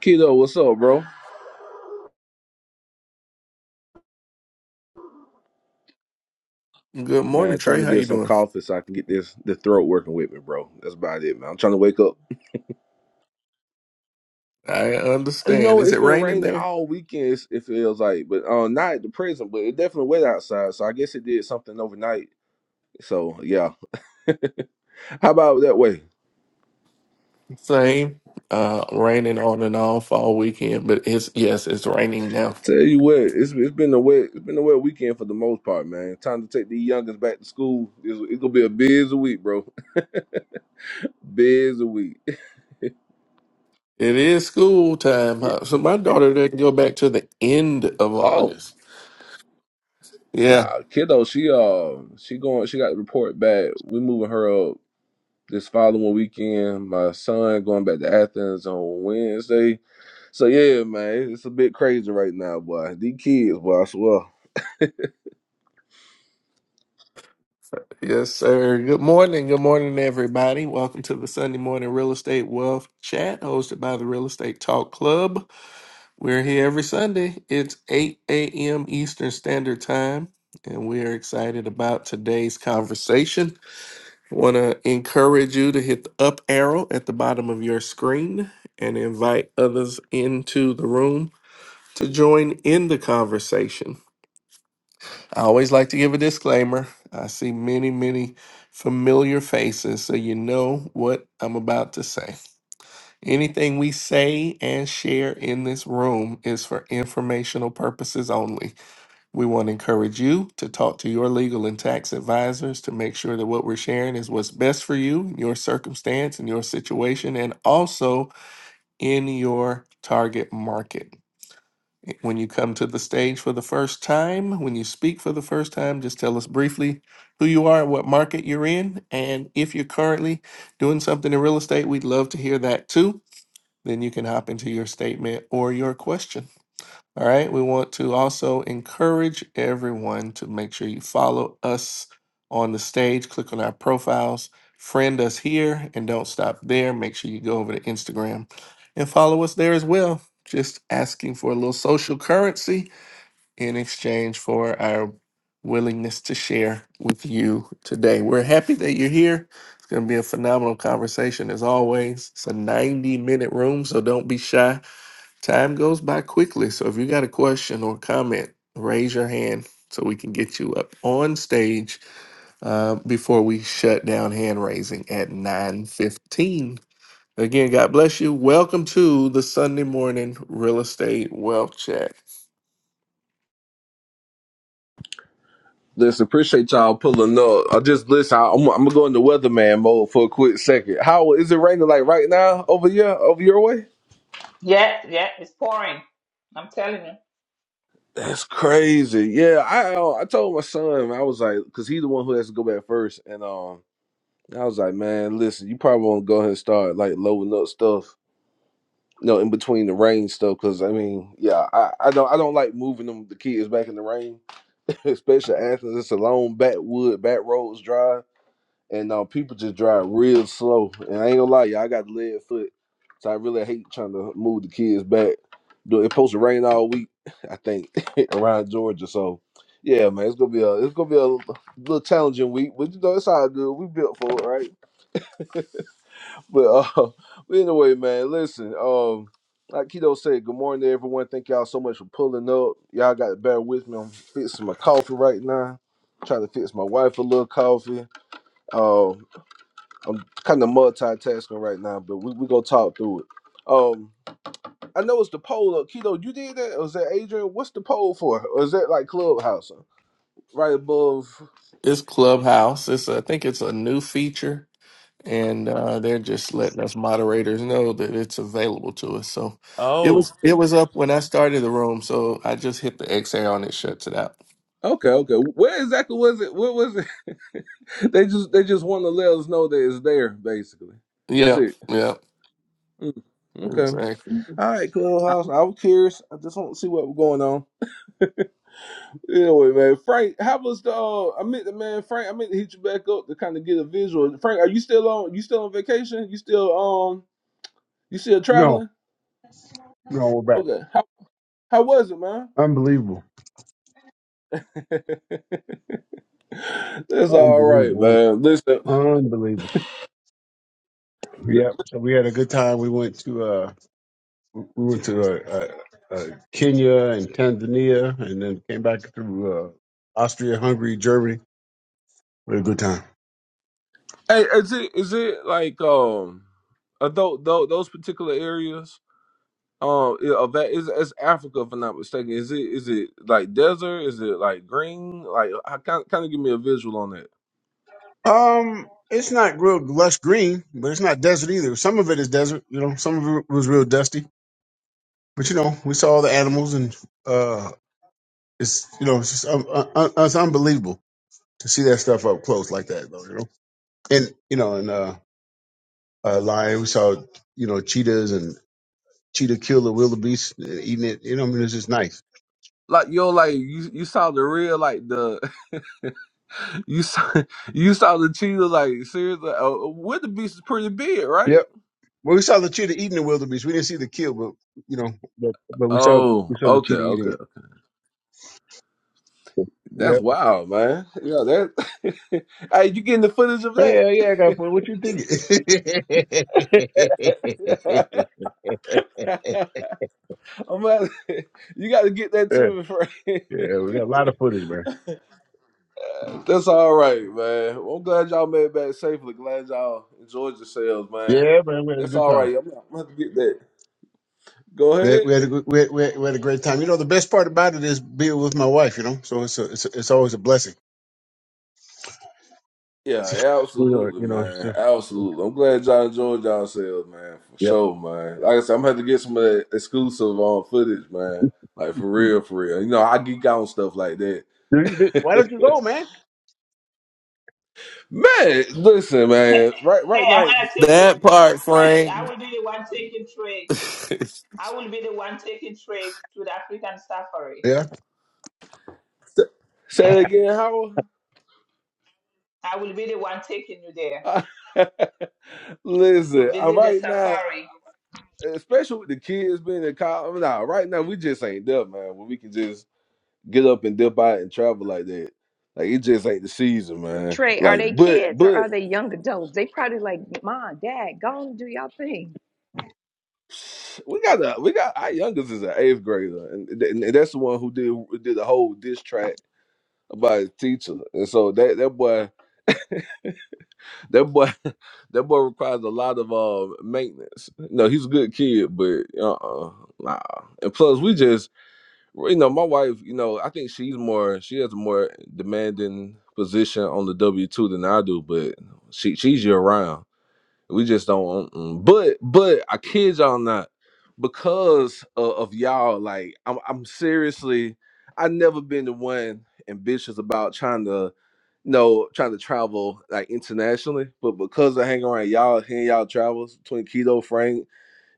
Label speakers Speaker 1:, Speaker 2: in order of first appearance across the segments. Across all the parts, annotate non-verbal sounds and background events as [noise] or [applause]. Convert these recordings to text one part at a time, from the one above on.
Speaker 1: Keto, what's up, bro?
Speaker 2: Good morning,
Speaker 1: Man, trying
Speaker 2: Trey.
Speaker 1: to
Speaker 2: How
Speaker 1: get
Speaker 2: you
Speaker 1: some
Speaker 2: doing?
Speaker 1: coffee so I can get this the throat working with me, bro. That's about it, man. I'm trying to wake up.
Speaker 2: I
Speaker 1: You
Speaker 2: understand.
Speaker 1: know,
Speaker 2: Is
Speaker 1: it's
Speaker 2: it
Speaker 1: been
Speaker 2: raining
Speaker 1: raining
Speaker 2: there?
Speaker 1: all weekend. it's- It feels like, but uh, not at the present, but it definitely wet outside. So I guess it did something overnight. So yeah, how about that way?
Speaker 2: Same. Uh, raining on and off all weekend, but it's yes, it's raining now.
Speaker 1: Tell you what, it's it's been a wet it's been a wet weekend for the most part, man. Time to take the youngest back to school. It's, it's gonna be a busy week, bro. [laughs] Busy week.
Speaker 2: It is school time, huh? so my daughter doesn't go back to the end of
Speaker 1: Oh,
Speaker 2: August. Yeah,
Speaker 1: nah, kiddo, she uh she going she got the report back. We moving her up. this following weekend. My son going back to Athens on Wednesday. So yeah, man, it's a bit crazy right now, boy. These kids, boy, I swear.
Speaker 2: yes, sir. Good morning. Good morning, everybody. Welcome to the Sunday morning real estate wealth chat hosted by the Real Estate Talk Club. We're here every Sunday. It's 8 a.m. Eastern Standard Time, and we are excited about today's conversation. want to encourage you to hit the up arrow at the bottom of your screen and invite others into the room to join in the conversation. I always like to give a disclaimer. I see many, many familiar faces, so you know what I'm about to say. Anything we say and share in this room is for informational purposes only. We want to encourage you to talk to your legal and tax advisors to make sure that what we're sharing is what's best for you, your circumstance, and your situation, and also in your target market. When you come to the stage for the first time, when you speak for the first time, just tell us briefly who you are, what market you're in, and if you're currently doing something in real estate, we'd love to hear that too then you can hop into your statement or your question. All right. We want to also encourage everyone to make sure you follow us on the stage, click on our profiles, friend us here, and don't stop there. Make sure you go over to Instagram and follow us there as well. Just asking for a little social currency in exchange for our willingness to share with you today. We're happy that you're here. It's going to be a phenomenal conversation as always. It's a 90 minute room, so don't be shy. Time goes by quickly. So if you got a question or comment, raise your hand so we can get you up on stage uh, before we shut down hand raising at 9.15 again god bless you welcome to the sunday morning real estate wealth chat
Speaker 1: Listen, appreciate y'all pulling up. I just listen. I, I'm, I'm gonna go into weatherman mode for a quick second. How is it raining like right now over here, over your way?
Speaker 3: Yeah, yeah, it's pouring. I'm telling you.
Speaker 1: That's crazy. Yeah, I uh, I told my son I was like, cause he's the one who has to go back first, and um, I was like, man, listen, you probably want to go ahead and start like loading up stuff No, in between the rain stuff, because I mean, yeah, I, I don't I don't like moving them the kids back in the rain, [laughs] especially Athens. It's a long backwood, back roads drive, and uh, people just drive real slow. And I ain't gonna lie, y'all, I got lead foot, so I really hate trying to move the kids back. Do- It supposed to rain all week, [laughs] I think, [laughs] around Georgia. So, yeah, man, it's gonna be a it's gonna be a little challenging week, but you know it's all good. We built for it, right? But uh, [laughs] but anyway, man, listen. Um, like Keto said, good morning to everyone. Thank y'all so much for pulling up. Y'all got to bear with me. I'm fixing my coffee right now. Trying to fix my wife a little coffee. Um, I'm kind of multitasking right now, but we we gonna talk through it. Um, I know it's the poll up. Keto, you did that, or is that Adrian? What's the poll for? Or is that like Clubhouse? Right above.
Speaker 2: It's Clubhouse. It's I think it's a new feature, and uh, they're just letting us moderators know that it's available to us. So it
Speaker 1: Oh.
Speaker 2: was it was up when I started the room, so I just hit the exhale on it shuts it out.
Speaker 1: Okay, okay. Where exactly was it? What was it? [laughs] they just they just want to let us know that it's there, basically. That's
Speaker 2: Yep,
Speaker 1: it.
Speaker 2: yep,
Speaker 1: Mm, Okay.
Speaker 2: exactly.
Speaker 1: All right, Clubhouse. I was curious. I just want to see what was going on. Anyway, man, Frank, how was the? Uh, I meant to, man, Frank. I meant to hit you back up to kind of get a visual. Frank, are you still on? You still on vacation? You still um? You still
Speaker 4: No,
Speaker 1: traveling?
Speaker 4: no, we're back.
Speaker 1: Okay. How how was it, man?
Speaker 4: Unbelievable.
Speaker 1: [laughs] That's all right,
Speaker 4: Unbelievable.
Speaker 1: man. Listen.
Speaker 4: Unbelievable. Yep. So we had a good time. We went to uh we went to uh, uh, uh Kenya and Tanzania and then came back through uh Austria, Hungary, Germany. We had a good time.
Speaker 1: Hey, is it is it like um, are those those particular areas um i- of that is is Africa if I'm not mistaken? Is it is it like desert? Is it like green? Like I kind kind of give me a visual on that.
Speaker 4: Um it's not real lush green, but it's not desert either. Some of it is desert, you know, some of it was real dusty. But you know, we saw all the animals and uh it's you know, it's just uh, uh, uh, it's unbelievable to see that stuff up close like that though, you know. And you know, and uh uh, lion. We saw you know cheetahs and cheetah kill the wildebeest and eating it. You know, I mean, it's just nice.
Speaker 1: Like yo, like you, you saw the real like the [laughs] you saw you saw the cheetah like seriously. Uh, where the beast is pretty big, right?
Speaker 4: Yep. Well, we saw the cheetah eating the wildebeest. We didn't see the kill, but you know, but, but we saw
Speaker 1: Oh,
Speaker 4: we saw the
Speaker 1: okay,
Speaker 4: cheetah eating it.
Speaker 1: okay.
Speaker 4: Yeah.
Speaker 1: That's wild, man. Yeah, that. [laughs] hey, you getting the footage of that?
Speaker 4: Yeah, yeah, I got food. What you thinking? [laughs] yeah,
Speaker 1: [laughs] I'm not, [laughs] you got to get that to me, Frank.
Speaker 4: yeah, we got a lot of footage, man.
Speaker 1: [laughs] That's all right, man. Well, I'm glad y'all made it back safely. Glad y'all enjoyed yourselves, man.
Speaker 4: Yeah, man, we had a
Speaker 1: That's
Speaker 4: good
Speaker 1: all
Speaker 4: time.
Speaker 1: right. I'm gonna I'm gonna have to get that. Go
Speaker 4: We had,
Speaker 1: ahead.
Speaker 4: we had a good, we had, we had, we had a great time. You know, the best part about it is being with my wife. You know, so it's a, it's a, it's always a blessing. [laughs]
Speaker 1: Yeah,
Speaker 4: New York,
Speaker 1: absolutely,
Speaker 4: you know. it's just-
Speaker 1: man.
Speaker 4: it's-
Speaker 1: Absolutely. I'm glad y'all enjoyed yourselves, man. For
Speaker 4: Yep.
Speaker 1: sure, man. Like I said, I'm gonna have to get some of that exclusive on footage, man. Like for
Speaker 4: Do
Speaker 1: real, for real. You know, I geek out on stuff like that.
Speaker 4: you- do- Why don't you go, man?
Speaker 1: Man, listen, man. Right, right
Speaker 3: Hey, I'm
Speaker 1: now.
Speaker 3: gonna take
Speaker 2: That
Speaker 3: him.
Speaker 2: part,
Speaker 3: Frank, I
Speaker 2: Frank.
Speaker 3: will be the one taking
Speaker 2: [laughs]
Speaker 3: Trey.
Speaker 2: you
Speaker 3: I will be the one taking Trey to the African safari.
Speaker 4: Yeah.
Speaker 1: Say it
Speaker 3: Yeah.
Speaker 1: again, Howard.
Speaker 3: I will be the one taking you there
Speaker 1: I- [laughs]
Speaker 3: to
Speaker 1: listen, I,
Speaker 3: visit the
Speaker 1: right now,
Speaker 3: safari.
Speaker 1: especially with the kids being in college. Nah, right now we just ain't there, man. Where we can just get up and dip out and travel like that. Like it just ain't the season, man.
Speaker 5: Trey, are
Speaker 1: Like,
Speaker 5: they
Speaker 1: but,
Speaker 5: kids or
Speaker 1: but
Speaker 5: are they young adults? They probably like, Mom, Dad, go on and do y'all thing.
Speaker 1: [sniffs] we got a we got our youngest is an eighth grader, and, th- and that's the one who did did the whole diss track about his teacher, and so that that boy. That boy, [laughs] that boy requires a lot of uh maintenance. No, he's a good kid, but uh, uh nah. And plus, we just, well, you know, my wife, you know, I think she's more, she has a more demanding position on the W two than I do, but she she's year round. We just don't want. mm. But but I kid y'all not, because of, of y'all, like I'm I'm seriously, I never been the one ambitious about trying to, you know, trying to travel like internationally. But because I hang around y'all, hearing y'all travels between Keto Frank,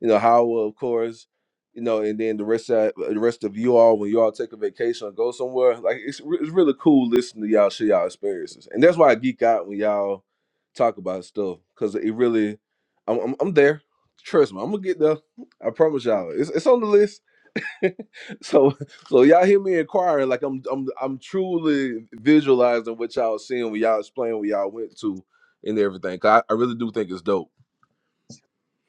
Speaker 1: you know, Howell, of course, you know, and then the rest of the rest of you all when you all take a vacation or go somewhere, like it's re- it's really cool listening to y'all share y'all experiences, and that's why I geek out when y'all talk about stuff because it really, I'm, I'm I'm there. Trust me, I'm gonna get there. I promise y'all. It's it's on the list. [laughs] so so y'all hear me inquiring like I'm I'm I'm truly visualizing what y'all seeing when y'all explain what y'all went to and everything. 'Cause I, I really do think it's dope.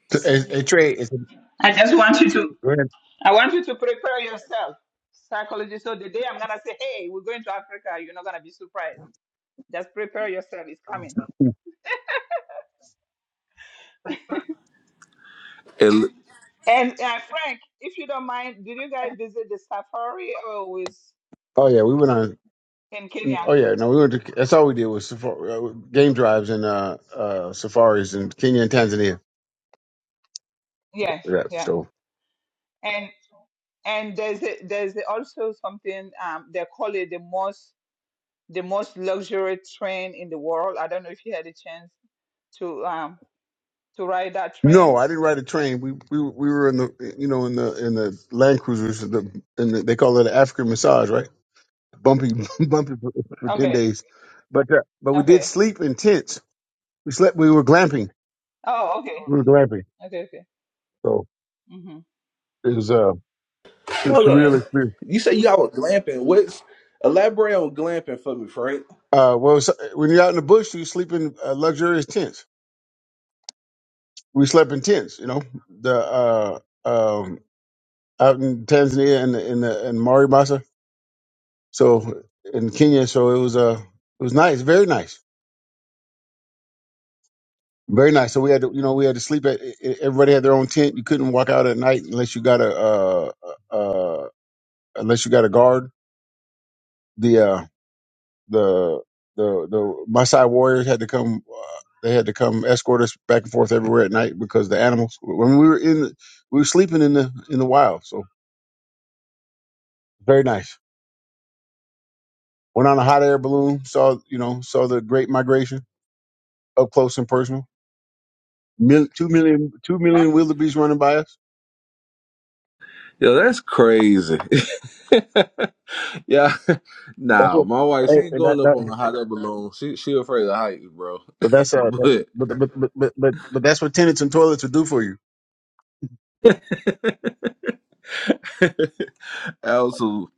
Speaker 4: It's a a trade. It's a,
Speaker 3: I just want you to
Speaker 4: we're in-
Speaker 3: I want you to prepare yourself. Psychology. So the day I'm gonna say, hey, we're going to Africa, you're not gonna be surprised. Just prepare yourself, it's coming.
Speaker 1: And
Speaker 3: And uh, Frank, if you don't mind, did you guys visit the safari or was
Speaker 4: oh yeah, we went on.
Speaker 3: in Kenya?
Speaker 4: Oh yeah, no, we went. To, that's all we did was safari, uh, game drives and uh, uh, safaris in Kenya and Tanzania.
Speaker 3: Yes,
Speaker 4: Yeah.
Speaker 3: yeah.
Speaker 4: So
Speaker 3: and and there's a, there's a- also something um, they call it the most the most luxury train in the world. I don't know if you had a chance to um to ride that
Speaker 4: no,
Speaker 3: train.
Speaker 4: I didn't ride a train. We we we were in the you know in the in the Land Cruisers. The, in the they call it an African massage, right? Bumpy [laughs] bumpy for, for ten
Speaker 3: Okay,
Speaker 4: days, but uh, but we did
Speaker 3: okay.
Speaker 4: sleep in tents. We slept. We were glamping.
Speaker 3: Oh, okay,
Speaker 4: We were glamping.
Speaker 3: okay, okay.
Speaker 4: so.
Speaker 3: hmm
Speaker 4: It was uh, it's
Speaker 1: hold
Speaker 4: a
Speaker 3: Yeah,
Speaker 4: real
Speaker 1: on.
Speaker 4: experience.
Speaker 1: You say y'all were glamping. What's elaborate on glamping for me, Frank?
Speaker 4: Uh, well, so, when you're out in the bush, you sleep in uh, luxurious tents. We slept in tents, you know, the uh, um, out in Tanzania and in the in Maribasa, so in Kenya. So it was uh, it was nice, very nice, very nice. So we had to, you know, we had to sleep at. e- e- Everybody had their own tent. You couldn't walk out at night unless you got a uh, uh, unless you got a guard. The uh, the the the Maasai warriors had to come. Uh, they had to come escort us back and forth everywhere at night because the animals. When we were in, the, we were sleeping in the in the wild. So very nice. Went on a hot air balloon. Saw you know saw the Great Migration up close and personal. Mil- two million two million wildebeest running by us.
Speaker 1: Yo, that's crazy. [laughs] Yeah, [laughs]
Speaker 4: That's
Speaker 1: now
Speaker 4: what.
Speaker 1: my wife she
Speaker 4: Hey,
Speaker 1: ain't
Speaker 4: and that,
Speaker 1: going up
Speaker 4: that,
Speaker 1: on a hot air balloon. She she afraid of heights, bro.
Speaker 4: but that's
Speaker 1: [laughs]
Speaker 4: uh. That,
Speaker 1: but
Speaker 4: but, but but but but but that's what tenants and toilets will do for you.
Speaker 1: absolute,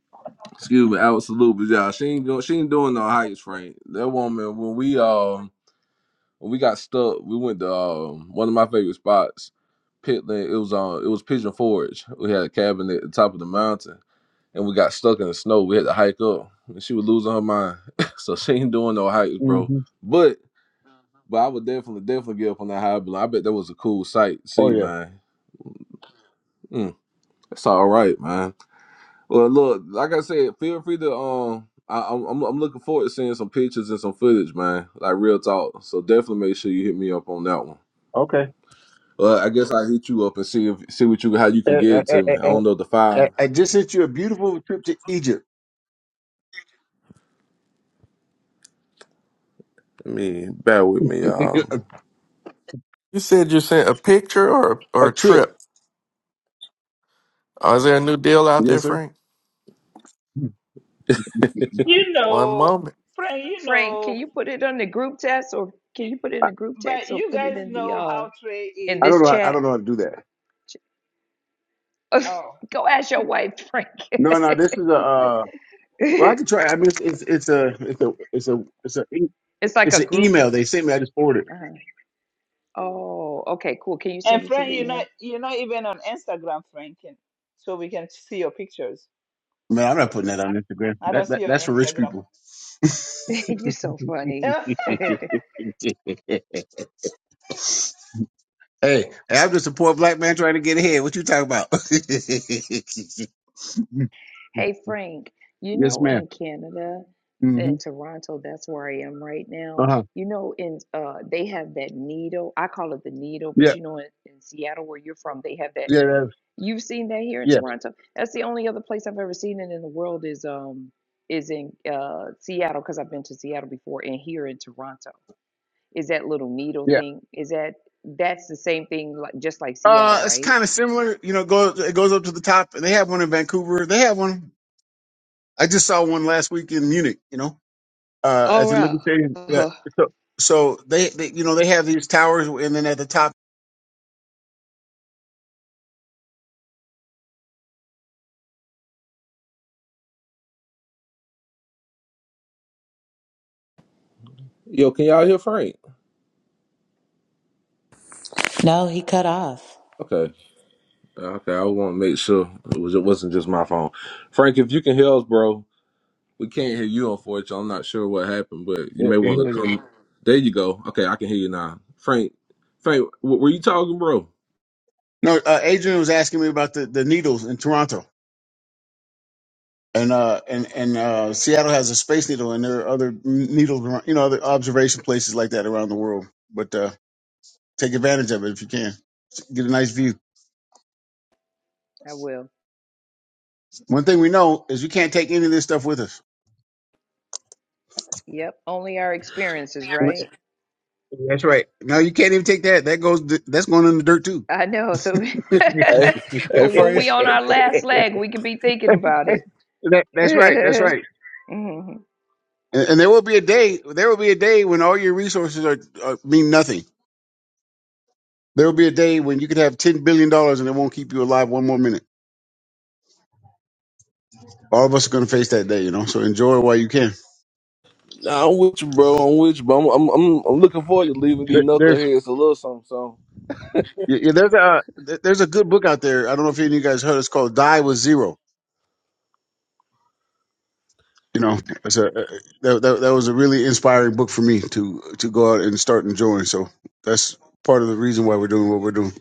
Speaker 1: excuse me, absolute, but yeah, she ain't going. She ain't doing no heights, Frank. That woman when we um when we got stuck, we went to um one of my favorite spots, Pitland. It was on it was Pigeon Forge. We had a cabin at the top of the mountain, and we got stuck in the snow. We had to hike up, and she was losing her mind. [laughs] so she ain't doing no heights, bro.
Speaker 4: hmm
Speaker 1: But But I would definitely, definitely get up on that high blow. I bet that was a cool sight to
Speaker 4: Oh
Speaker 1: see,
Speaker 4: yeah.
Speaker 1: man. Mm, that's all right, man. Well, look, like I said, feel free to um. I, I'm I'm I'm looking forward to seeing some pictures and some footage, man. Like real talk. So definitely make sure you hit me up on that one.
Speaker 4: Okay.
Speaker 1: Well, I guess I will hit you up and see if see what you how you can
Speaker 4: I,
Speaker 1: get
Speaker 4: I,
Speaker 1: it to me.
Speaker 4: I,
Speaker 1: I don't
Speaker 4: I,
Speaker 1: know the
Speaker 4: I
Speaker 1: file.
Speaker 4: I just sent you a beautiful trip to Egypt.
Speaker 1: I mean, bear with me,
Speaker 4: [laughs]
Speaker 1: y'all.
Speaker 2: said you sent a picture or or
Speaker 4: A
Speaker 2: a
Speaker 4: trip.
Speaker 2: trip. Oh, is there a new deal out there,
Speaker 4: Yes, sir.
Speaker 2: Frank?
Speaker 3: you
Speaker 2: One
Speaker 3: know,
Speaker 2: moment.
Speaker 3: Frank, you
Speaker 5: Frank, can
Speaker 3: know,
Speaker 5: you put it on the group text or
Speaker 3: y-
Speaker 5: can you put it in
Speaker 4: I,
Speaker 5: the group
Speaker 3: but
Speaker 5: text or
Speaker 3: you
Speaker 5: put it
Speaker 3: guys
Speaker 5: in the
Speaker 3: know
Speaker 5: uh
Speaker 3: how Trey
Speaker 5: in
Speaker 4: I
Speaker 3: is.
Speaker 5: this
Speaker 4: don't know.
Speaker 3: Trey,
Speaker 4: How, I
Speaker 5: chat?
Speaker 4: don't know how to do that.
Speaker 3: oh,
Speaker 5: [laughs] go ask your wife, Frank.
Speaker 4: No, no. This is a. Uh,
Speaker 5: [laughs]
Speaker 4: well,
Speaker 5: it's
Speaker 4: I can try. I mean, it's, it's it's a it's a it's a it's a e-
Speaker 5: like
Speaker 4: it's
Speaker 5: a
Speaker 4: an
Speaker 5: group.
Speaker 4: email they sent me. I just forwarded. it.
Speaker 5: uh Oh, okay, cool. Can you
Speaker 3: and
Speaker 5: send it to the
Speaker 3: Frank, you're not
Speaker 5: email?
Speaker 3: you're not even on Instagram, Frank, and- so we can see your pictures.
Speaker 4: Man, I'm not putting that on Instagram.
Speaker 3: I
Speaker 4: That,
Speaker 3: don't see
Speaker 4: that
Speaker 3: your
Speaker 4: that's for rich
Speaker 3: Instagram.
Speaker 4: people.
Speaker 5: [laughs] You're so funny.
Speaker 4: [laughs]
Speaker 3: [laughs]
Speaker 4: hey,
Speaker 5: [laughs]
Speaker 4: hey, I'm just a poor black man trying to get ahead. What you talking about? [laughs]
Speaker 5: Hey Frank, you
Speaker 4: yes,
Speaker 5: know
Speaker 4: ma'am.
Speaker 5: in Canada,
Speaker 4: Mm-hmm.
Speaker 5: in Toronto, that's where I am right
Speaker 4: Uh
Speaker 5: now.
Speaker 4: huh.
Speaker 5: You know in uh they have that needle. I call it the needle, but
Speaker 4: Yeah.
Speaker 5: you know in, in Seattle where you're from, they have that.
Speaker 4: Yeah. That's,
Speaker 5: You've seen that here in
Speaker 4: yeah.
Speaker 5: Toronto. That's the only other place I've ever seen it in the world is um is in uh Seattle because I've been to Seattle before and here in Toronto. Is that little needle
Speaker 4: Yeah.
Speaker 5: thing? Is that that's the same thing like just like Seattle,
Speaker 4: Uh, it's
Speaker 5: right?
Speaker 4: kind of similar. You know, it goes it goes up to the top, and they have one in Vancouver. They have one. I just saw one last week in Munich, you know, uh, at
Speaker 5: All
Speaker 4: the
Speaker 5: right.
Speaker 4: Olympic Stadium.
Speaker 5: Uh
Speaker 4: Yeah.
Speaker 5: huh.
Speaker 4: So, so they, they, you know, they have these towers, and then at the top.
Speaker 1: Yo, can y'all hear Frank?
Speaker 6: No, he cut off.
Speaker 1: Okay, okay. I want to make sure it was it wasn't just my phone. Frank, if you can hear us, bro, We can't hear you, unfortunately. I'm not sure what happened, but you
Speaker 4: Yeah,
Speaker 1: may want
Speaker 4: here
Speaker 1: to
Speaker 4: it is.
Speaker 1: come. There you go. Okay, I can hear you now. Frank, Frank, w- were you talking, bro?
Speaker 4: No, uh, Adrian was asking me about the, the needles in Toronto, and uh, and and uh, Seattle has a space needle, and there are other needles, around, you know, other observation places like that around the world. But uh, take advantage of it if you can. Get a nice view.
Speaker 5: I will.
Speaker 4: One thing we know is you can't take any of this stuff with us.
Speaker 5: Yep, only our experiences, right?
Speaker 4: That's right. No, you can't even take that. That goes. That's going in the dirt too.
Speaker 5: I know. So, [laughs]
Speaker 1: Hey, hey,
Speaker 5: but when
Speaker 1: Frank.
Speaker 5: we on our last leg, we could be thinking about it.
Speaker 4: That, that's right. That's
Speaker 5: [laughs]
Speaker 4: right.
Speaker 5: Mhm.
Speaker 4: And, and there will be a day. There will be a day when all your resources are, are mean nothing. There will be a day when you could have ten billion dollars and it won't keep you alive one more minute. All of us are going to face that day, you know. So enjoy it while you can.
Speaker 1: Nah, I'm with you, bro. I'm with you, bro. I'm, I'm, I'm I'm looking forward to leaving these
Speaker 4: There, there's
Speaker 1: knuckleheads a little something, something.
Speaker 4: yeah, yeah, there's a there- there's a good book out there. I don't know if any of you guys heard. It's called Die with Zero. You know, it's a, uh, that, that that was a really inspiring book for me to to go out and start enjoying. So that's part of the reason why we're doing what we're doing.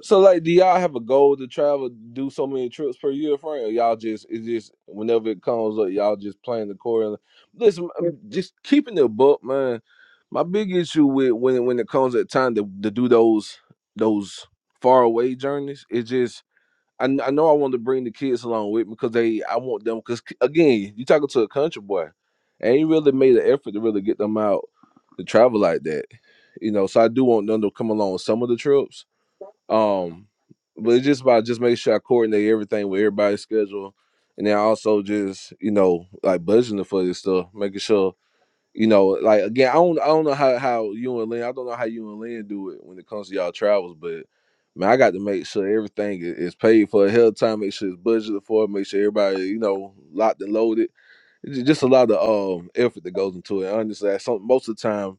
Speaker 1: So like, do y'all have a goal to travel, do so many trips per year, Frank? Or y'all just it's just whenever it comes up, y'all just playing accordingly. Listen, I'm just keeping the book, man. My big issue with when it, when it comes at time to, to do those those far away journeys, it's just I, kn- I know I want to bring the kids along with me because they I want them because again, you talking to a country boy, and he really made an effort to really get them out to travel like that, you know. So I do want them to come along some of the trips um, but it's just about just making sure I coordinate everything with everybody's schedule, and then also just you know like budgeting for this stuff, making sure you know like again I don't I don't know how how you and Lynn I don't know how you and Lynn do it when it comes to y'all travels, but man I got to make sure everything i- is paid for ahead of time, make sure it's budgeted for, make sure everybody you know locked and loaded. It's ju- just a lot of um effort that goes into it. Honestly, that's some, most of the time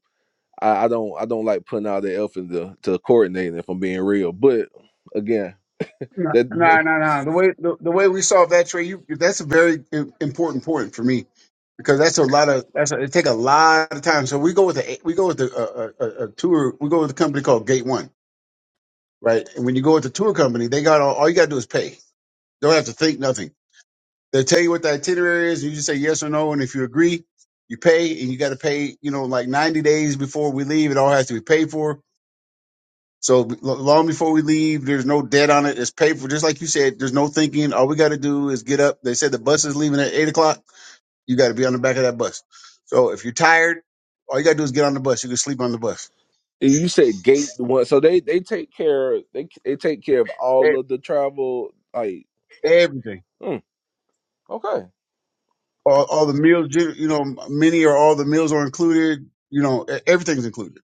Speaker 1: I, I don't I don't like putting all the effort into to coordinating if I'm being real. But again,
Speaker 4: No,
Speaker 1: that
Speaker 4: no, no, no. The way the, the way we solve that Trey, you that's a very im- important point for me because that's a lot of that's a, it take a lot of time. So we go with a we go with the a, a, a tour. We go with a company called Gate One, right? And when you go with the tour company, they got all, all you got to do is pay. Don't have to think nothing. They'll tell you what the itinerary is, and you just say yes or no. And if you agree, you pay, and you got to pay. You know, like ninety days before we leave, it all has to be paid for. So l- long before we leave, there's no debt on it. It's paid for, just like you said. There's no thinking. All we got to do is get up. They said the bus is leaving at eight o'clock You got to be on the back of that bus. So if you're tired, all you got to do is get on the bus. You can sleep on the bus.
Speaker 1: you said gate one, so they they take care they they take care of all
Speaker 4: E-
Speaker 1: of the travel. Like
Speaker 4: Everything,
Speaker 1: hmm, okay,
Speaker 4: all, all the meals, you you know, many or all the meals are included. You know, e- everything's included.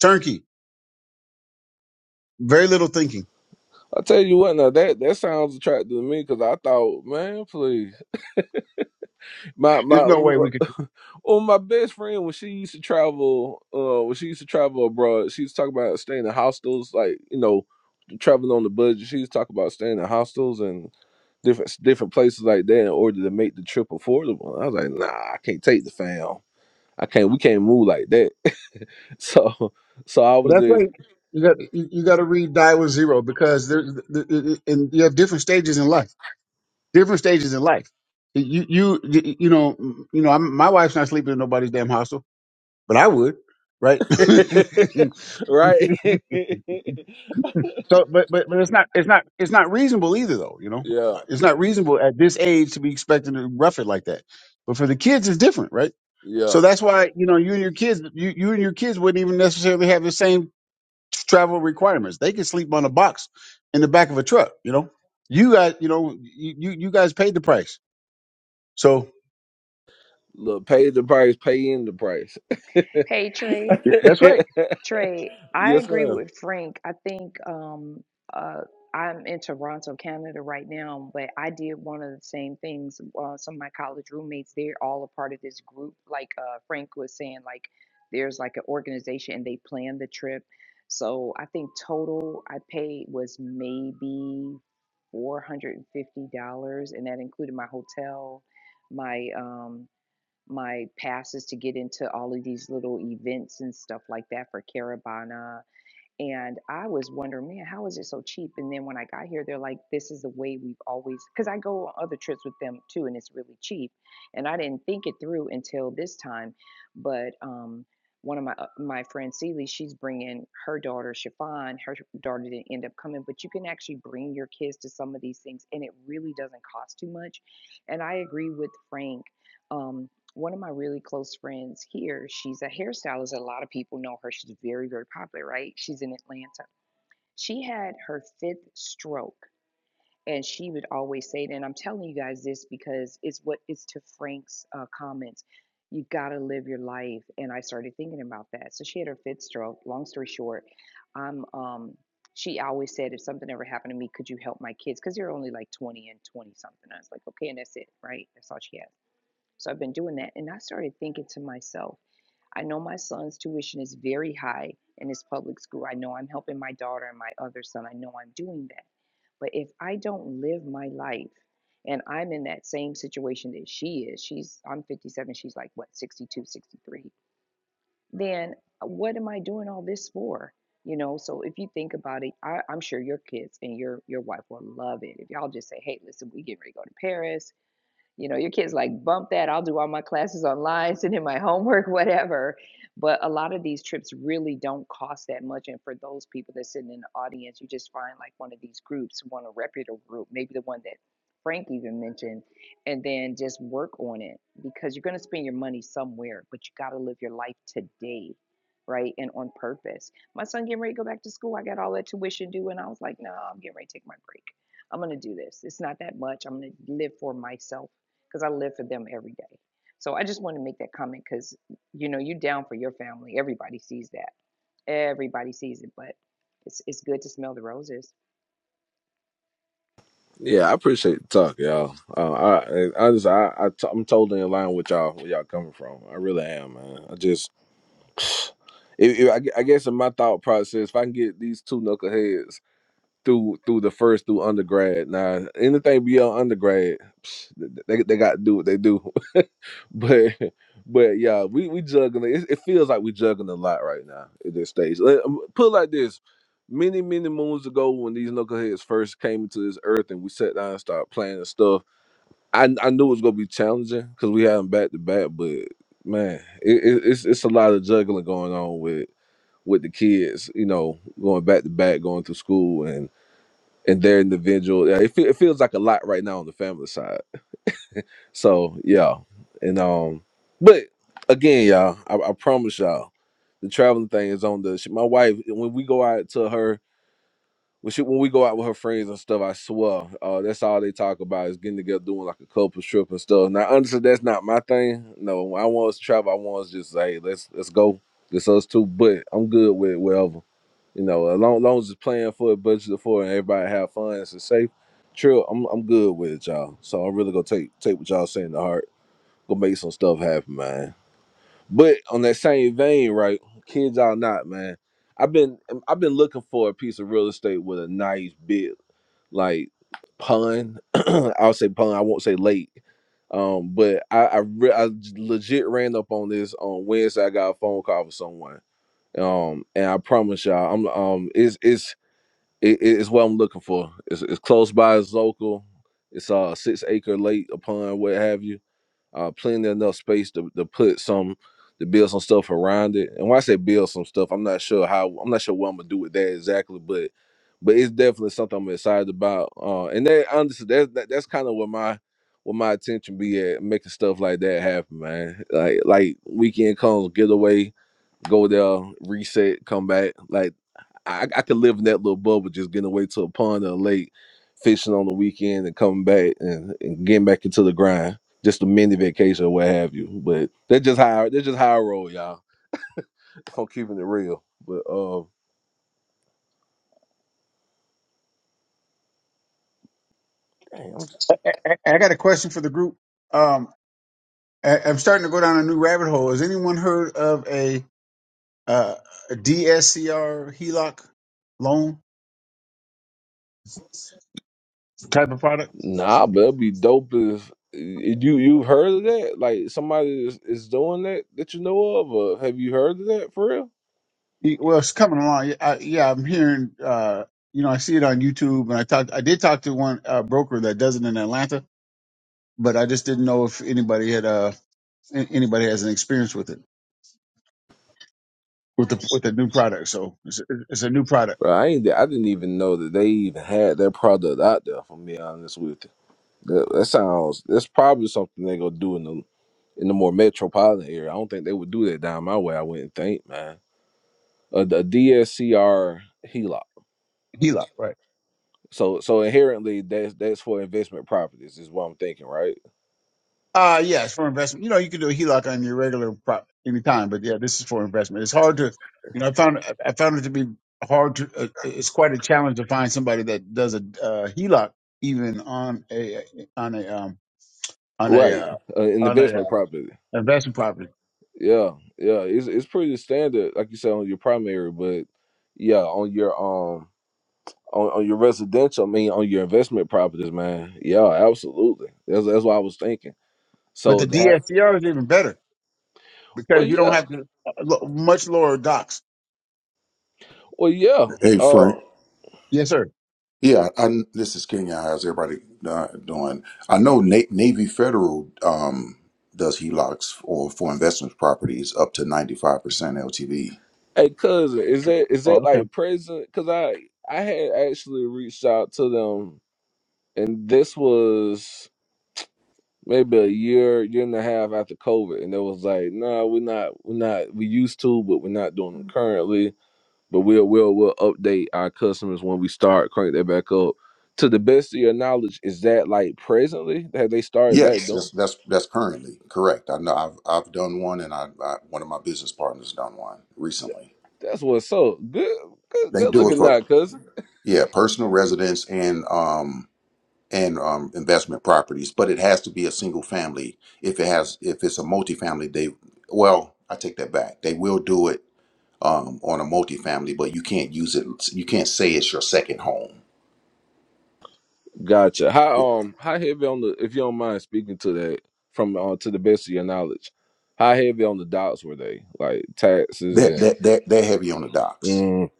Speaker 4: Turnkey. Very little thinking.
Speaker 1: I tell you what now that that sounds attractive to me because I thought man please my
Speaker 4: There's
Speaker 1: my
Speaker 4: no way we could.
Speaker 1: well my best friend when she used to travel uh when she used to travel abroad she used to talk about staying in hostels like you know traveling on the budget. She was talking about staying in hostels and different different places like that in order to make the trip affordable. I was like, nah, I can't take the fam. I can't. We can't move like that. [laughs] So, so I
Speaker 4: Well,
Speaker 1: was
Speaker 4: that's
Speaker 1: just
Speaker 4: why you got you, you got to read Die with Zero because there's th- th- th- and you have different stages in life. Different stages in life. You you you you know you know I'm, my wife's not sleeping in nobody's damn hostel, but I would, right?
Speaker 1: [laughs] right.
Speaker 4: [laughs]
Speaker 1: [laughs]
Speaker 4: So, but, but but it's not it's not it's not reasonable either though. You know,
Speaker 1: yeah,
Speaker 4: Uh, it's not reasonable at this age to be expecting to rough it like that. But for the kids, it's different, right?
Speaker 1: yeah.
Speaker 4: So that's why you know you and your kids you you and your kids wouldn't even necessarily have the same travel requirements. They could sleep on a box in the back of a truck. You know, you got you know you you, you guys paid the price. So
Speaker 1: Look, pay the price, pay in the price.
Speaker 5: Hey, Trey.
Speaker 4: yeah, that's right.
Speaker 1: [laughs]
Speaker 5: Trey, I
Speaker 1: yes,
Speaker 5: agree
Speaker 1: ma'am.
Speaker 5: with Frank. I think um, uh, I'm in Toronto, Canada right now, but I did one of the same things. Uh, some of my college roommates, they're all a part of this group. Like uh, Frank was saying, like there's like an organization and they plan the trip. So I think total I paid was maybe $450, and that included my hotel, my um, my passes to get into all of these little events and stuff like that for Caravana. And I was wondering, man, how is it so cheap? And then when I got here, they're like, this is the way we've always, because I go on other trips with them too, and it's really cheap. And I didn't think it through until this time. But um, one of my uh, my friend Celie, she's bringing her daughter, Chiffon. Her daughter didn't end up coming, but you can actually bring your kids to some of these things, and it really doesn't cost too much. And I agree with Frank. Um, one of my really close friends here, she's a hairstylist. A lot of people know her. She's very, very popular, right? She's in Atlanta. She had her fifth stroke, and she would always say it. And I'm telling you guys this because it's what it's to Frank's uh, comments. You gotta live your life, and I started thinking about that. So she had her fifth stroke. Long story short, I'm um. She always said, if something ever happened to me, could you help my kids? Because they're only like 20 and 20 something. I was like, okay, and that's it, right? That's all she has. So I've been doing that. And I started thinking to myself, I know my son's tuition is very high in his public school. I know I'm helping my daughter and my other son. I know I'm doing that. But if I don't live my life and I'm in that same situation that she is, she's I'm 57, she's like what 62, 63, then uh, what am I doing all this for? You know, so if you think about it, I, I'm sure your kids and your your wife will love it. If y'all just say, hey, listen, we getting ready to go to Paris you know, your kids like bump that. I'll do all my classes online, send in my [laughs] homework, whatever. But a lot of these trips really don't cost that much. And for those people that's sitting in the audience, you just find like one of these groups, one a reputable group, maybe the one that Frank even mentioned, and then just work on it because you're going to spend your money somewhere, but you got to live your life today, right? And on purpose. My son getting ready to go back to school. I got all that tuition due, and I was like, no, I'm getting ready to take my break. I'm going to do this. It's not that much. I'm going to live for myself because I live for them every day. So I just want to make that comment because you know you're down for your family. Everybody sees that. Everybody sees it, but it's it's good to smell the roses.
Speaker 1: Yeah, I appreciate the talk, y'all. Uh, I, I just, I, I, t- I'm totally in line with y'all. Where y'all coming from? I really am, man. I just, If, if I, I guess in my thought process, if I can get these two knuckleheads through through the first through undergrad, now anything beyond undergrad, psh, they they got to do what they do. [laughs] but but yeah, we we juggling. It, it feels like we juggling a lot right now at this stage. Let- um, Put it like this: many many moons ago, when these knuckleheads first came into this earth, and we sat down and started playing and stuff, I I knew it was gonna be challenging because we had them back to back, but. Man, it, it, it's it's a lot of juggling going on with. it with the kids, you know, going back to back, going through school and and their individual. Yeah, it, fe- it feels like a lot right now on the family side. So yeah, and um, but again, y'all, I, I promise y'all, the traveling thing is on the. She, My wife when we go out to her when she when we go out with her friends and stuff, I swear, uh, that's all they talk about is getting together, doing like a couple trip and stuff. Now, honestly, that's not my thing. No, when I want us to travel. I want us just say, hey, let's let's go, just us two. But I'm good with it, whatever, you know. As long, as long as it's planned for it, budgeted for, it, and everybody have fun, it's a safe trip. I'm I'm good with it, y'all. So I'm really gonna take take what y'all saying to heart. Go make some stuff happen, man. But on that same vein, right? Kids out not, man. I've been um, I've been looking for a piece of real estate with a nice big like pun. [clears throat] I'll say pun. I won't say lake. Um, but I I, re- I j- legit ran up on this on Wednesday. I got a phone call from someone. Um, and I promise y'all, I'm um, it's it's it, it's what I'm looking for. It's, it's close by. It's local. It's a uh, six acre lake, a pond, what have you uh, plenty enough space to, to put some to build some stuff around it. And when I say build some stuff, I'm not sure how I'm not sure what I'm gonna do with that exactly, but but it's definitely something I'm excited about. Uh, and that honestly, that's that, that's kind of what my what my attention be at making stuff like that happen, man. Like like weekend comes, get away, go there, reset, come back. like. I, I could live in that little bubble, just getting away to a pond or a lake, fishing on the weekend, and coming back and, and getting back into the grind. Just a mini vacation or what have you. But that's just how that's just how I roll, y'all. [laughs] I'm keeping it real. But uh, dang, I'm just
Speaker 4: I, I got a question for the group. Um, I, I'm starting to go down a new rabbit hole. Has anyone heard of a uh, DSCR HELOC loan type of product?
Speaker 1: nah, but it'd be dope if if you you've heard of that. Like somebody is, is doing that that you know of, or have you heard of that for real?
Speaker 4: Y- Well, it's coming along. Y- I, yeah, I'm hearing. Uh, you know, I see it on YouTube, and I talked. I did talk to one uh, broker that does it in Atlanta, but I just didn't know if anybody had uh a- anybody has an experience with it with the with the new product. So it's, a, it's a new product,
Speaker 1: Bro, I ain't. I didn't even know that they even had that product out there. If I'm being honest with you. That, that sounds. That's probably something they gonna do in the in the more metropolitan area. I don't think they would do that down my way. I wouldn't think, man. A, DSCR HELOC.
Speaker 4: HELOC, right?
Speaker 1: So so inherently, that's that's for investment properties. Is what I'm thinking, right?
Speaker 4: Uh yes, for investment. You know, you can do a HELOC on your regular prop anytime, but yeah, this is for investment. It's hard to, you know, I found I I found it to be hard to. Uh, uh, it's quite a challenge to find somebody that does a uh, HELOC even on a on a um on a
Speaker 1: Right.
Speaker 4: uh,
Speaker 1: Uh, an
Speaker 4: on a
Speaker 1: investment
Speaker 4: uh,
Speaker 1: property.
Speaker 4: investment property.
Speaker 1: Yeah, yeah. It's it's pretty standard, like you said, on your primary, but yeah, on your um. On, on your residential, I mean, on your investment properties, man. Yeah, absolutely. That's that's what I was thinking.
Speaker 4: But the
Speaker 1: So that,
Speaker 4: DSCR is even better
Speaker 1: well,
Speaker 4: because you don't
Speaker 1: yeah.
Speaker 4: have to uh, lo- much lower docs.
Speaker 1: Well, yeah.
Speaker 7: Hey,
Speaker 1: Uh,
Speaker 7: Frank.
Speaker 4: Yes, sir.
Speaker 7: Yeah, I, this is Kenya. How's everybody uh, doing? I know Na- Navy Federal um, does HELOCs or for investment properties up to 95% LTV.
Speaker 1: hey, cousin, is that is
Speaker 4: Oh,
Speaker 1: that
Speaker 4: okay.
Speaker 1: like present? Because I I had actually reached out to them, and this was maybe a year year and a half after COVID, and it was like, nah, we're not we're not we used to, but we're not doing them currently. But we'll we'll we'll update our customers when we start crank that back up. To the best of your knowledge, is that like presently that they started back
Speaker 7: Yes,
Speaker 1: doing?
Speaker 7: that's that's that's currently correct. I know I've I've done one, and I, I one of my business partners done one recently.
Speaker 1: That's what's up. Good, good,
Speaker 7: They
Speaker 1: good
Speaker 7: do it
Speaker 1: looking
Speaker 7: for
Speaker 1: now,
Speaker 7: yeah, personal residence and um, and um, investment properties, but it has to be a single family. If it has, if it's a multifamily, they well, I take that back. They will do it um, on a multifamily, but you can't use it. You can't say it's your second home.
Speaker 1: Gotcha. How um how heavy on the if you don't mind speaking to that from uh, to the best of your knowledge, how heavy on the dots were they? Like taxes
Speaker 7: They're,
Speaker 1: and
Speaker 7: they're, they're, they're heavy on the docks.
Speaker 1: mm,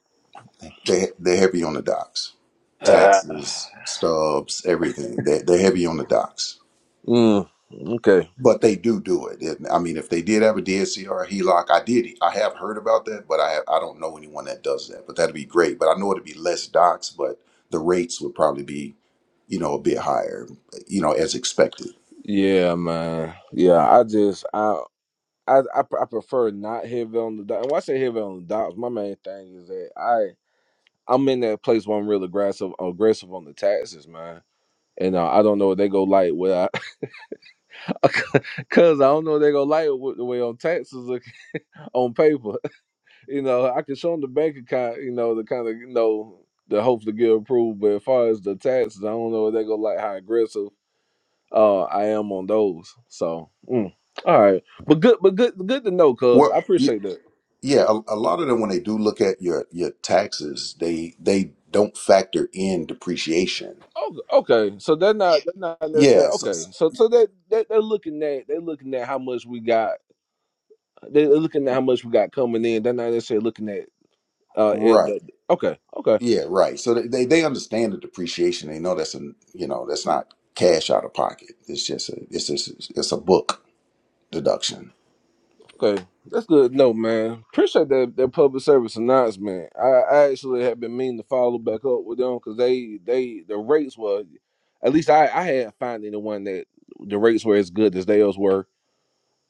Speaker 7: They're, they're heavy on the docks.
Speaker 1: [sighs] ah,
Speaker 7: Taxes, stubs, everything. They're, they're heavy on the docks.
Speaker 1: mm, okay.
Speaker 7: But they do do it. And, I mean, if they did have a DSC or a HELOC, I did. I have heard about that, but I have, I don't know anyone that does that. But that'd be great. But I know it'd be less docs, but the rates would probably be you know a bit higher, you know, as expected.
Speaker 1: Yeah, man. Yeah, I just I I I, pre- I prefer not heavy on the dots. And when I say heavy on the dots, my main thing is that I I'm in that place where I'm real aggressive aggressive on the taxes, man. And uh, I don't know if they go light without. [laughs] Cause I don't know if they're gonna like it with the way on taxes look [laughs] on paper. [laughs] You know, I can show them the bank account. You know, the kind of you know the hopefully get approved. But as far as the taxes, I don't know if they're gonna like how aggressive uh I am on those. So mm. all right, but good, but good, good to know. Cause I
Speaker 7: Well, y-
Speaker 1: appreciate that.
Speaker 7: yeah, a, a lot of them when they do look at your your taxes, they they don't factor in depreciation.
Speaker 1: Oh, okay. So they're not they're not necessarily okay.
Speaker 7: Yes,
Speaker 1: So so that they, they, they're looking at they're looking at how much we got. They're looking at how much we got coming in. They're not necessarily looking at uh at
Speaker 7: right.
Speaker 1: the okay okay
Speaker 7: Yeah, right. So they, they they understand the depreciation. They know that's a you know that's not cash out of pocket. It's just a it's just it's a book deduction.
Speaker 1: Okay, that's good. No, man. Appreciate that that public service announcement. I, I actually have been meaning to follow back up with them because they they the rates were, at least I I had finding the one that the rates were as good as theirs were,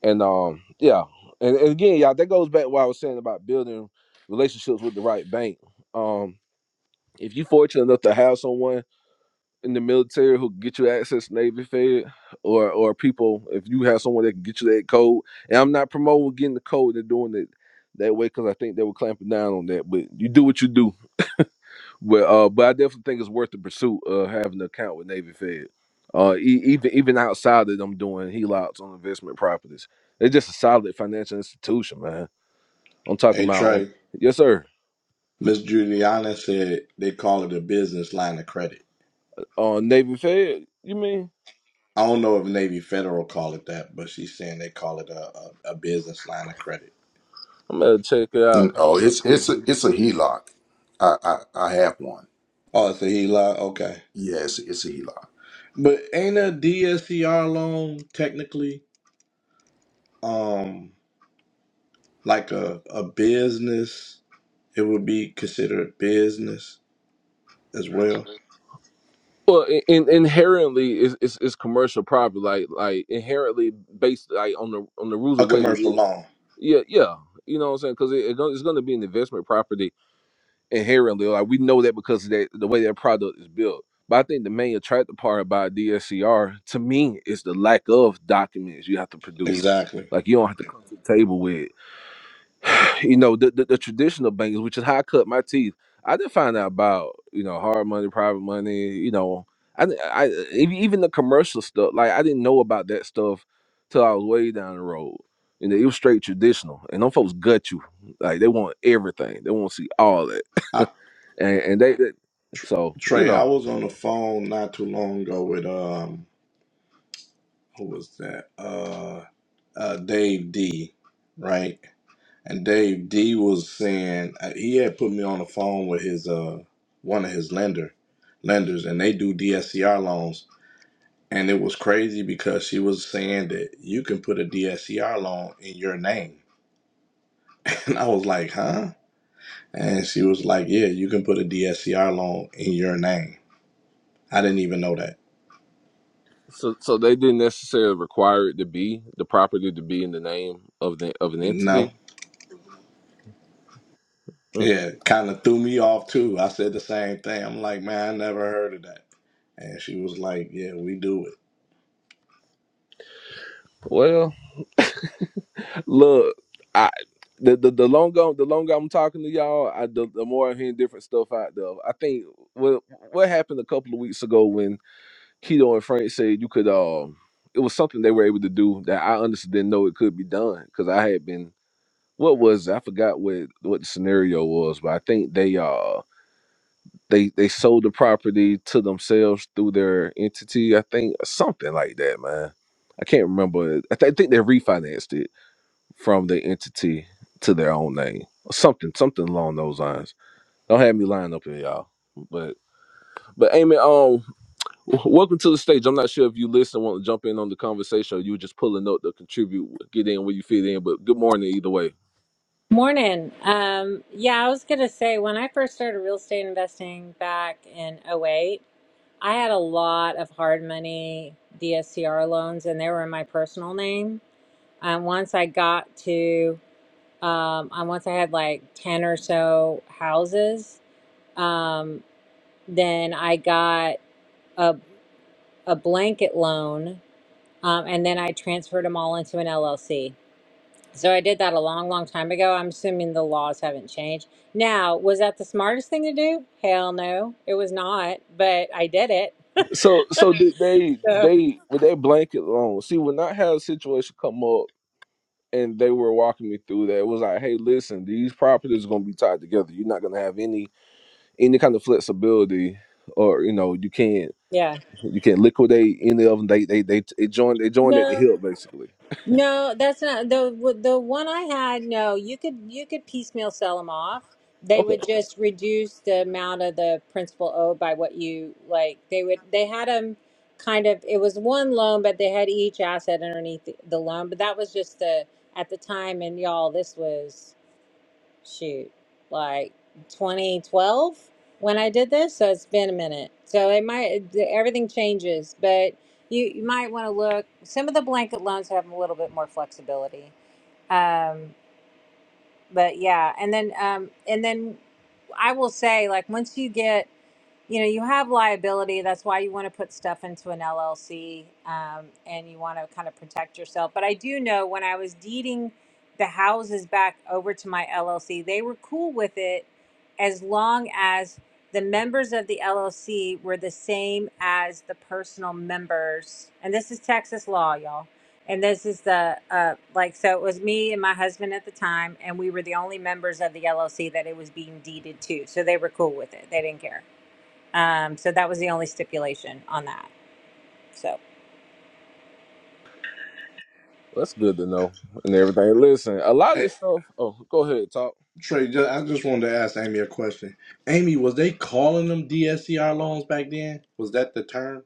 Speaker 1: and um yeah, and, and again y'all that goes back to what I was saying about building relationships with the right bank. Um, if you fortunate enough to have someone in the military who can get you access to Navy Fed or or people if you have someone that can get you that code. And I'm not promoting getting the code and doing it that way because I think they were clamping down on that. But you do what you do. But uh, but I definitely think it's worth the pursuit of having an account with Navy Fed. Uh, e- even even outside of them doing HELOCs on investment properties, they're just a solid financial institution, man. I'm talking
Speaker 8: Hey
Speaker 1: about on
Speaker 8: Trey,
Speaker 1: yes sir.
Speaker 8: Miss Juliana said they call it a business line of credit.
Speaker 1: On Navy Fed, you mean?
Speaker 8: I don't know if Navy Federal call it that, but she's saying they call it a, a, a business line of credit.
Speaker 1: I'm gonna check it out.
Speaker 7: Mm, Oh,
Speaker 1: I'm gonna
Speaker 7: it's
Speaker 1: pull.
Speaker 7: it's a
Speaker 1: it.
Speaker 7: it's a HELOC. I I, I have one.
Speaker 8: Oh, it's a HELOC. Okay,
Speaker 7: Yes, it's, a HELOC.
Speaker 8: but ain't a DSCR loan technically um like a a business? It would be considered business as well.
Speaker 1: Well, in, in, inherently, it's, it's it's commercial property, like like inherently based like on the on the rules
Speaker 8: A
Speaker 1: of what it
Speaker 8: commercial
Speaker 1: is.
Speaker 8: loan,
Speaker 1: Yeah, yeah, you know what I'm saying? Because it, it go- it's going to be an investment property inherently. Like we know that because of that the way that product is built. But I think the main attractive part about DSCR to me is the lack of documents you have to produce.
Speaker 8: exactly.
Speaker 1: Like you don't have to come to the table with. [sighs] you know the, the, the traditional banks, which is how I cut my teeth. I didn't find out about you know hard money, private money. You know, I, di- I ev- even the commercial stuff. Like I didn't know about that stuff till I was way down the road. You know, it was straight traditional, and them folks gut you. Like they want everything. They want to see all that,
Speaker 8: I,
Speaker 1: and and they, they so you
Speaker 8: Trey, I
Speaker 1: know.
Speaker 8: was on the phone not too long ago with um who was that? Uh, uh, Dave D, right? And Dave D was saying uh, he had put me on the phone with his uh one of his lender lenders, and they do DSCR loans. And it was crazy because she was saying that you can put a DSCR loan in your name, [laughs] and I was like, huh? And she was like, yeah, you can put a DSCR loan in your name. I didn't even know that.
Speaker 1: So, so they didn't necessarily require it to be the property to be in the name of the of an
Speaker 8: No.
Speaker 1: entity. Hmm.
Speaker 8: Yeah, kind of threw me off too. I said the same thing. I'm like, man, I never heard of that. And she was like, "Yeah, we do it."
Speaker 1: Well, Look, I the the, the longer the longer I'm talking to y'all, I the, the more I'm hearing different stuff out there. I think what what happened a couple of weeks ago when Keto and Frank said you could um it was something they were able to do that I honestly didn't know it could be done because I had been what was it? I forgot what what the scenario was, but I think they uh they they sold the property to themselves through their entity. I think something like that, man. I can't remember. I, th- I think they refinanced it from the entity to their own name, or something, something along those lines. Don't have me lying up here, y'all. But but Amy, um, w- welcome to the stage. I'm not sure if you listen, want to jump in on the conversation, or you were just pulling up to contribute, get in where you fit in. But good morning, either way.
Speaker 9: Morning. Um, yeah, I was going to say when I first started real estate investing back in '08, I had a lot of hard money DSCR loans and they were in my personal name. And once I got to, um, and once I had like 10 or so houses, um, then I got a, a blanket loan um, and then I transferred them all into an LLC. So I did that a long, long time ago. I'm assuming the laws haven't changed. Now, was that the smartest thing to do? Hell no, it was not, but I did it.
Speaker 1: So so did they
Speaker 9: So,
Speaker 1: they with that blanket loan? See, when I had a situation come up. And they were walking me through that. It was like, hey, listen, these properties are gonna be tied together. You're not gonna have any any kind of flexibility, or you know, you can't.
Speaker 9: yeah.
Speaker 1: You can't liquidate any of them. They they they it join they join at the
Speaker 9: No,
Speaker 1: hip basically.
Speaker 9: no, that's not the the one I had. No, you could you could piecemeal sell them off. They
Speaker 1: Okay,
Speaker 9: would just reduce the amount of the principal owed by what you like. They would they had them kind of it was one loan, but they had each asset underneath the, the loan. But that was just the at the time, and y'all, this was. shoot, like 2012 when I did this. So it's been a minute. So it might, everything changes, but you, you might want to look. Some of the blanket loans have a little bit more flexibility. Um, but yeah and then um and then i will say like once you get you know you have liability that's why you want to put stuff into an llc um, and you want to kind of protect yourself but i do know when i was deeding the houses back over to my llc they were cool with it as long as the members of the llc were the same as the personal members and this is texas law y'all and this is the uh, like so it was me and my husband at the time, and we were the only members of the LLC that it was being deeded to. So they were cool with it; they didn't care. Um, so that was the only stipulation on that. So
Speaker 1: that's good to know and everything. Listen, a lot of
Speaker 8: Hey,
Speaker 1: this stuff. Oh, go ahead, talk.
Speaker 8: Trey, ju- I just wanted to ask Amy a question. Amy, was they calling them DSCR loans back then? Was that the term?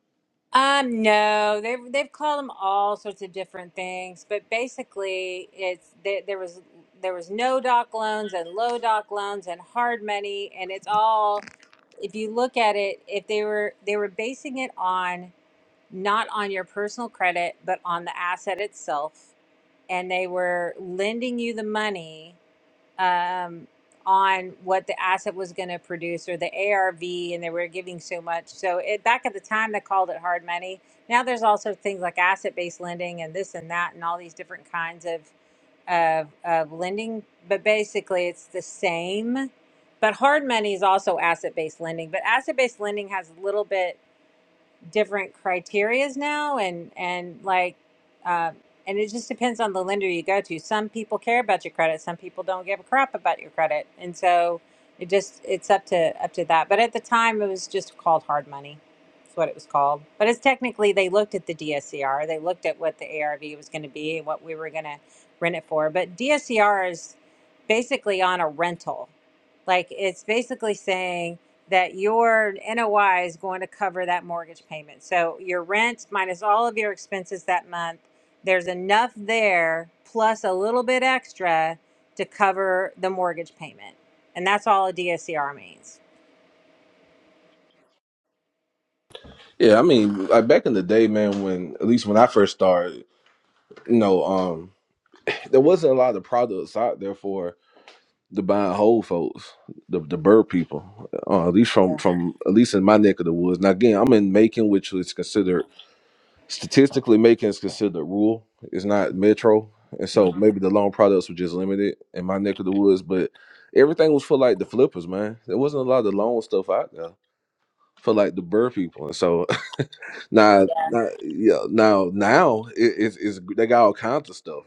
Speaker 9: um, no, they have they've called them all sorts of different things, but basically, it's there, there was there was no doc loans and low doc loans and hard money, and it's all if you look at it, if they were they were basing it on not on your personal credit, but on the asset itself. And they were lending you the money um, on what the asset was going to produce or the ARV, and they were giving so much. So it, back at the time, they called it hard money. Now there's also things like asset based lending and this and that, and all these different kinds of, of, of lending. But basically, it's the same. But hard money is also asset based lending. But asset based lending has a little bit different criterias now and and like uh, and it just depends on the lender you go to some people care about your credit some people don't give a crap about your credit and so it just it's up to up to that but at the time it was just called hard money that's what it was called but it's technically they looked at the dscr they looked at what the arv was going to be and what we were going to rent it for but dscr is basically on a rental like it's basically saying that your NOI is going to cover that mortgage payment. So your rent minus all of your expenses that month, there's enough there plus a little bit extra to cover the mortgage payment. And that's all a DSCR means.
Speaker 1: Yeah, I mean, like back in the day, man, when at least when I first started, you know, um, there wasn't a lot of products out there for the buy and hold folks, the the bird people, uh, at least from from at least in my neck of the woods. Now again, I'm in Macon, which is considered statistically making is considered rural. It's not metro, and so maybe the loan products were just limited in my neck of the woods. But everything was for like the flippers, man. There wasn't a lot of the loan stuff out there for like the bird people. And so [laughs] now, now yeah, now now it, it's, it's they got all kinds of stuff,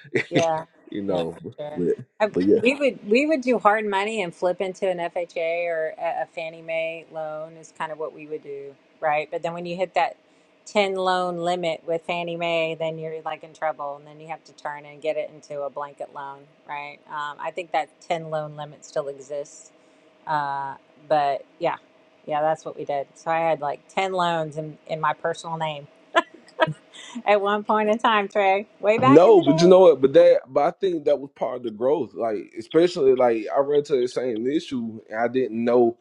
Speaker 1: [laughs]
Speaker 9: Yeah,
Speaker 1: you
Speaker 9: yeah,
Speaker 1: know.
Speaker 9: for sure.
Speaker 1: But
Speaker 9: I,
Speaker 1: but yeah,
Speaker 9: we would we would do hard money and flip into an FHA or a, a Fannie Mae loan is kind of what we would do, right? But then when you hit that ten loan limit with Fannie Mae, then you're like in trouble, and then you have to turn and get it into a blanket loan, right? Um, I think that ten loan limit still exists, uh, but yeah, yeah, that's what we did. So I had like ten loans in in my personal name [laughs] at one point in time, Trey, way back in
Speaker 1: no,
Speaker 9: the
Speaker 1: but you
Speaker 9: day.
Speaker 1: know what? But that but I think that was part of the growth. Like especially like I ran to the same issue, and I didn't know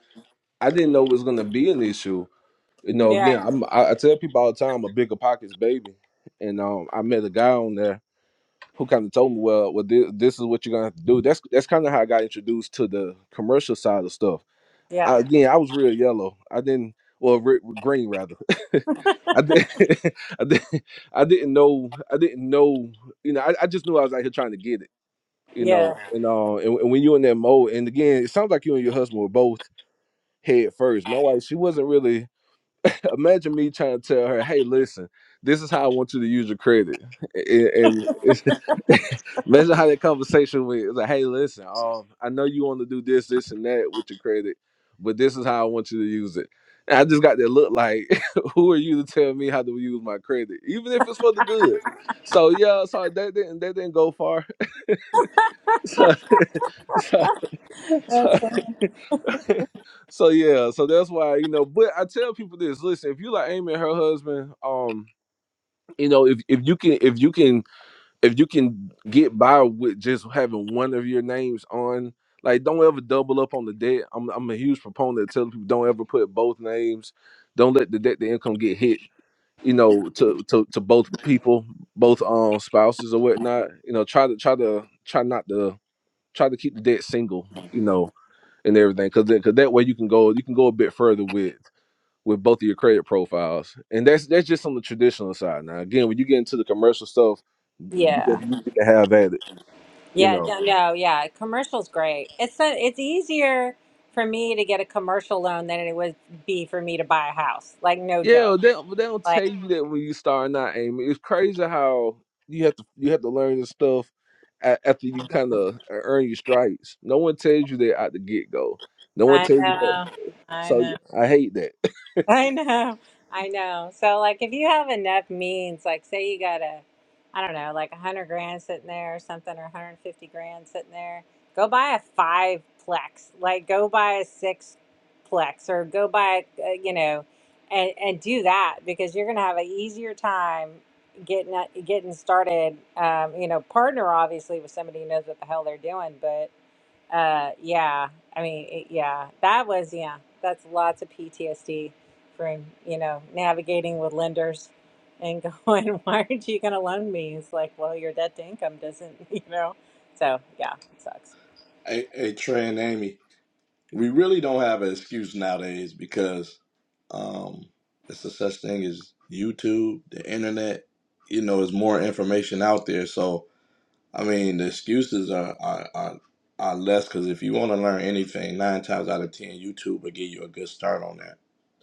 Speaker 1: I didn't know it was gonna be an issue you know,
Speaker 9: Yeah,
Speaker 1: again, I'm, I, I tell people all the time, I'm a bigger pockets baby, and um, I met a guy on there who kind of told me, well, well, this, this is what you're gonna have to do. That's that's kind of how I got introduced to the commercial side of stuff.
Speaker 9: yeah.
Speaker 1: I, again, I was real yellow. I didn't, well, re- green rather. [laughs] I did, [laughs] I did, I didn't know, I didn't know, you know, I, I just knew I was out here trying to get it, you know,
Speaker 9: Yeah,
Speaker 1: and uh, and, and when you are in that mode, and again, it sounds like you and your husband were both head first. My wife, she wasn't really imagine me trying to tell her, "Hey, listen, this is how I want you to use your credit," [laughs] and it's, [laughs] imagine how that conversation went. It's like, "Hey, listen, um, I know you want to do this, this, and that with your credit, but this is how I want you to use it." And I just got that look like, [laughs] "Who are you to tell me how to use my credit, even if it's for the good?" So yeah, so that didn't that didn't go far. [laughs] So [laughs] so
Speaker 9: that's
Speaker 1: so. [laughs]
Speaker 9: fine.
Speaker 1: So yeah, so that's why you know. But I tell people this: listen, if you like Amy and her husband, um, you know if, if you can if you can if you can get by with just having one of your names on like don't ever double up on the debt i'm, I'm a huge proponent of telling people don't ever put both names don't let the debt to income get hit you know to, to to both people both um spouses or whatnot you know try to try to try not to try to keep the debt single you know and everything because because that way you can go you can go a bit further with with both of your credit profiles, and that's that's just on the traditional side. Now, again, when you get into the commercial stuff, you
Speaker 9: yeah,
Speaker 1: can, you can have at it, you
Speaker 9: yeah.
Speaker 1: know.
Speaker 9: No, no, yeah. Commercial's great. It's a, it's easier for me to get a commercial loan than it would be for me to buy a house. Like no
Speaker 1: Yeah,
Speaker 9: joke.
Speaker 1: well, they but they don't tell
Speaker 9: Like
Speaker 1: you that when you start not aiming. It's crazy how you have to you have to learn this stuff a- after you kind of earn your stripes. No one tells you that at the get go. No one
Speaker 9: I
Speaker 1: tells you, but
Speaker 9: know, I
Speaker 1: so
Speaker 9: know.
Speaker 1: I hate that.
Speaker 9: [laughs] I
Speaker 1: [laughs]
Speaker 9: know. I know. So like if you have enough means, like say you got a I don't know, like a hundred grand sitting there or something or hundred and fifty grand sitting there, go buy a five plex. Like go buy a six plex or go buy uh, you know, and and do that because you're gonna have an easier time getting that- getting started. Um, you know, partner obviously with somebody who knows what the hell they're doing, but. Uh, yeah. I mean, it, yeah, that was, yeah, that's lots of PTSD from, you know, navigating with lenders and going, [laughs] why aren't you going to loan me? It's like, well, your debt to income doesn't, [laughs] you know? So, yeah, it sucks.
Speaker 8: Hey, hey Trey and Amy, we really don't have an excuse nowadays because um, it's a such thing as YouTube, the internet. You know, there's more information out there. So, I mean, the excuses are are are, are less because if you want to learn anything, nine times out of ten, YouTube will give you a good start on that,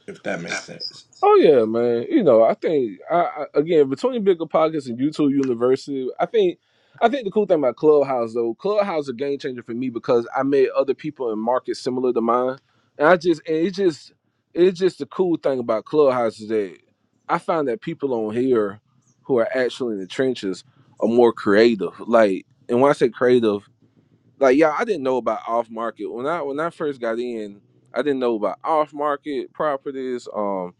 Speaker 8: if that makes sense.
Speaker 1: Oh yeah, man. You know, I think I, I again between bigger pockets and YouTube University, I think I think the cool thing about Clubhouse though, Clubhouse is a game changer for me because I met other people in markets similar to mine, and I just and it just it's just the cool thing about Clubhouse is that I find that people on here who are actually in the trenches are more creative. Like, and when I say creative, like yeah, I didn't know about off market when I when I first got in. I didn't know about off market properties. Um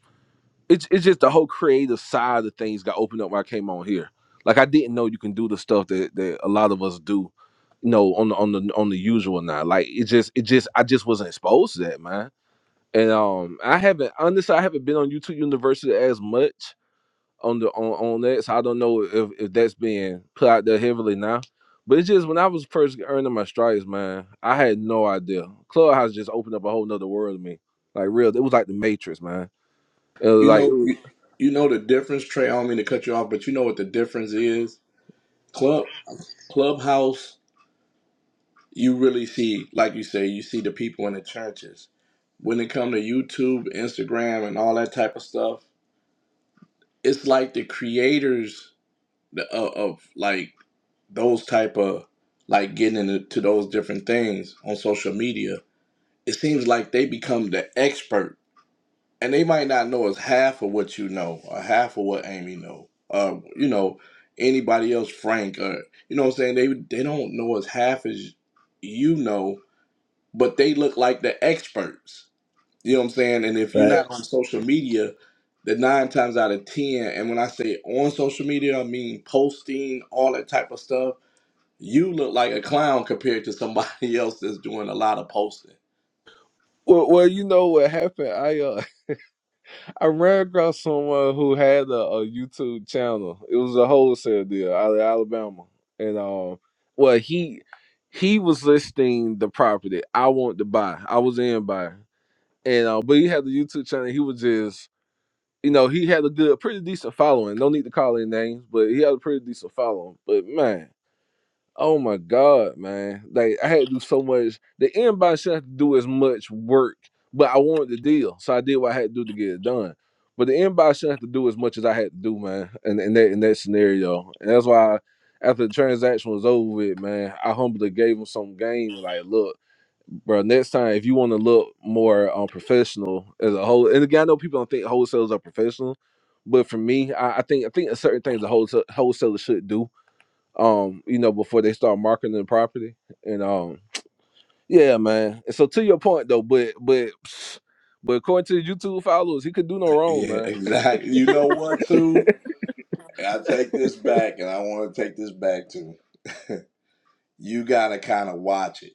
Speaker 1: it's it's just the whole creative side of things got opened up when I came on here. Like I didn't know you can do the stuff that, that a lot of us do, you know, on the on the on the usual now. Like it just it just I just wasn't exposed to that, man. And um I haven't honestly I haven't been on YouTube University as much on the on, on that. So I don't know if, if that's being put out there heavily now. But it's just when I was first earning my stripes, man, I had no idea. Clubhouse just opened up a whole nother world to me. Like real, it was like the Matrix, man. It was
Speaker 8: You
Speaker 1: like it
Speaker 8: know,
Speaker 1: was-
Speaker 8: you, you know the difference, Trey. I don't mean to cut you off, but you know what the difference is. Club, clubhouse. You really see, like you say, you see the people in the churches. When it come to YouTube, Instagram, and all that type of stuff, it's like the creators the- of, of like those type of like getting into those different things on social media. It seems like they become the expert and they might not know is half of what you know or half of what Amy know. or you know, anybody else, Frank, or you know what I'm saying? They they don't know as half as you know, but they look like the experts. You know what I'm saying? And if you're
Speaker 1: Right.
Speaker 8: not on social media, the nine times out of ten, and when I say on social media, I mean posting, all that type of stuff, you look like a clown compared to somebody [laughs] else that's doing a lot of posting.
Speaker 1: Well, well, you know what happened? I uh, [laughs] I ran across someone who had a, a YouTube channel. It was a wholesale deal out of Alabama, and um, well, he he was listing the property I want to buy. I was in buy, and uh, but he had the YouTube channel. He was just, you know, he had a good, pretty decent following. No need to call any names, but he had a pretty decent following. But man. Oh my God, man. Like I had to do so much. The inbox shouldn't have to do as much work, but I wanted the deal. So I did what I had to do to get it done. But the inbox shouldn't have to do as much as I had to do, man, in, in that in that scenario. And that's why after the transaction was over with, man, I humbly gave him some game and like, look, bro, next time if you want to look more um, professional as a whole, and again, I know people don't think wholesalers are professional, but for me, I, I think I think certain things a wholesale, wholesaler should do um, you know, before they start marketing the property. And um, yeah, man. And so to your point though, but but but according to the YouTube followers, he could do no wrong,
Speaker 8: Yeah,
Speaker 1: man. [laughs]
Speaker 8: exactly. You know what too? I take this back, and I want to take this back to you. Got to kind of watch it.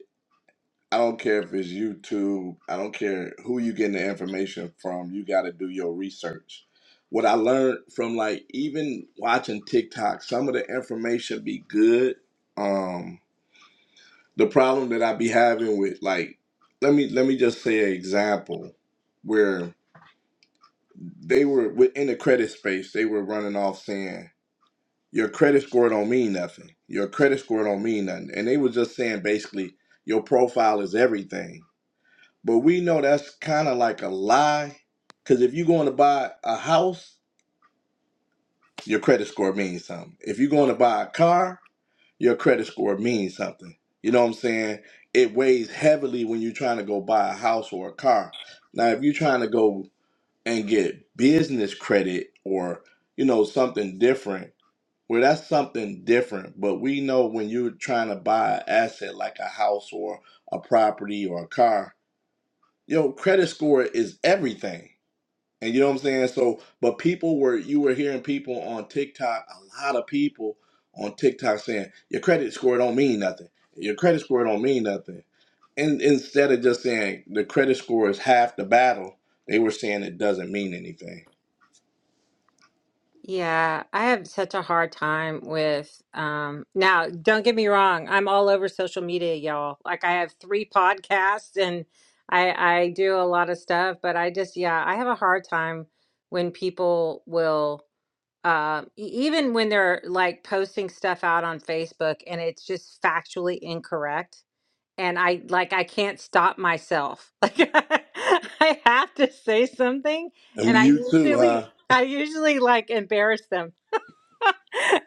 Speaker 8: I don't care if it's YouTube. I don't care who you getting the information from. You got to do your research. What I learned from like even watching TikTok, some of the information be good. Um, the problem that I be having with like, let me let me just say an example where they were within the credit space. They were running off saying. Your credit score don't mean nothing. Your credit score don't mean nothing. And they were just saying basically your profile is everything. But we know that's kind of like a lie. Cause if you're going to buy a house, your credit score means something. If you're going to buy a car, your credit score means something. You know what I'm saying? It weighs heavily when you're trying to go buy a house or a car. Now, if you're trying to go and get business credit or, you know, something different well, that's something different, but we know when you're trying to buy an asset like a house or a property or a car, your credit score is everything. And you know what I'm saying? So, but people were, you were hearing people on TikTok, a lot of people on TikTok saying, your credit score don't mean nothing. Your credit score don't mean nothing. And instead of just saying the credit score is half the battle, they were saying it doesn't mean anything.
Speaker 9: Yeah, I have such a hard time with um now, don't get me wrong, I'm all over social media, y'all. Like I have three [laughs] podcasts and I I do a lot of stuff, but I just yeah, I have a hard time when people will. um, e- even when they're like posting stuff out on Facebook and it's just factually incorrect. And I like, I can't stop myself. [laughs] Like, I have to say something.
Speaker 8: And
Speaker 9: And I
Speaker 8: you too,
Speaker 9: usually,
Speaker 8: huh?
Speaker 9: I usually like embarrass them. [laughs]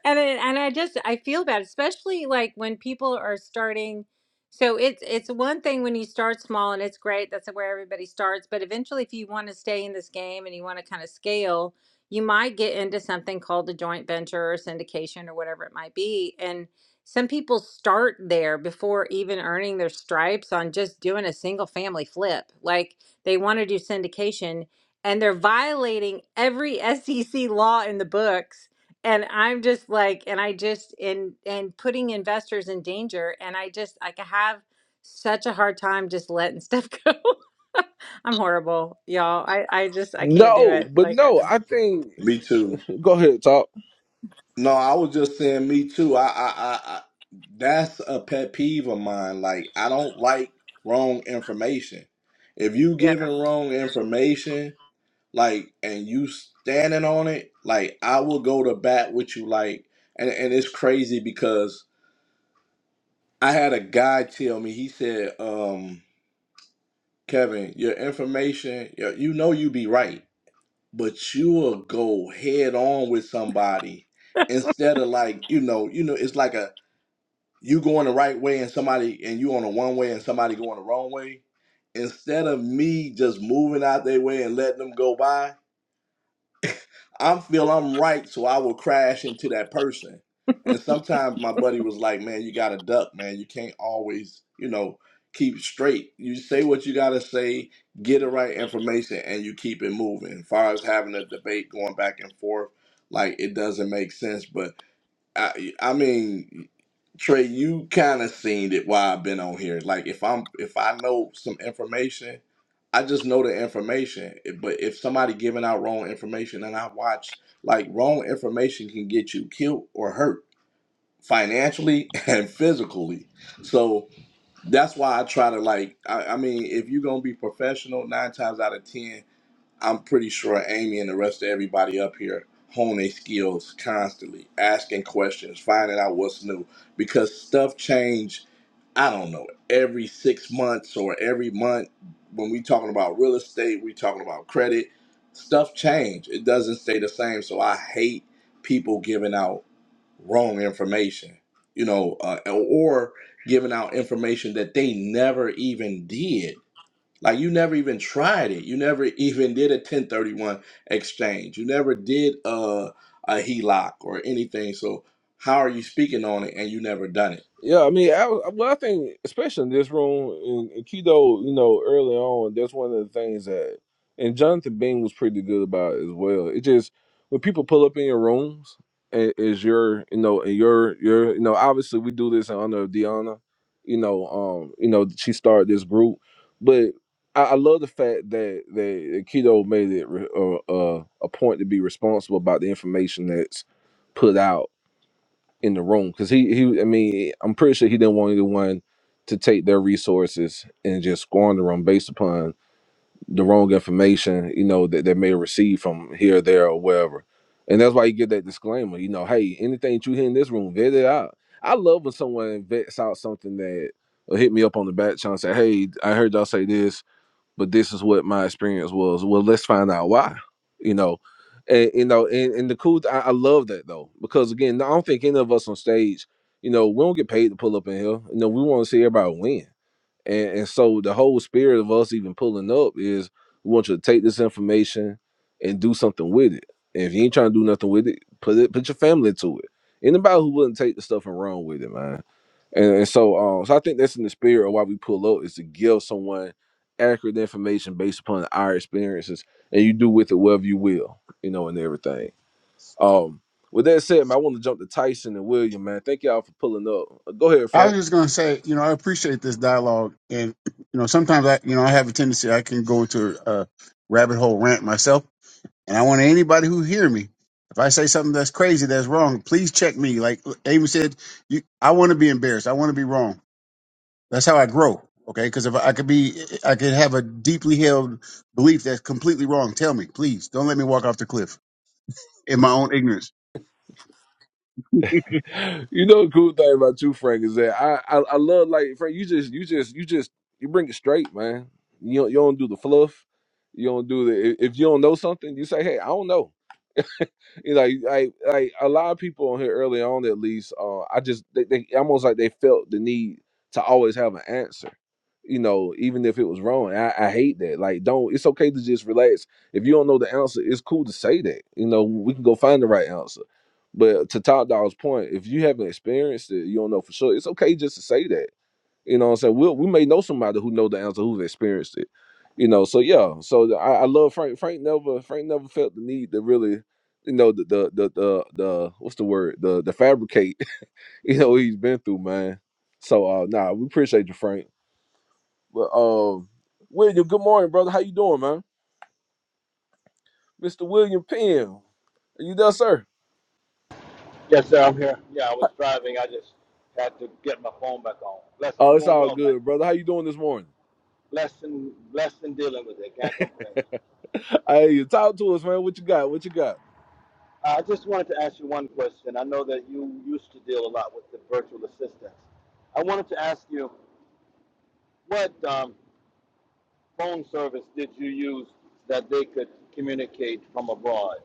Speaker 9: and it, and I just I feel bad, especially like when people are starting. So it's it's one thing when you start small and it's great. That's where everybody starts. But eventually, if you want to stay in this game and you want to kind of scale, you might get into something called a joint venture or syndication or whatever it might be. And some people start there before even earning their stripes on just doing a single family flip. Like they want to do syndication and they're violating every [laughs] SEC law in the books and i'm just like and i just in and putting investors in danger and i just like i have such a hard time just letting stuff [laughs] go i'm horrible y'all i i just i can't do
Speaker 1: No,
Speaker 9: it
Speaker 1: but
Speaker 9: like i
Speaker 1: no,
Speaker 9: just
Speaker 1: I think
Speaker 8: Me too.
Speaker 1: go ahead, talk.
Speaker 8: No, I was just saying, me too. I, I, I, I, that's a pet peeve of mine. Like, I don't like wrong information. If you
Speaker 9: yeah
Speaker 8: giving wrong information, like, and you standing on it, like, I will go to bat with you. Like, and and it's crazy because I had a guy tell me. He said, um, Kevin, your information, you you know, you be right, but you will go head on with somebody instead of like you know you know it's like a, you going the right way and somebody and you on a one way and somebody going the wrong way, instead of me just moving out their way and letting them go by, I feel I'm right, so I will crash into that person. And sometimes my buddy was like, "Man, you gotta duck, man. You can't always, you know, keep straight. You say what you gotta say, get the right information, and you keep it moving." As far as having a debate going back and forth, like it doesn't make sense. But I, I mean, Trey, you kind of seen it while I've been on here. Like if I'm if I know some information, I just know the information. If- But if somebody giving out wrong information and I watch, like wrong information can get you killed or hurt financially [laughs] and physically. So that's why I try to like. I, I mean, if you're gonna be professional, nine times out of ten. I'm pretty sure Amy and the rest of everybody up here hone their skills constantly, asking questions, finding out what's new, because stuff change. I don't know every six months or every month. When we talking about real estate, we talking about credit. Stuff change. It doesn't stay the same. So I hate people giving out wrong information. You know, uh, or giving out information that they never even did like you never even tried it. You never even did a 1031 exchange. You never did a, a HELOC or anything. So how are you speaking on it and you never done it?
Speaker 1: Yeah, I mean, I, I- well, I think especially in this room in and Kido, you know, early on, that's one of the things that, and Jonathan Bing was pretty good about it as well. It just when people pull up in your rooms, and is your, you know, and your, your, you know, obviously we do this in honor of Deanna, you know, um, you know, she started this group, but I, I love the fact that that Kido made it re, uh, uh, a point to be responsible about the information that's put out in the room because he he I mean I'm pretty sure he didn't want anyone to take their resources and just squander them based upon the wrong information you know that they may receive from here there or wherever and that's why you get that disclaimer you know hey anything that you hear in this room vet it out I love when someone vets out something that or hit me up on the back channel and say hey I heard y'all say this but this is what my experience was. Well, let's find out why, you know. And you know, and, and the cool th- I, I love that though, because again, I don't think any of us on stage, you know, we don't get paid to pull up in here. You know, we want to see everybody win. And, and so the whole spirit of us even pulling up is we want you to take this information and do something with it. And if you ain't trying to do nothing with it, put it put your family to it. Anybody who wouldn't take the stuff and run with it, man. And, and so um so I think that's in the spirit of why we pull up is to give someone accurate information based upon our experiences and you do with it whatever you will, you know, and everything. Um with that said, man, I want to jump to Tyson and William, man. Thank y'all for pulling up. Go ahead,
Speaker 4: I
Speaker 1: Frank.
Speaker 4: was just going to say, you know, I appreciate this dialogue, and you know, sometimes I, you know, I have a tendency I can go into a rabbit hole rant myself, and I want anybody who hear me, if I say something that's crazy, that's wrong, please check me. Like Amy said, you, I want to be embarrassed. I want to be wrong. That's how I grow. Okay, because if I could be, I could have a deeply held belief that's completely wrong. Tell me, please, don't let me walk off the cliff in my own ignorance.
Speaker 1: You know, the cool thing about you, Frank, is that I, I, I love like Frank. You just, you just, you just, you bring it straight, man. You don't, you don't do the fluff. You don't do the. If if you don't know something, you say, "Hey, I don't know." You know, like like like a lot of people on here early on at least uh i just they, they almost like they felt the need to always have an answer you know even if it was wrong I, I hate that like don't it's okay to just relax if you don't know the answer it's cool to say that you know we can go find the right answer but to top dog's point if you haven't experienced it you don't know for sure it's okay just to say that you know what I'm saying? We'll, we may know somebody who know the answer, who's experienced it. You know, so yeah. So the- I, I love Frank. Frank never Frank never felt the need to really, you know, the the the the, the what's the word? The the fabricate, [laughs] you know, what he's been through, man. So uh nah, we appreciate you, Frank. But um William, good morning, brother. How you doing, man? Mr. William Penn. Are you there, sir?
Speaker 10: Yes, sir, I'm here. Yeah, I was driving. I just had to get my phone back on. Bless, I'm
Speaker 1: Oh, it's
Speaker 10: doing
Speaker 1: all
Speaker 10: well, man.
Speaker 1: good, brother. How you doing this morning?
Speaker 10: Blessed and, blessed and dealing with it. Can't complain.
Speaker 1: [laughs] Hey, talk to us, man. What you got? What you got?
Speaker 10: I just wanted to ask you one question. I know that you used to deal a lot with the virtual assistants. I wanted to ask you, what um, phone service did you use that they could communicate from abroad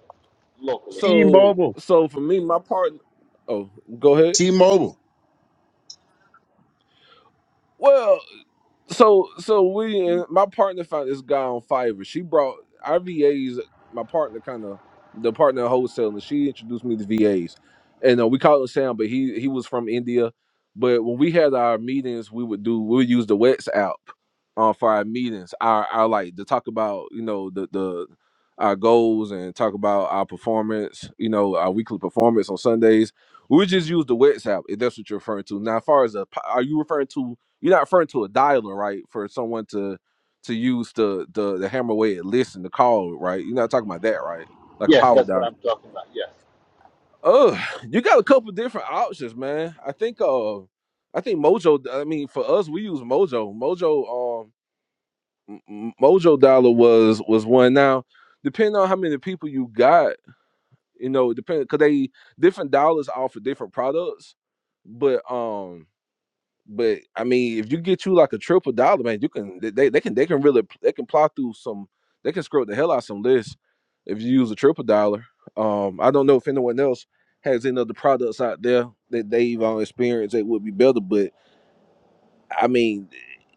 Speaker 10: locally?
Speaker 1: So
Speaker 4: T-Mobile,
Speaker 1: so for me, my partner. Oh, go ahead.
Speaker 4: T-Mobile.
Speaker 1: Well, So so we and my partner found this guy on Fiverr. She brought our VAs. My partner kind of the partner wholesaling. She introduced me to VAs, and uh, we called him Sam, but he he was from India. But when we had our meetings, we would do we would use the Wets app uh, for our meetings. Our our like to talk about you know the the our goals and talk about our performance. You know our weekly performance on Sundays. We would just use the Wets app if that's what you're referring to. Now, as far as the, po- are you referring to? You're not referring to a dialer, right? For someone to to use the the, the hammer way it listen to call, right? You're not talking about that, right? Like a
Speaker 10: Yes,
Speaker 1: power
Speaker 10: that's what
Speaker 1: dial.
Speaker 10: I'm talking about. Yes.
Speaker 1: Oh, you got a couple different options, man. I think uh I think Mojo I mean for us we use Mojo. Mojo um M- M- Mojo Dollar was was one now. Depending on how many people you got, you know, depending because they different dollars offer different products. But um But I mean, if you get you like a triple dollar, man, you can they they can they can really they can plow through some they can scroll the hell out some lists if you use a triple dollar. Um, I don't know if anyone else has any other products out there that they've uh, experienced that would be better, but I mean,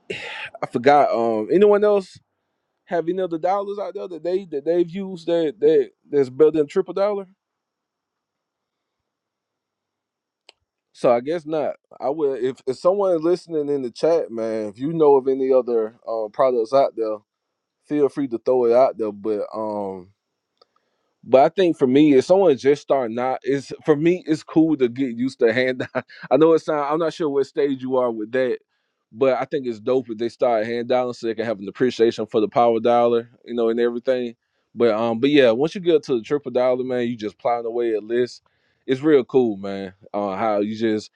Speaker 1: [sighs] I forgot. Um, anyone else have any other dollars out there that they that they've used that that that's better than triple dollar? So I guess not. I will if if someone is listening in the chat, man, if you know of any other um products out there feel free to throw it out there. But um, but I think for me, if someone just starting out, it's for me, it's cool to get used to hand. [laughs] I know it's sound. I'm not sure what stage you are with that, but I think it's dope if they start hand dialing so they can have an appreciation for the power dollar, you know, and everything. But um, but yeah, once you get to the triple dollar, man, you just plowing away at lists. It's real cool, man. Uh, how you just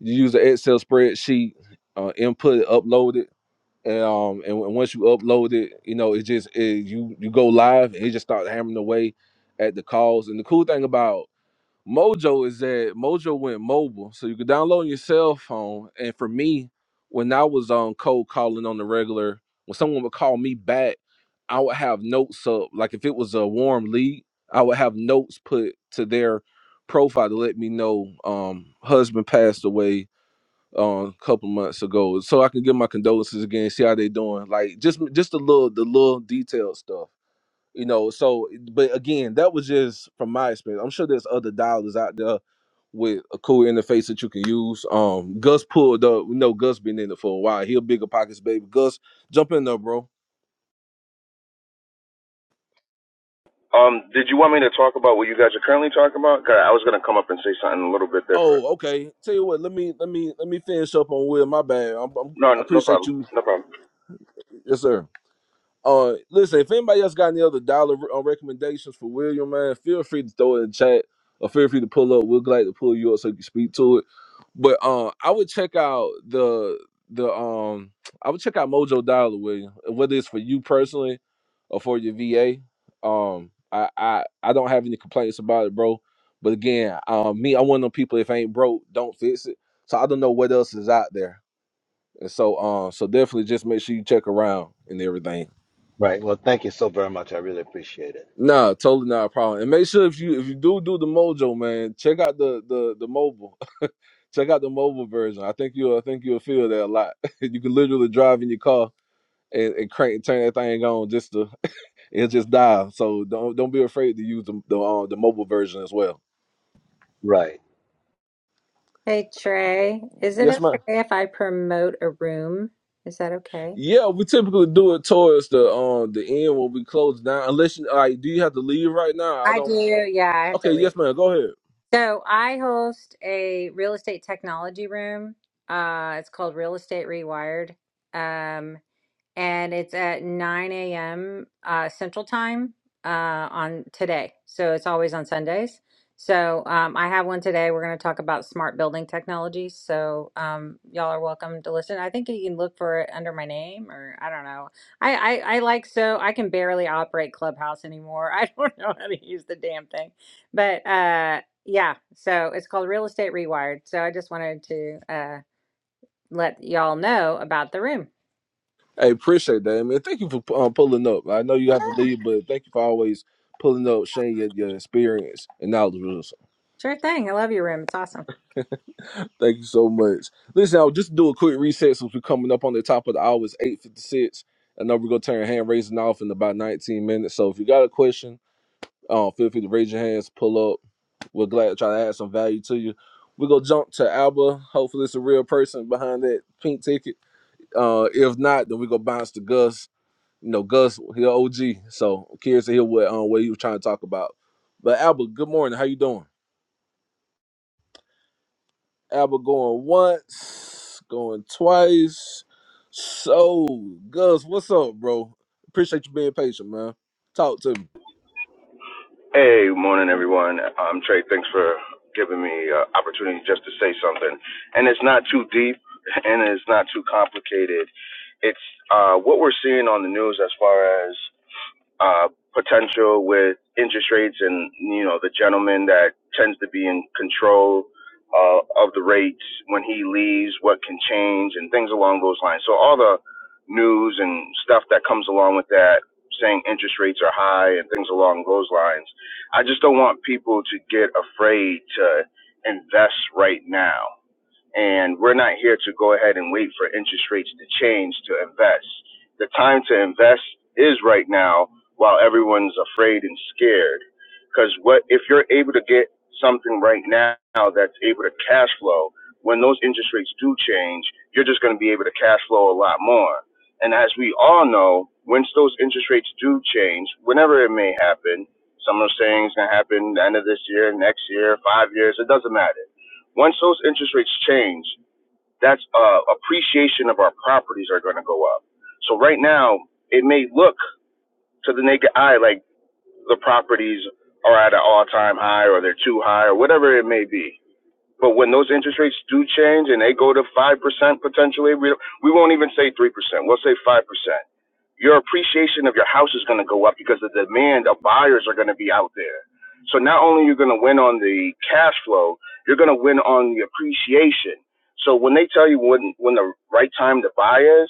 Speaker 1: you use the Excel spreadsheet, uh, input, upload it and um and when- once you upload it you know it just it, you you go live and it just starts hammering away at the calls and the cool thing about mojo is that mojo went mobile so you could download on your cell phone and for me when i was on cold calling on the regular when someone would call me back i would have notes up like if it was a warm lead i would have notes put to their profile to let me know um husband passed away um a couple months ago so i can give my condolences again see how they doing like just just the little the little detailed stuff you know so but again that was just from my experience i'm sure there's other dialers out there with a cool interface that you can use um gus pulled up we know gus been in it for a while he a bigger pockets baby gus jump in there bro
Speaker 11: Um, did you want me to talk about what you guys are currently talking about? 'Cause I was gonna come up and say something a little bit different.
Speaker 1: oh okay tell you what let me let me let me finish up on will my bad I'm, I'm,
Speaker 11: No,
Speaker 1: i
Speaker 11: no no
Speaker 1: appreciate
Speaker 11: problem.
Speaker 1: you
Speaker 11: No problem.
Speaker 1: yes sir Uh, listen, if anybody else got any other dollar uh, recommendations for William, man, feel free to throw it in the chat or feel free to pull up. We're glad to pull you up so you can speak to it. But um, I would check out the the um, I would check out Mojo Dollar William, whether it's for you personally or for your VA. Um, I I I don't have any complaints about it, bro. But again, um, me, I'm one of them people. If I ain't broke, don't fix it. So I don't know what else is out there, and so um, so definitely just make sure you check around and everything. Nah, totally not a problem. And make sure if you if you do do the Mojo, man, check out the the the mobile. [laughs] check out the mobile version. I think you'll I think you'll feel that a lot. [laughs] you can literally drive in your car and, and crank and turn that thing on just to [laughs] it'll just dial. So don't don't be afraid to use the the, uh, the mobile version as well.
Speaker 10: Right.
Speaker 9: hey trey is it
Speaker 1: Yes, ma'am.
Speaker 9: okay if i promote a room is that okay
Speaker 1: Yeah, we typically do it towards the um the end when we close down. Unless you, all right, do you have to leave right now? I
Speaker 9: i do
Speaker 1: don't.
Speaker 9: yeah i have
Speaker 1: Okay,
Speaker 9: to leave
Speaker 1: yes, ma'am. Go ahead.
Speaker 9: so i host a real estate technology room uh it's called real estate rewired um and it's at 9 a.m. Uh, Central Time uh, on today. So it's always on Sundays. So um, I have one today. We're going to talk about smart building technologies. So um, y'all are welcome to listen. I think you can look for it under my name, or I don't know. I, I I like so I can barely operate Clubhouse anymore. [laughs] I don't know how to use the damn thing, but uh, yeah. So it's called Real Estate Rewired. So I just wanted to uh, let y'all know about the room.
Speaker 1: Hey, appreciate that, man. Thank you for um, pulling up. I know you have to leave, but thank you for always pulling up, sharing your, your experience and knowledge with us.
Speaker 9: Sure thing. I love your room. It's awesome.
Speaker 1: Thank you so much. Listen, I'll just do a quick reset since we're coming up on the top of the hour. It's 8.56. I know we're going to turn hand raising off in about 19 minutes. So if you got a question, uh, feel free to raise your hands, pull up. We're glad to try to add some value to you. We're going to jump to Alba. Hopefully it's a real person behind that pink ticket. Uh, if not, then we go bounce to Gus You know, Gus, he a OG. So I'm curious to hear what um what he was trying to talk about. But Albert, good morning. How you doing? Albert going once, going twice. So Gus, what's up, bro? Appreciate you being patient, man. Talk to me.
Speaker 11: Hey, morning everyone. Um, Trey, thanks for giving me uh, opportunity just to say something. And it's not too deep, and it's not too complicated. It's uh, what we're seeing on the news as far as uh, potential with interest rates and you know the gentleman that tends to be in control uh, of the rates when he leaves, what can change and things along those lines. So all the news and stuff that comes along with that, saying interest rates are high and things along those lines. I just don't want people to get afraid to invest right now. And we're not here to go ahead and wait for interest rates to change to invest. The time to invest is right now while everyone's afraid and scared. Because what if you're able to get something right now that's able to cash flow, when those interest rates do change, you're just going to be able to cash flow a lot more. And as we all know, once those interest rates do change, whenever it may happen, some are saying it's going to happen the end of this year, next year, five years, it doesn't matter once those interest rates change, that's uh, appreciation of our properties are going to go up. So right now, it may look to the naked eye like the properties are at an all-time high or they're too high or whatever it may be. But when those interest rates do change and they go to five percent potentially, we we won't even say three percent. We'll say five percent your appreciation of your house is going to go up because the demand of buyers are going to be out there. So not only you're going to win on the cash flow, you're going to win on the appreciation. So when they tell you when when the right time to buy is,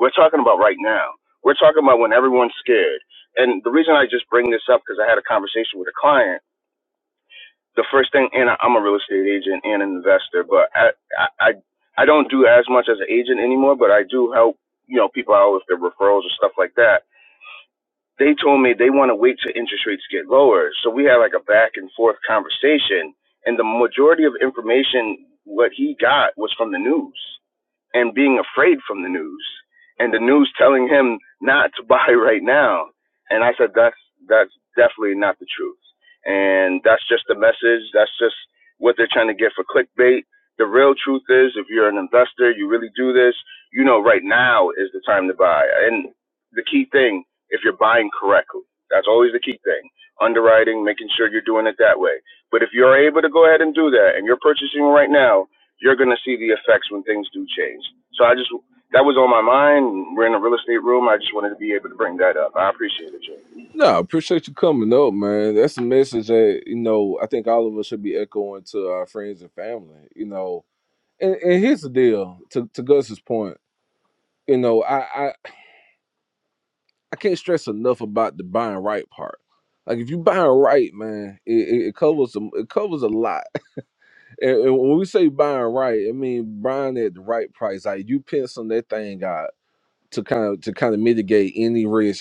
Speaker 11: we're talking about right now. We're talking about when everyone's scared. And the reason I just bring this up because I had a conversation with a client. The first thing, and I'm a real estate agent and an investor, but I I I I don't do as much as an agent anymore, but I do help you know people out with their referrals and stuff like that they told me they want to wait till interest rates get lower. So we had like a back and forth conversation, and the majority of information what he got was from the news and being afraid from the news and the news telling him not to [laughs] buy right now. And I said, that's, that's definitely not the truth. And that's just the message. That's just what they're trying to get for clickbait. The real truth is if you're an investor, you really do this, you know, right now is the time to buy. And the key thing, if you're buying correctly, that's always the key thing. Underwriting, making sure you're doing it that way. But if you're able to go ahead and do that and you're purchasing right now, you're going to see the effects when things do change. So I just, that was on my mind. We're in a real estate room. I just wanted to be able to bring that up. I appreciate it, Jay.
Speaker 1: No, I appreciate you coming up, man. That's a message that, you know, I think all of us should be echoing to our friends and family, you know. And, and here's the deal, to, to Gus's point, you know, I, I can't stress enough about the buying right part. Like if you buying right, man, it, it, it covers some it covers a lot. [laughs] And, and when we say buying right, I mean buying at the right price. Like you penciling that thing out to kind of to kind of mitigate any risk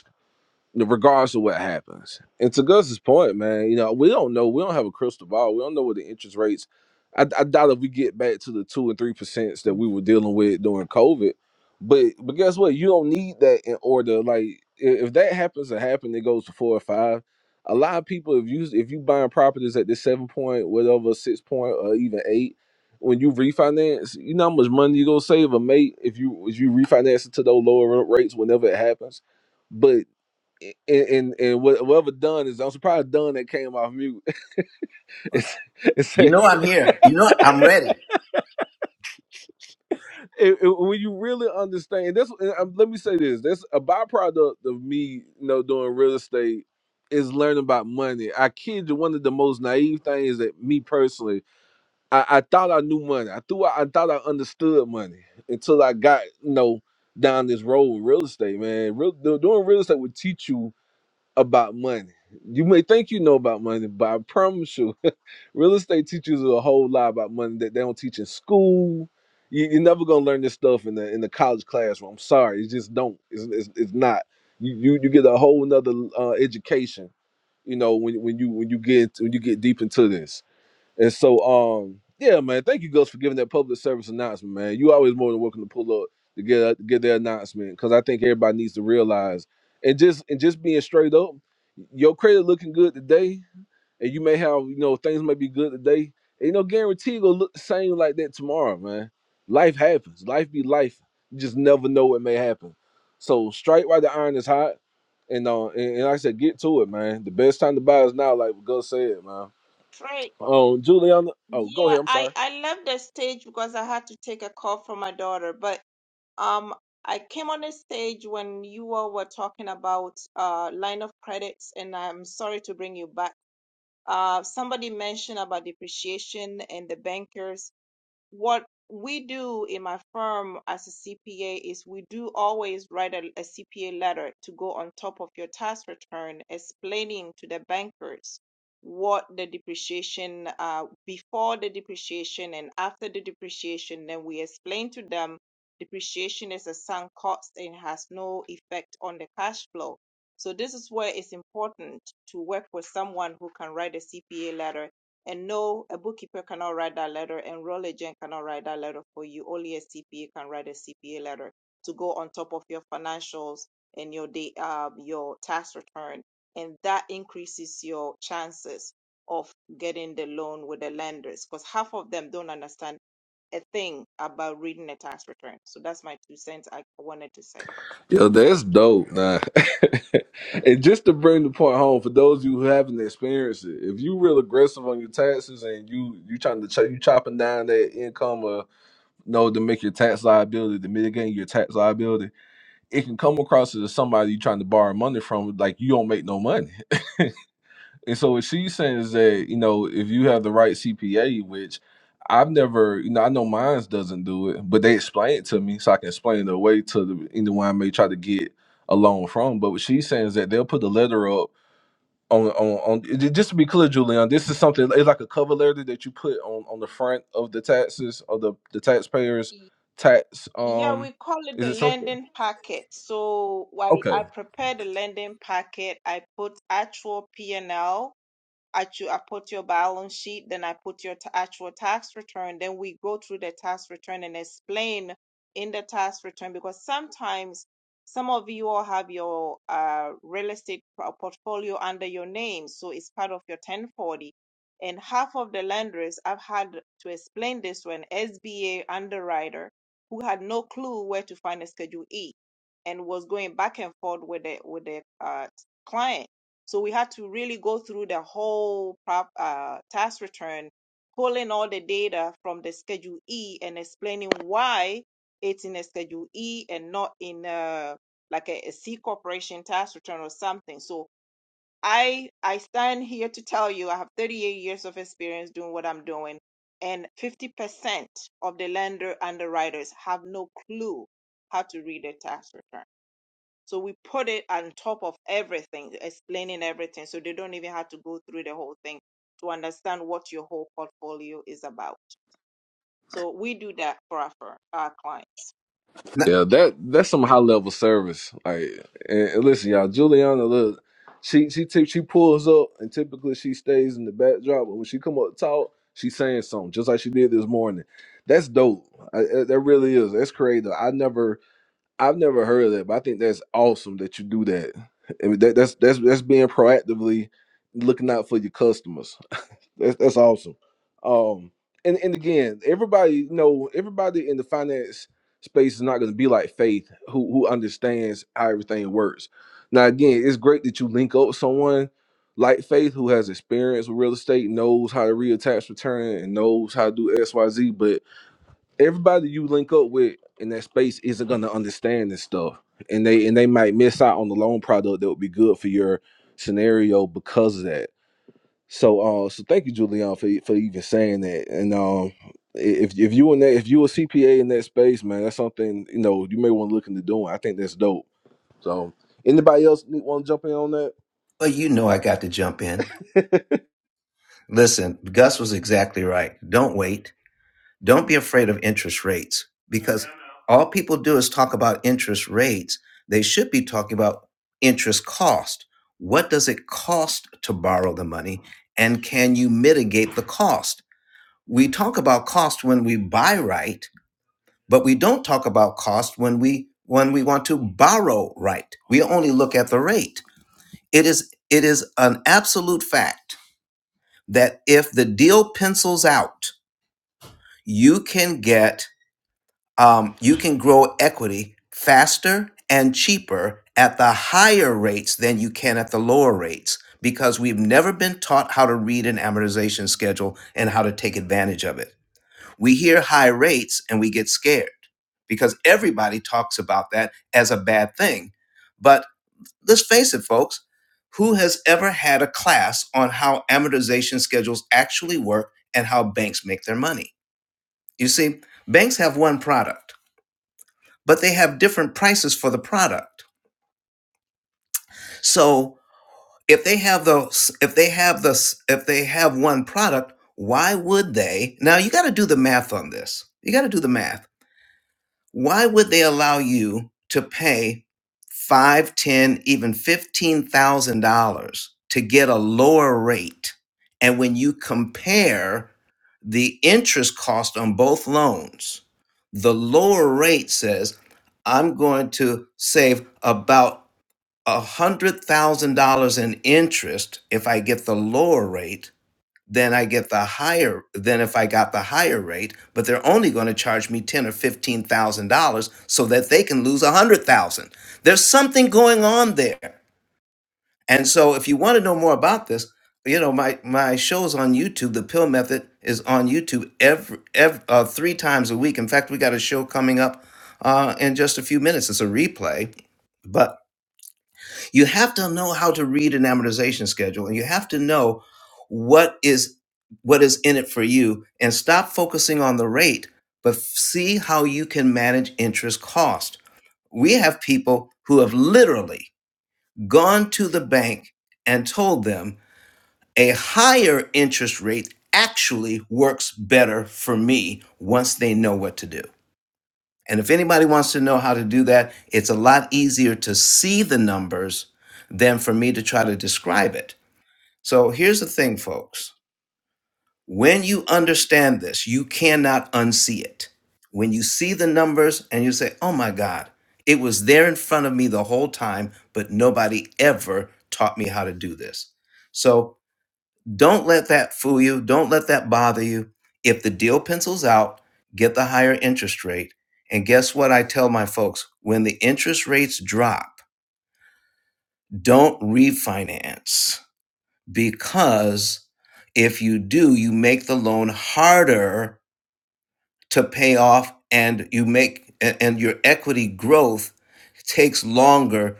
Speaker 1: regardless of what happens. And to Gus's point, man, you know, we don't know. We don't have a crystal ball. We don't know what the interest rates. I, I doubt if we get back to the two and three percents that we were dealing with during COVID. But but guess what? You don't need that in order. Like i- if that happens to happen, it goes to four or five. A lot of people, if you if you buying properties at this seven point, whatever, six point, or even eight, when you refinance, you know how much money you gonna save a mate if you if you refinance it to those lower rates whenever it happens but and and, and whatever Dunn is, I'm surprised Dunn that came off mute. [laughs] It's- it's a-
Speaker 12: You know I'm
Speaker 1: it-
Speaker 12: here. You know I'm ready.
Speaker 1: it- [laughs] when you really understand this, and, um, let me say this: that's a byproduct of me, you know, doing real estate is learning about money. I kid you, one of the most naive things that me personally, I, I thought I knew money. I thought I thought I understood money until I got you know down this road with real estate, man. Real, do- doing real estate would teach you about money. You may think you know about money, but I promise you Real estate teaches you a whole lot about money that they don't teach in school. You, you're never gonna learn this stuff in the in the college classroom. I'm sorry, you just don't. It's, it's, it's not. You, you you get a whole another uh, education. You know when when you when you get when you get deep into this. And so um yeah man, thank you Gus for giving that public service announcement, man. You always more than welcome to pull up to get a, get their announcement because I think everybody needs to realize and just and just being straight up, your credit looking good today and you may have you know things may be good today ain't no guarantee it gonna look the same like that tomorrow man life happens life be life you just never know what may happen so strike while the iron is hot and uh and, and like i said get to it man the best time to buy is now like what Gus said man
Speaker 13: Trey,
Speaker 1: um juliana oh go
Speaker 13: yeah,
Speaker 1: ahead i'm
Speaker 13: I
Speaker 1: sorry
Speaker 13: I left the stage because I had to take a call from my daughter, but um I came on the stage when you all were talking about uh line of credits, and I'm sorry to bring you back. Uh, somebody mentioned about depreciation and the bankers what we do in my firm as a CPA is we do always write a, CPA letter to go on top of your tax return, explaining to the bankers what the depreciation uh, before the depreciation and after the depreciation. Then we explain to them depreciation is a sunk cost and has no effect on the cash flow. So this is where it's important to work with someone who can write a CPA letter and no, a bookkeeper cannot write that letter, and real agent cannot write that letter for you. Only a CPA can write a CPA letter to go on top of your financials and your day, uh, your tax return, and that increases your chances of getting the loan with the lenders because half of them don't understand a thing about reading a tax return. So that's my two cents I wanted to say.
Speaker 1: yo that's dope nah [laughs] and just to bring the point home for those of you who haven't experienced it if you real aggressive on your taxes and you you trying to ch- you chopping down that income or know to make your tax liability to mitigate your tax liability it can come across as somebody you trying to borrow money from like you don't make no money and so what she's saying is that you know if you have the right cpa which i've never you know i know mine doesn't do it but they explain it to me so i can explain it away to the anyone i may try to get a loan from but what she's saying is that they'll put the letter up on on, on just to be clear, Julian, this is something it's like a cover letter that you put on on the front of the taxes of the the taxpayers tax
Speaker 13: Yeah,
Speaker 1: um
Speaker 13: we call it
Speaker 1: is
Speaker 13: the
Speaker 1: it something
Speaker 13: landing packet. So I,
Speaker 1: okay
Speaker 13: I prepared the landing packet. I put actual P&L. I cho- I put your balance sheet, then I put your ta- actual tax return. Then we go through the tax return and explain in the tax return because sometimes some of you all have your uh, real estate pro- portfolio under your name, so it's part of your 1040. And half of the lenders I've had to explain this to an SBA underwriter who had no clue where to find a Schedule E and was going back and forth with the with the uh, client so we had to really go through the whole prop, uh, tax return, pulling all the data from the Schedule E and explaining why it's in a Schedule E and not in uh like a, a C corporation tax return or something. So I I stand here to tell you I have 38 years of experience doing what I'm doing, and 50% of the lender underwriters have no clue how to read a tax return. So we put it on top of everything, explaining everything. So they don't even have to go through the whole thing to understand what your whole portfolio is about. So we do that for our, for our clients.
Speaker 12: No,
Speaker 1: yeah that that's some high level service like and, and listen y'all Juliana look she she t- she pulls up and typically she stays in the backdrop but when she come up to talk she's saying something just like she did this morning that's dope I, I- that really is that's creative I never I've never heard of that, but I think that's awesome that you do that. I mean, that, that's that's that's being proactively looking out for your customers. [laughs] That's that's awesome. Um, and and again, everybody, you know, everybody in the finance space is not going to be like Faith, who who understands how everything works. Now, again, it's great that you link up with someone like Faith, who has experience with real estate, knows how to read a tax return, and knows how to do X, Y, Z. But everybody you link up with in that space isn't gonna understand this stuff, and they and they might miss out on the loan product that would be good for your scenario because of that. So, uh, so thank you, Julian, for for even saying that. And um, if if you in that if you a CPA in that space, man, that's something you know you may want to look into doing. I think that's dope. So, anybody else want to jump in on that?
Speaker 12: well, you know I got to jump in.
Speaker 1: [laughs]
Speaker 12: Listen, Gus was exactly right. Don't wait. Don't be afraid of interest rates because all people do is talk about interest rates. They should be talking about interest cost. What does it cost to borrow the money and can you mitigate the cost? We talk about cost when we buy right, but we don't talk about cost when we when we want to borrow right. We only look at the rate. It is it is an absolute fact that if the deal pencils out, you can get um, you can grow equity faster and cheaper at the higher rates than you can at the lower rates because we've never been taught how to read an amortization schedule and how to take advantage of it. We hear high rates and we get scared because everybody talks about that as a bad thing. But Let's face it, folks. Who has ever had a class on how amortization schedules actually work and how banks make their money? You see, banks have one product, but they have different prices for the product. So if they have those, if they have the, if they have one product, why would they? Now you got to do the math on this. You got to do the math Why would they allow you to pay five, ten, even fifteen thousand dollars to get a lower rate? And when you compare the interest cost on both loans, the lower rate says, I'm going to save about a hundred thousand dollars in interest if I get the lower rate then I get the higher than if I got the higher rate, but they're only going to charge me ten or fifteen thousand dollars so that they can lose a hundred thousand. There's something going on there. And so if you want to know more about this, you know, my my show's on YouTube. The pill method is on YouTube every, every uh, three times a week. In fact, we got a show coming up uh, in just a few minutes. It's a replay. but. You have to know how to read an amortization schedule and you have to know what is what is in it for you and stop focusing on the rate but f- see how you can manage interest cost. We have people who have literally gone to the bank and told them a higher interest rate actually works better for me once they know what to do. And if anybody wants to know how to do that, it's a lot easier to see the numbers than for me to try to describe it. So here's the thing, folks. When you understand this, you cannot unsee it. When you see the numbers and you say, oh my God, it was there in front of me the whole time, but nobody ever taught me how to do this. so. Don't let that fool you. Don't let that bother you. If the deal pencils out, get the higher interest rate. And guess what I tell my folks? When the interest rates drop, don't refinance because if you do, you make the loan harder to pay off and you make and your equity growth takes longer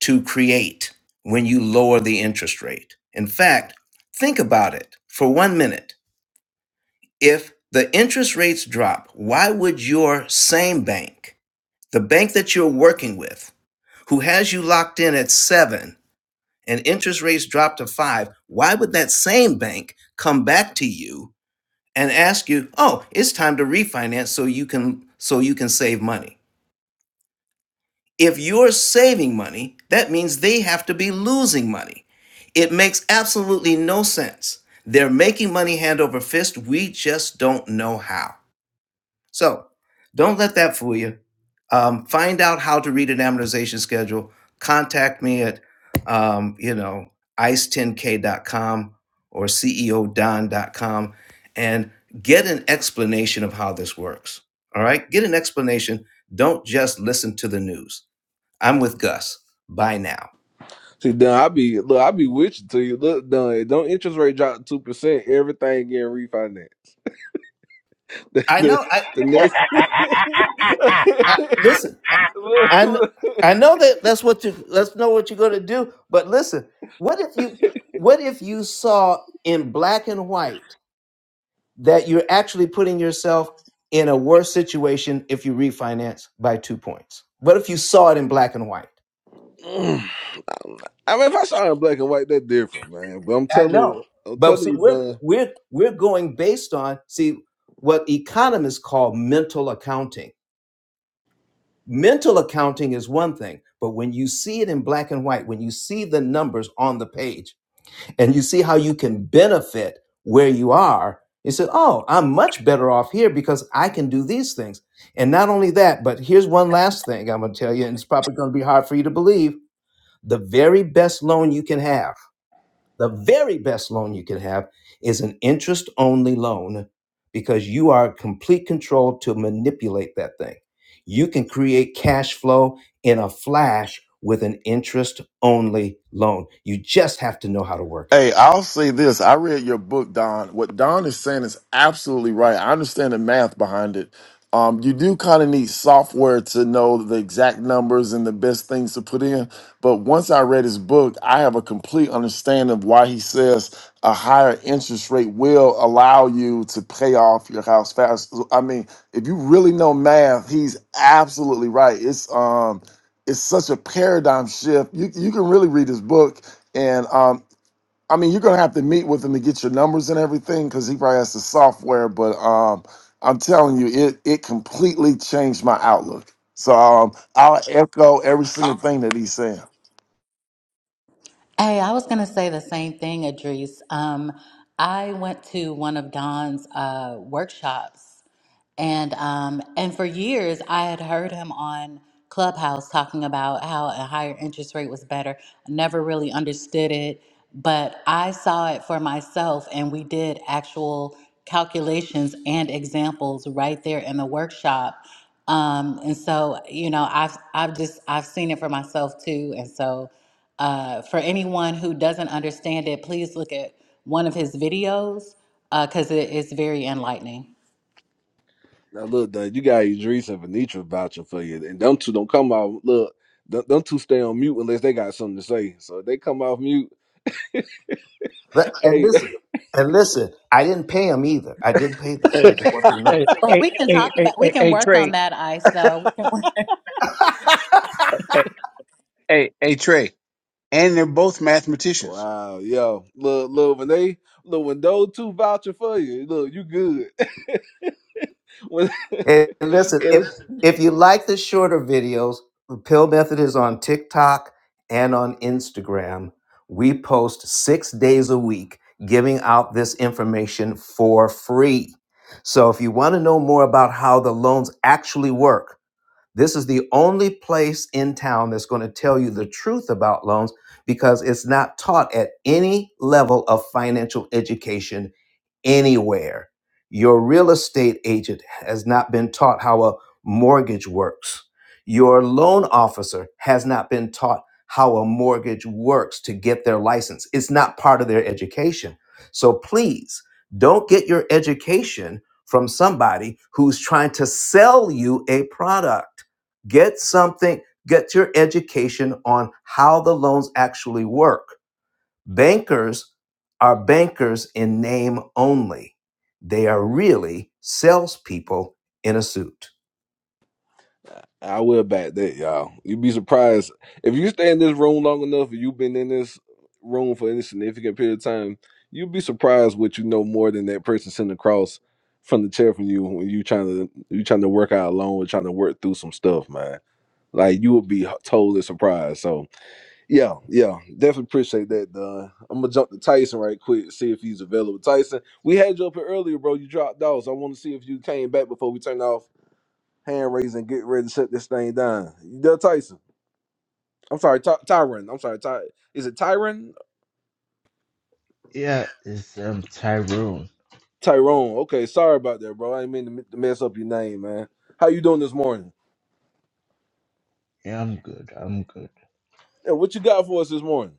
Speaker 12: to create when you lower the interest rate. In fact, think about it for 1 minute if the interest rates drop, why would your same bank, the bank that you're working with, who has you locked in at seven and interest rates drop to five, why would that same bank come back to you and ask you, oh, it's time to refinance so you can so you can save money? If you're saving money, that means they have to be losing money. It makes absolutely no sense. They're making money hand over fist. We just don't know how. So don't let that fool you. Um, find out how to read an amortization schedule. Contact me at, um, you know, ice10k.com or ceodon.com and get an explanation of how this works. All right? Get an explanation. Don't just listen to the news. I'm with Gus. Bye now.
Speaker 1: See, Don, I be look, I be with you till you look done. Don't interest rate drop two percent, everything getting refinanced. [laughs] the
Speaker 12: I
Speaker 1: the,
Speaker 12: know. I,
Speaker 1: the next.
Speaker 12: I listen.
Speaker 1: [laughs]
Speaker 11: [laughs]
Speaker 1: Look,
Speaker 12: I kn-
Speaker 1: look.
Speaker 12: I know that that's what you let's know what you're gonna do. But listen, what if you what if you saw in black and white that you're actually putting yourself in a worse situation if you refinance by two points? What if you saw it in black and white?
Speaker 1: Mm. [laughs] I mean, if I saw it in black and white, that's different, man. But I'm
Speaker 12: I
Speaker 1: telling
Speaker 12: know,
Speaker 1: you, I'm
Speaker 12: but
Speaker 1: telling
Speaker 12: see,
Speaker 1: you,
Speaker 12: we're
Speaker 1: Don.
Speaker 12: we're we're going based on see what economists call mental accounting. Mental accounting is one thing, but when you see it in black and white, when you see the numbers on the page and you see how you can benefit where you are, you said, Oh, I'm much better off here because I can do these things. And not only that, but here's one last thing I'm going to tell you, and it's probably going to be hard for you to believe. The very best loan you can have, the very best loan you can have is an interest only loan because you are in complete control to manipulate that thing. You can create cash flow in a flash with an interest only loan. You just have to know how to work it.
Speaker 14: Hey, I'll say this. I read your book, Don. What Don is saying is absolutely right. I understand the math behind it. Um, you do kind of need software to know the exact numbers and the best things to put in. But once I read his book, I have a complete understanding of why he says a higher interest rate will allow you to pay off your house fast. I mean, if you really know math, he's absolutely right. It's um, it's such a paradigm shift. You you can really read his book and um, I mean, you're gonna have to meet with him to get your numbers and everything because he probably has the software. But um, I'm telling you, it it completely changed my outlook. So um, I'll echo every single thing that he's saying.
Speaker 6: Hey, I was going to say the same thing, Idris. Um, I went to one of Don's uh, workshops And um, and for years, I had heard him on Clubhouse talking about how a higher interest rate was better. I never really understood it, but I saw it for myself, and we did actual calculations and examples right there in the workshop. Um, and so, you know, I've I've just I've seen it for myself too. And so, uh, for anyone who doesn't understand it, please look at one of his videos uh, because it is very enlightening.
Speaker 1: Now, look, Don, you got Idris and Venetra vouching for you, and them two don't come out. Look, them, them two stay on mute unless they got something to say. So if they come off mute.
Speaker 12: But- And
Speaker 1: Hey,
Speaker 12: listen, and listen, I didn't pay them either. I didn't pay them. I
Speaker 4: Hey,
Speaker 12: just want you to know
Speaker 4: hey,
Speaker 6: But
Speaker 4: hey,
Speaker 6: we can
Speaker 4: hey,
Speaker 6: talk
Speaker 4: hey,
Speaker 6: about, we
Speaker 4: hey,
Speaker 6: can work on
Speaker 4: hey,
Speaker 6: that ice though. We can work.
Speaker 4: hey, hey, hey, Trey. and they're both
Speaker 1: [laughs]
Speaker 4: mathematicians.
Speaker 1: wow, yo, look, look, when they look when those two vouching for you, look, you good. [laughs]
Speaker 12: that. And listen,
Speaker 1: when,
Speaker 12: if
Speaker 1: [laughs]
Speaker 12: if you like the shorter videos, the Pill Method is on TikTok and on Instagram. We post six days a week, giving out this information for free. So if you want to know more about how the loans actually work, This is the only place in town that's going to tell you the truth about loans because it's not taught at any level of financial education anywhere. Your real estate agent has not been taught how a mortgage works. Your loan officer has not been taught how a mortgage works to get their license. It's not part of their education. So please don't get your education from somebody who's trying to sell you a product. Get something, get your education on how the loans actually work. Bankers are bankers in name only. They are really salespeople in a suit.
Speaker 1: I will back that, y'all. You'd be surprised if you stay in this room long enough. and You've been in this room for any significant period of time. You'd be surprised what you know more than that person sitting across from the chair from you when you trying to you trying to work out alone, or trying to work through some stuff, man. Like you would be h- totally surprised. So yeah, yeah, definitely appreciate that. Don. I'm gonna jump to Tyson right quick, see if he's available. Tyson, we had you up here earlier, bro. You dropped off, so I want to see if you came back before we turned off hand raising, get ready to shut this thing down. Del Tyson. I'm sorry, Ty- Tyron. I'm sorry, Ty. Is it Tyron?
Speaker 15: Yeah, it's um Tyrone.
Speaker 1: Tyrone. Okay, sorry about that, bro. I didn't mean to m- to mess up your name, man. How you doing this morning?
Speaker 15: Yeah, I'm good. I'm good.
Speaker 1: And what you got for us this morning?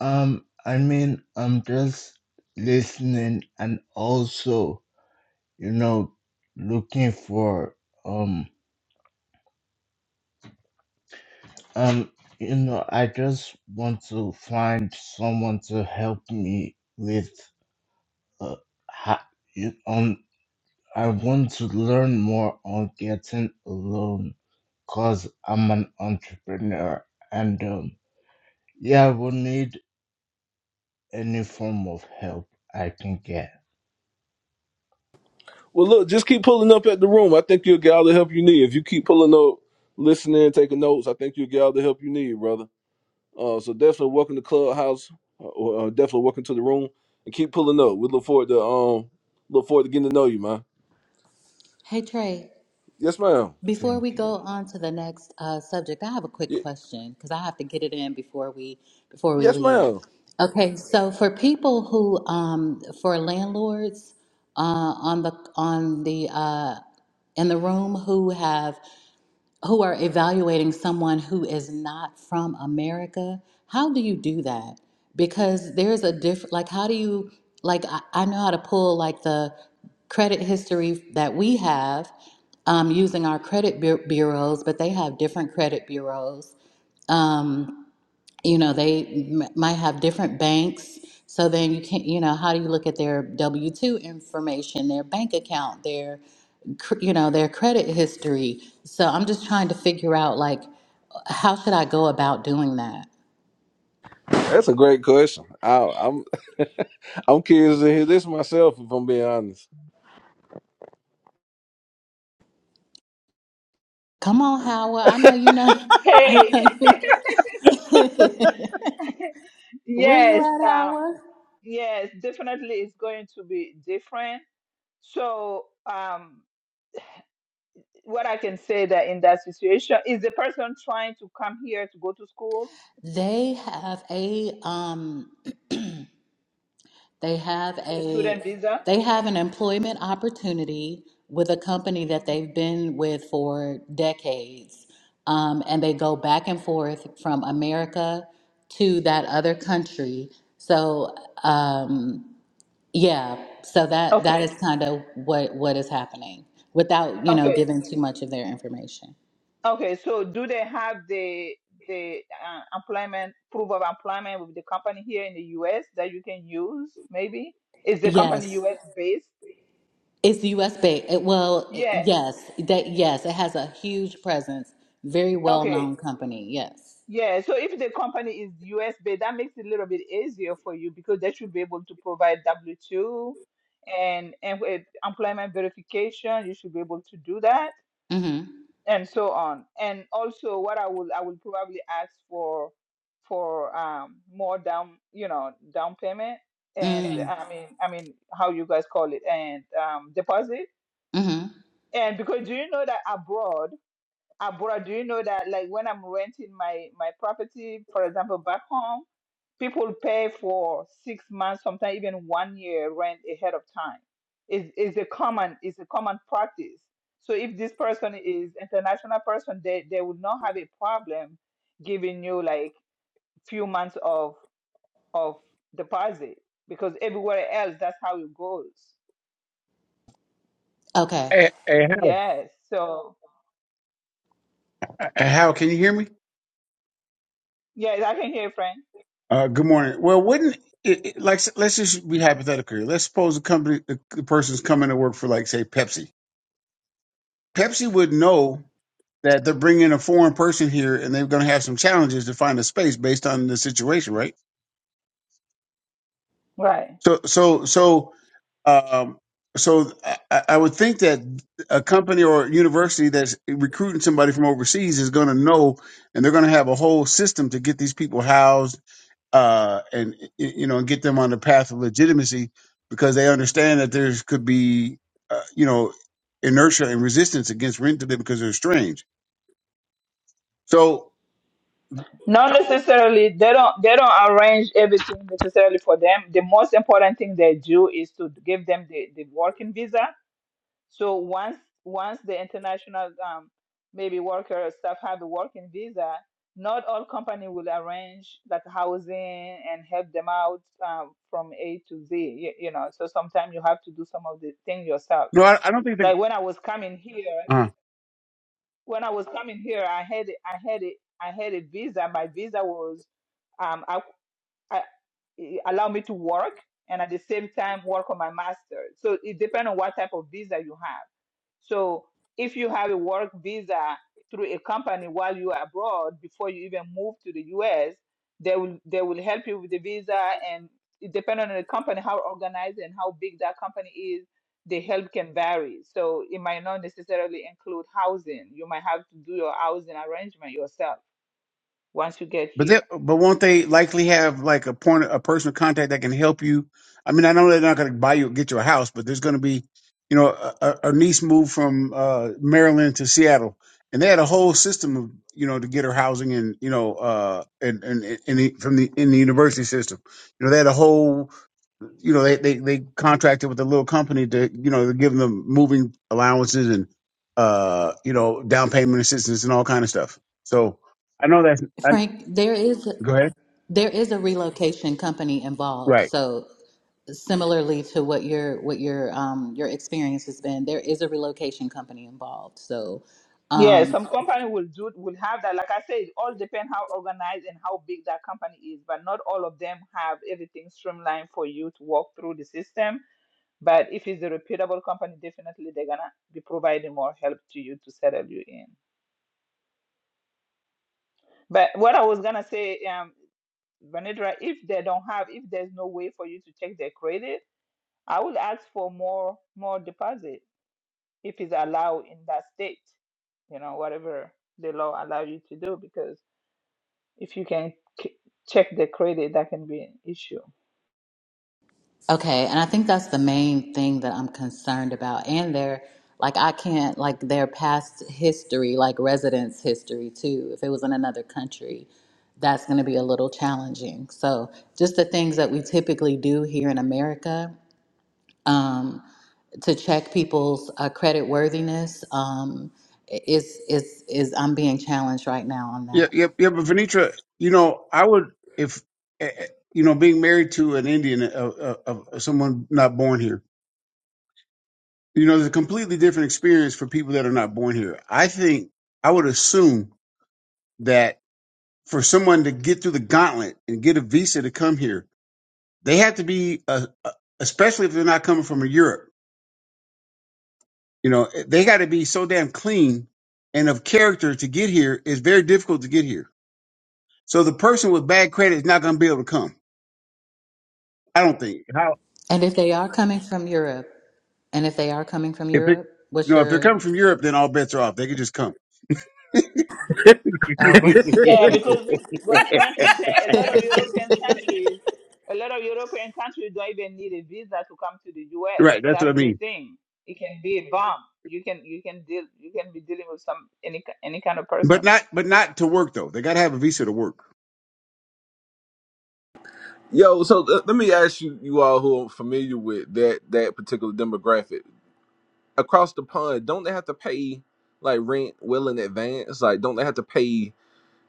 Speaker 15: Um, I mean, I'm just listening and also, you know, looking for um um you know, I just want to find someone to help me with uh ha- you- um I want to learn more on getting a loan cause I'm an entrepreneur and um yeah, we need any form of help I can get.
Speaker 1: Well, look, just keep pulling up at the room. I think you'll get all the help you need. If you keep pulling up, listening, taking notes, I think you'll get all the help you need, brother. Uh, so definitely welcome to Clubhouse. Uh, uh, definitely welcome to the room, and keep pulling up. We look forward to um, look forward to getting to know you, man.
Speaker 6: Hey Trey,
Speaker 1: Yes, ma'am.
Speaker 6: before
Speaker 15: Thank
Speaker 6: we
Speaker 15: you.
Speaker 6: go on to the next uh, subject, I have a quick
Speaker 1: Ye-
Speaker 6: question because I have to get it in before we before we
Speaker 1: yes,
Speaker 6: leave.
Speaker 1: ma'am.
Speaker 6: Okay, so for people who, um, for landlords uh, on the on the uh, in the room who have who are evaluating someone who is not from America, how do you do that? Because there's a different, like, how do you, like, I, I know how to pull, like, the credit history that we have um, using our credit bu- bureaus, but they have different credit bureaus. Um, you know they m- might have different banks so then you can't you know how do you look at their w2 information their bank account their cr- you know their credit history so i'm just trying to figure out like how should i go about doing that
Speaker 1: That's a great question. I, I'm I'm curious to hear this myself, if I'm being honest.
Speaker 6: come on howard i know you know [laughs] I
Speaker 3: Hey,
Speaker 6: know
Speaker 3: [laughs]
Speaker 6: you- [laughs] where you
Speaker 3: yes,
Speaker 6: at
Speaker 3: um,
Speaker 6: howard
Speaker 3: yes, definitely it's going to be different. So, um, what I can say that in that situation is the person trying to come here to go to school,
Speaker 6: they have a um They have
Speaker 3: the
Speaker 6: a
Speaker 3: student visa.
Speaker 6: they have an employment opportunity with a company that
Speaker 3: Mhm.
Speaker 6: they've been with for decades. Um, and they go back and forth from America to that other country. So um, yeah, so that that
Speaker 3: Okay,
Speaker 6: is kind of what what is happening without, you know,
Speaker 3: okay,
Speaker 6: giving too much of their information.
Speaker 3: okay. So, do they have the the uh, employment proof of employment with the company here in the U.S. that you can use? Maybe is the company
Speaker 6: Yes,
Speaker 3: U.S. based?
Speaker 6: it's U.S. based. It, well, it-
Speaker 3: Yeah.
Speaker 6: yes, that yes, it has a huge presence. Very well
Speaker 3: Okay.
Speaker 6: known company. Yes.
Speaker 3: Yeah, so if the company is US based, that makes it a little bit easier for you because they should be able to provide W-2 and and with employment verification, you should be able to do that
Speaker 6: Mm-hmm.
Speaker 3: and so on. And also what I will I will probably ask for for um more down, you know, down payment and
Speaker 6: Mm.
Speaker 3: I mean I mean how you guys call it and um deposit.
Speaker 6: Mm-hmm.
Speaker 3: And because do you know that abroad, abroad, do you know that like when I'm renting my my property, for example, back home people pay for six months, sometimes even one year rent ahead of time. Is is a common is a common practice. So if this person is international person, they they would not have a problem giving you like few months of of deposit because everywhere else that's how it goes.
Speaker 6: Okay.
Speaker 4: Hey, hey, how?
Speaker 3: Yes. So
Speaker 4: Uh, Hal, can you hear me?
Speaker 3: yes, I can hear Frank.
Speaker 4: Uh, good morning. Well, wouldn't it, it- like let's just be hypothetical here. Let's suppose the company, the, the person's coming to work for, like, say, Pepsi. Pepsi would know that they're bringing a foreign person here, and they're going to have some challenges to find a space based on the situation, right?
Speaker 3: Right.
Speaker 4: So, so, so, um, so I, I I would think that a company or university that's recruiting somebody from overseas is going to know, and they're going to have a whole system to get these people housed uh, and you know, and get them on the path of legitimacy because they understand that there's could be, uh, you know, inertia and resistance against rent to them because they're strange. So
Speaker 3: Not necessarily. They don't. They don't arrange everything necessarily for them. The most important thing they do is to give them the, the working visa. So once once the international um, maybe worker or staff have a working visa, not all company will arrange that housing and help them out um, from A to Z. You, you know. So sometimes you have to do some of the thing yourself.
Speaker 4: no, I, I don't think
Speaker 3: Like when I was coming here,
Speaker 4: they're.
Speaker 3: when I was coming here, I had I had it. I had a visa. My visa was. um. I I, allow me to work and at the same time work on my master. So it depends on what type of visa you have. So if you have a work visa through a company while you are abroad before you even move to the US, they will they will help you with the visa and it depends on the company how organized and how big that company is. The help can vary. So it might not necessarily include housing. You might have to do your housing arrangement yourself once you get
Speaker 4: But
Speaker 3: here.
Speaker 4: they, but won't they likely have like a point, a personal contact that can help you? I mean, I know they're not going to buy you, get you a house, but there's going to be, you know, a, a a niece moved from uh, Maryland to Seattle, and they had a whole system of, you know, to get her housing and, you know, uh, and and in the, from the in the university system, you know, they had a whole, you know, they they they contracted with a little company to, you know, to give them moving allowances and, uh, you know, down payment assistance and all kind of stuff. So I know that's. I,
Speaker 6: Frank, there is
Speaker 4: go ahead.
Speaker 6: there is a relocation company involved.
Speaker 4: Right.
Speaker 6: So similarly to what your what your um your experience has been, there is a relocation company involved. So
Speaker 3: Yeah,
Speaker 6: um
Speaker 3: some company will do will have that. Like I said, it all depends how organized and how big that company is, but not all of them have everything streamlined for you to walk through the system. But if it's a reputable company, definitely they're gonna be providing more help to you to settle you in. But what I was gonna say, um, Vanedra, if they don't have, if there's no way for you to check their credit, I would ask for more more deposit if it's allowed in that state. You know, whatever the law allow you to do, because If you can k- check the credit, that can be an issue.
Speaker 6: Okay, and I think that's the main thing that I'm concerned about. And their like I can't like their past history, like residence history too. If it was in another country, that's going to be a little challenging. So, just the things that we typically do here in America um, to check people's uh, credit worthiness um, is is is I'm being challenged right now on
Speaker 4: Yeah,
Speaker 6: that.
Speaker 4: yeah, yeah. But Venetra, you know, I would if eh, eh, you know being married to an Indian of uh, uh, someone not born here. You know, there's a completely different experience for people that are not born here. I think I would assume that for someone to get through the gauntlet and get a visa to come here, they have to be, uh, uh, especially if they're not coming from Europe. You know, eh, they got to be so damn clean and of character to get here. It's very difficult to get here. So the person with bad credit is not going to be able to come. I don't think.
Speaker 6: And if they are coming from Europe, and if they are coming from
Speaker 4: If it,
Speaker 6: Europe,
Speaker 4: you
Speaker 6: what's
Speaker 4: know, if they're coming
Speaker 6: your
Speaker 4: from Europe, then all bets are off. They could just come.
Speaker 6: uh,
Speaker 3: Yeah,
Speaker 6: [laughs]
Speaker 3: because what Frank is saying, a lot of European
Speaker 6: it.
Speaker 3: countries, a lot of European countries don't even need a visa to come to the U.S.
Speaker 4: Right. That's
Speaker 3: That's
Speaker 4: what I
Speaker 3: the
Speaker 4: mean.
Speaker 3: thing. It can be a bomb. You can you can deal you can be dealing with some any ki- any kind of
Speaker 4: But
Speaker 3: person.
Speaker 4: not, but not to work though. They got to have a visa to work.
Speaker 1: Yo, so th- let me ask you, you all who are familiar with that that particular demographic across the pond, don't they have to pay like rent well in advance? Like, don't they have to pay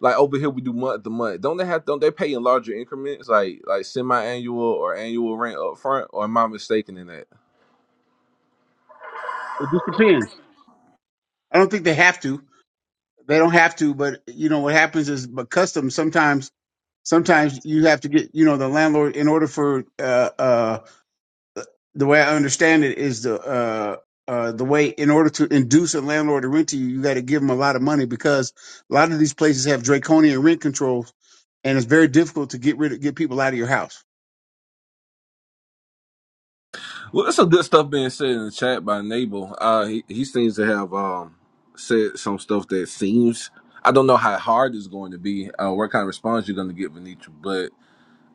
Speaker 1: like over here we do month to month? Don't they have don't they pay in larger increments, like like semi annual or annual rent up front? Or am I mistaken in that?
Speaker 4: It just depends. I don't think they have to. They don't have to. But you know what happens is, but customs sometimes, sometimes you have to get, you know, the landlord in order for, uh, uh, the way I understand it is the, uh, uh, the way in order to induce a landlord to rent to you, you got to give them a lot of money because a lot of these places have draconian rent controls, and it's very difficult to get rid of get people out of your house.
Speaker 1: Well, there's some good stuff being said in the chat by Nabal. Uh, he, he seems to have um, said some stuff that seems. I don't know how hard it's going to be, uh, what kind of response you're going to get, Venetra. But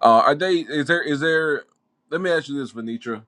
Speaker 1: uh, are they? Is there? Is there? Let me ask you this, Venetra.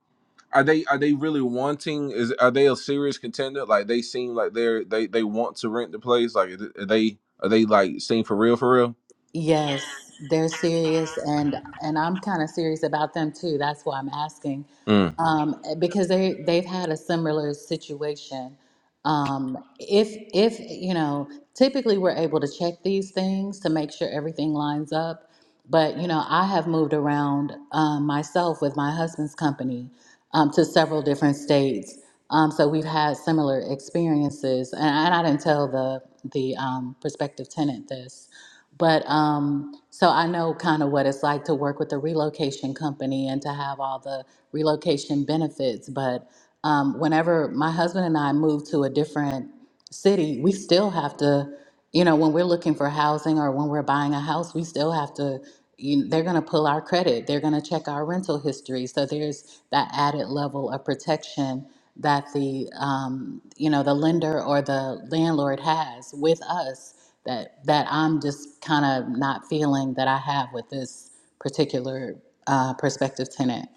Speaker 1: Are they? Are they really wanting? Is are they a serious contender? Like they seem like they're they they want to rent the place. Like is it- are they? Are they like seem for real? For real?
Speaker 6: Yes, they're serious and and I'm kind of serious about them too. That's why I'm asking.
Speaker 1: Mm.
Speaker 6: Um, eh, because they they've had a similar situation. Um, if if you know, typically we're able to check these things to make sure everything lines up. But you know, I have moved around um, myself with my husband's company um, to several different states. Um, so we've had similar experiences, and, and I didn't tell the the um, prospective tenant this. But um, so I know kind of what it's like to work with a relocation company and to have all the relocation benefits. But um, whenever my husband and I move to a different city, we still have to, you know, when we're looking for housing or when we're buying a house, we still have to. You, they're going to pull our credit. They're going to check our rental history. So there's that added level of protection that the um, you know the lender or the landlord has with us that that I'm just kind of not feeling that I have with this particular uh, prospective tenant.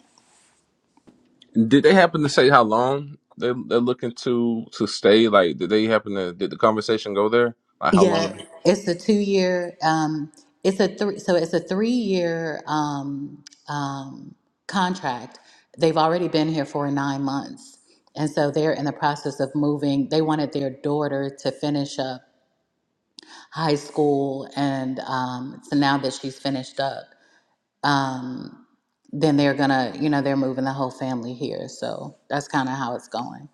Speaker 1: Did they happen to say how long they they're looking to to stay? Like, did they happen to did the conversation go there? Like, how
Speaker 6: Yeah,
Speaker 1: long?
Speaker 6: it's a two year. Um, it's a three. So it's a three year um, um, contract. They've already been here for nine months, and so they're in the process of moving. They wanted their daughter to finish up high school, and um, so now that she's finished up. um, then they're gonna, you know, they're moving the whole family here. So that's kind of how it's going.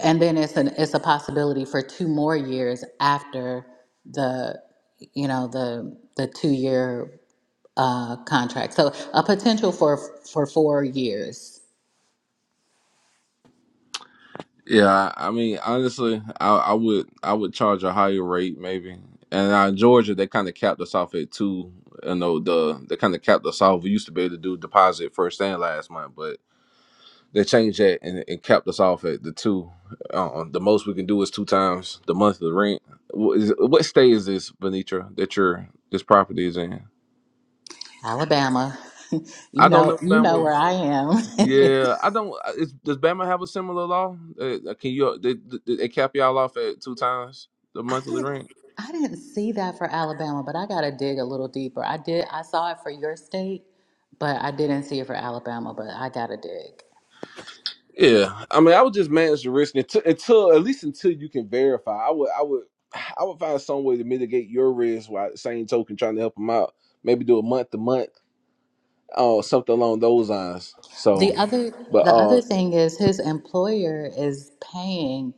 Speaker 6: And then it's an it's a possibility for two more years after the, you know, the the two year uh, contract. So a potential for for four years.
Speaker 1: Yeah, I I mean, honestly, I, I would I would charge a higher rate maybe. And uh, Georgia, they kind of capped us off at two. You know, the they kind of capped us off. We used to be able to do deposit first and last month, but they changed that and, and capped us off at the two. Uh, the most we can do is two times the month of the rent. What, is, what state is this, Venetra, that your this property is in?
Speaker 6: Alabama, [laughs] you
Speaker 1: I don't
Speaker 6: know,
Speaker 1: know if
Speaker 6: you know where
Speaker 1: Bama's.
Speaker 6: I am. [laughs]
Speaker 1: Yeah, I don't. Is, does Bama have a similar law? Uh, can you they, they they cap y'all off at two times the
Speaker 6: I
Speaker 1: monthly
Speaker 6: didn't
Speaker 1: rent?
Speaker 6: I didn't see that for Alabama, but I gotta dig a little deeper. I did I saw it for your state, but I didn't see it for Alabama. But I gotta dig.
Speaker 1: Yeah, I mean, I would just manage the risk until, until at least until you can verify. I would, I would, [sighs] I would find some way to mitigate your risk while at the same token trying to help them out. Maybe do a month to month, or something along those lines. So,
Speaker 6: The other
Speaker 1: but
Speaker 6: the other
Speaker 1: uh,
Speaker 6: thing is his employer is paying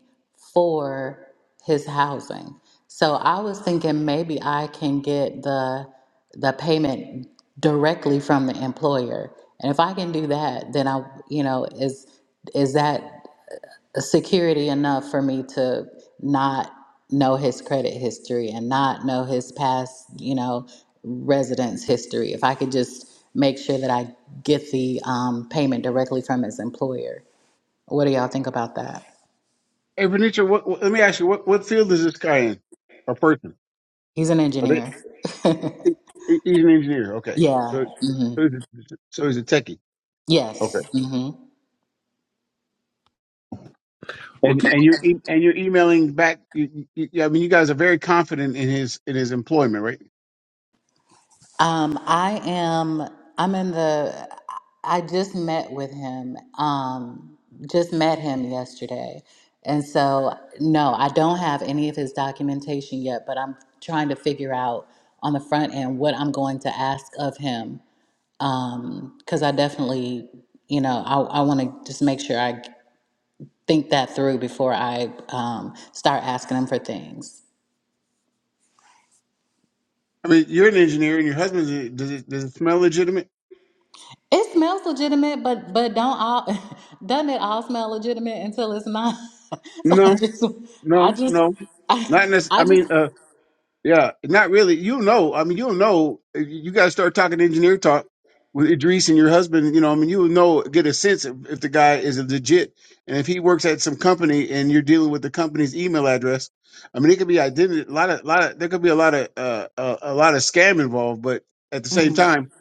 Speaker 6: for his housing. So I was thinking maybe I can get the the payment directly from the employer. And if I can do that, then I you know, is is that security enough for me to not know his credit history and not know his past, you know, residence history. If I could just make sure that I get the um, payment directly from his employer. What do y'all think about that?
Speaker 4: Hey, Venetia, what, what, let me ask you, what, what field is this guy in? Or person?
Speaker 6: He's an
Speaker 4: Are they,
Speaker 6: engineer.
Speaker 4: he,
Speaker 6: [laughs]
Speaker 4: he- he's an engineer. Okay.
Speaker 6: yeah.
Speaker 4: So,
Speaker 6: hmm
Speaker 4: so he's a, so he's a techie. Okay.
Speaker 6: Yes. Mm-hmm.
Speaker 1: well,
Speaker 4: And, and you're, e- and you're emailing back. You, you, you- I mean, you guys are very confident in his, in his employment, right?
Speaker 6: Um, I am. I'm in the. I just met with him. Um, just met him yesterday, and so no, I don't have any of his documentation yet. But I'm trying to figure out on the front end what I'm going to ask of him. Um, because I definitely, you know, I I want to just make sure I think that through before I um start asking him for things.
Speaker 4: I mean, you're an engineer and your husband's, a- does it, does it smell legitimate?
Speaker 6: It smells legitimate, but but don't all [laughs] doesn't it all smell legitimate until it's not? [laughs] So I
Speaker 4: No,
Speaker 6: just I
Speaker 4: no,
Speaker 6: just
Speaker 4: no.
Speaker 6: I,
Speaker 4: Not necessarily. I
Speaker 6: I just
Speaker 4: mean, uh, Yeah, not really. you know. I mean, you'll know. eh, You got to start talking engineer talk with Idris and your husband. You know, I mean, you'll know, get a sense if, if the guy is a legit. And if he works at some company and you're dealing with the company's email address, I mean, it could be identity. A lot of, lot of, there could be a lot of, uh, a, a lot of scam involved. But at the same
Speaker 6: mhm.
Speaker 4: time,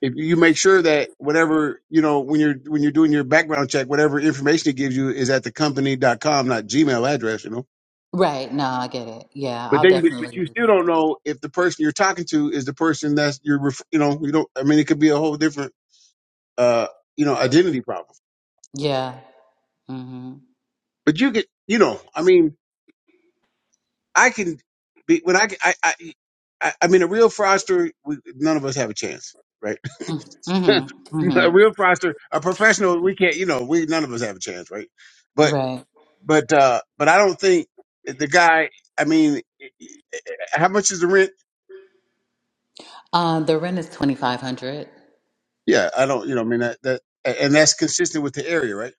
Speaker 4: if you make sure that whatever, you know, when you're, when you're doing your background check, whatever information it gives you is at the company.com, not Gmail address, you know?
Speaker 6: right. No, I get it. Yeah,
Speaker 4: But
Speaker 6: I'll
Speaker 4: then, but
Speaker 6: definitely.
Speaker 4: but you
Speaker 6: do-
Speaker 4: still don't know if the person you're talking to is the person that's you're, ref- you know, you don't. I mean, it could be a whole different, uh, you know, identity problem.
Speaker 6: Yeah. Mhm.
Speaker 4: But you get, you know, I mean, I can be when I, I, I, I I mean, a real fraudster, we, none of us have a chance, right?
Speaker 6: Mhm.
Speaker 4: [laughs]
Speaker 6: Mhm.
Speaker 4: a
Speaker 6: mhm.
Speaker 4: real fraudster, a professional, we can't, you know, we none of us have a chance, right? But,
Speaker 6: Right.
Speaker 4: but, uh, but I don't think the guy. I mean, how much is the rent?
Speaker 6: Uh, the rent is twenty five hundred.
Speaker 4: Yeah, I don't, you know, I mean that that, and that's consistent with the area, right?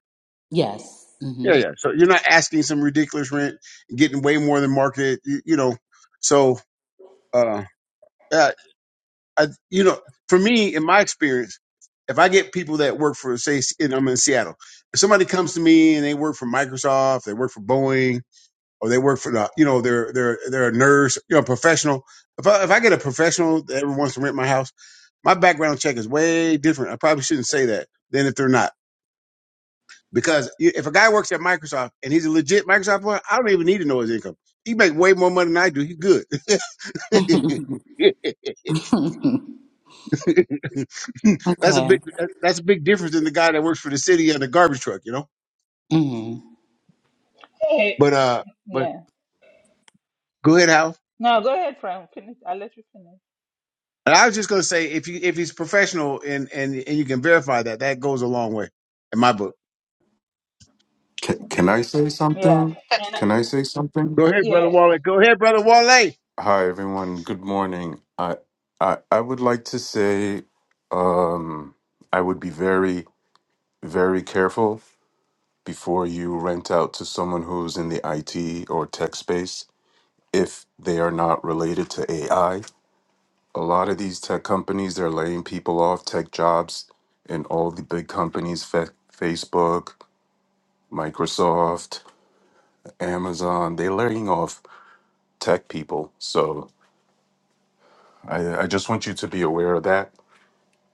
Speaker 6: Yes.
Speaker 4: Yeah,
Speaker 6: hmm
Speaker 4: yeah. So you're not asking some ridiculous rent, getting way more than market. You, you know, so uh, uh, I, you know, for me, in my experience, if I get people that work for, say, S- and I'm in Seattle, if somebody comes to me and they work for Microsoft, they work for Boeing, or they work for the, you know, they're they're they're a nurse, you know, professional. If I if I get a professional that ever wants to rent my house, my background check is way different. I probably shouldn't say that than if they're not Because you- if a guy works at Microsoft and he's a legit Microsoft employee, I don't even need to know his income. He make way more money than I do. He's good. [laughs]
Speaker 6: [laughs]
Speaker 4: that's a big
Speaker 6: okay.
Speaker 4: that's a big difference than the guy that works for the city and the garbage truck, you know.
Speaker 6: hmm
Speaker 3: Hey,
Speaker 4: But uh, but
Speaker 3: yeah.
Speaker 4: go ahead, Hal.
Speaker 3: No, go ahead, Frank. Finish. I'll let you finish.
Speaker 4: And I was just gonna say if you if he's professional and and and you can verify that, that goes a long way in my book.
Speaker 16: Can, can I say
Speaker 3: Yeah,
Speaker 16: something?
Speaker 3: and
Speaker 16: Can
Speaker 3: I-
Speaker 16: I say something?
Speaker 4: Go ahead, brother
Speaker 3: yeah,
Speaker 4: Wale. Go ahead, brother Wale. Hey,
Speaker 16: Hi, everyone. Good morning. I I, I would like to say um, I would be very, very careful before you rent out to someone who's in the IT or tech space if they are not related to AI. A lot of these tech companies, they're laying people off, tech jobs, and all the big companies, Fe- Facebook, Microsoft, Amazon, they're laying off tech people. So I, uh, I just want you to be aware of that.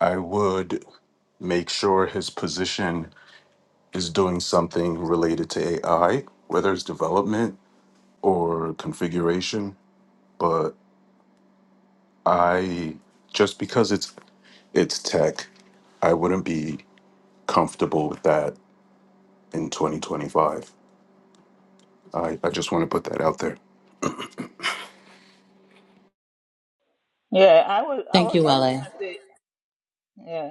Speaker 16: I would make sure his position is doing something related to AI, whether it's development or configuration. But I just because it's it's tech, I wouldn't be comfortable with that in 2025. I, I just want to put that out there.
Speaker 3: yeah. I was I
Speaker 6: Thank
Speaker 3: was
Speaker 6: you,
Speaker 3: I was
Speaker 6: Wale.
Speaker 3: gonna say.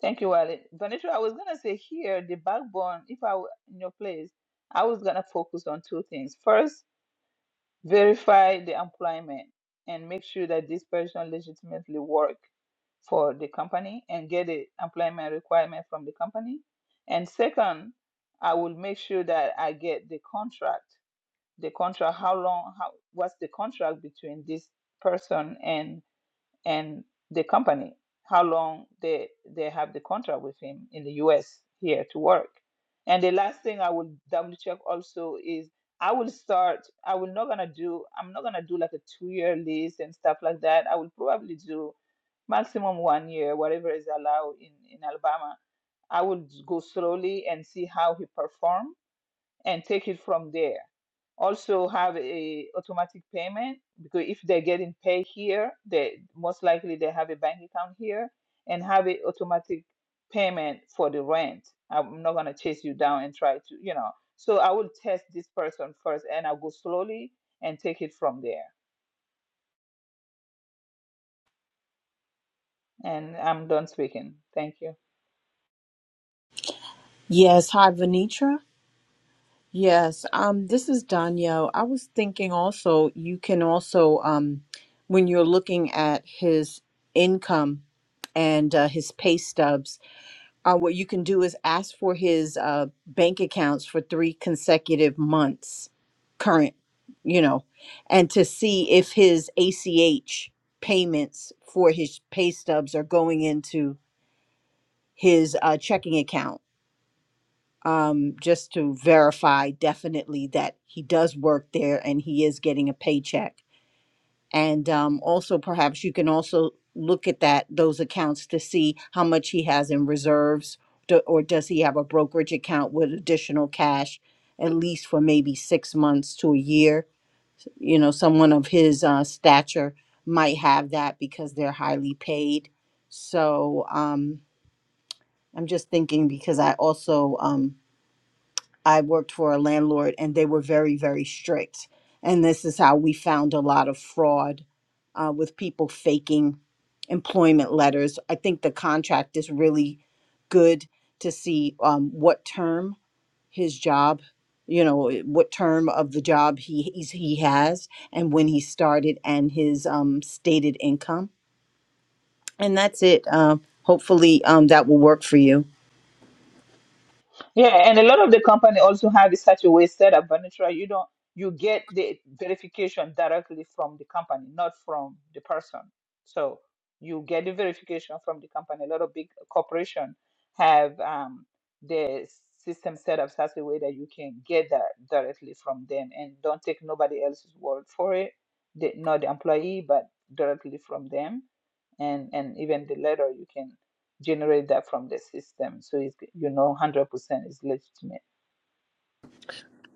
Speaker 3: Thank you, Wally. Vanessa, I was gonna say here, the backbone, if I were in your place, I was gonna focus on two things. First, verify the employment and make sure that this person legitimately work for the company and get the employment requirement from the company. And second, I will make sure that I get the contract. The contract, how long, how what's the contract between this person and? and the company how long they they have the contract with him in the US here to work. And the last thing I will double check also is I will start I will not gonna do I'm not gonna do like a two year lease and stuff like that. I will probably do maximum one year, whatever is allowed in, in Alabama. I will go slowly and see how he perform and take it from there. Also have a automatic payment because if they're getting paid here, they most likely they have a bank account here and have a automatic payment for the rent. I'm not gonna chase you down and try to, you know. So I will test this person first and I'll go slowly and take it from there. And I'm done speaking. Thank you.
Speaker 17: Yes, hi Venitra. Yes, um, this is Danielle. I was thinking also you can also um, when you're looking at his income and uh, his pay stubs, uh, what you can do is ask for his uh, bank accounts for three consecutive months, current, you know, and to see if his ACH payments for his pay stubs are going into his uh, checking account um, just to verify definitely that he does work there and he is getting a paycheck. And um, also, perhaps you can also look at that those accounts to see how much he has in reserves, do, or does he have a brokerage account with additional cash, at least for maybe six months to a year. You know, someone of his uh, stature might have that because they're highly paid. So um, I'm just thinking because I also um, I worked for a landlord and they were very, very strict. And this is how we found a lot of fraud uh, with people faking employment letters. I think the contract is really good to see um, what term his job, you know, eh, what term of the job he he's, he has and when he started and his um, stated income. And that's it. Um, hopefully um, that will work for you.
Speaker 3: Yeah, and a lot of the company also have it such a way set up, but naturally you don't you get the verification directly from the company, not from the person. So you get the verification from the company. A lot of big corporation have um, their system set up such a way that you can get that directly from them and don't take nobody else's word for it. The, not the employee, but directly from them. And and even the letter you can generate that from the system. So it's, you know, 100% is legitimate.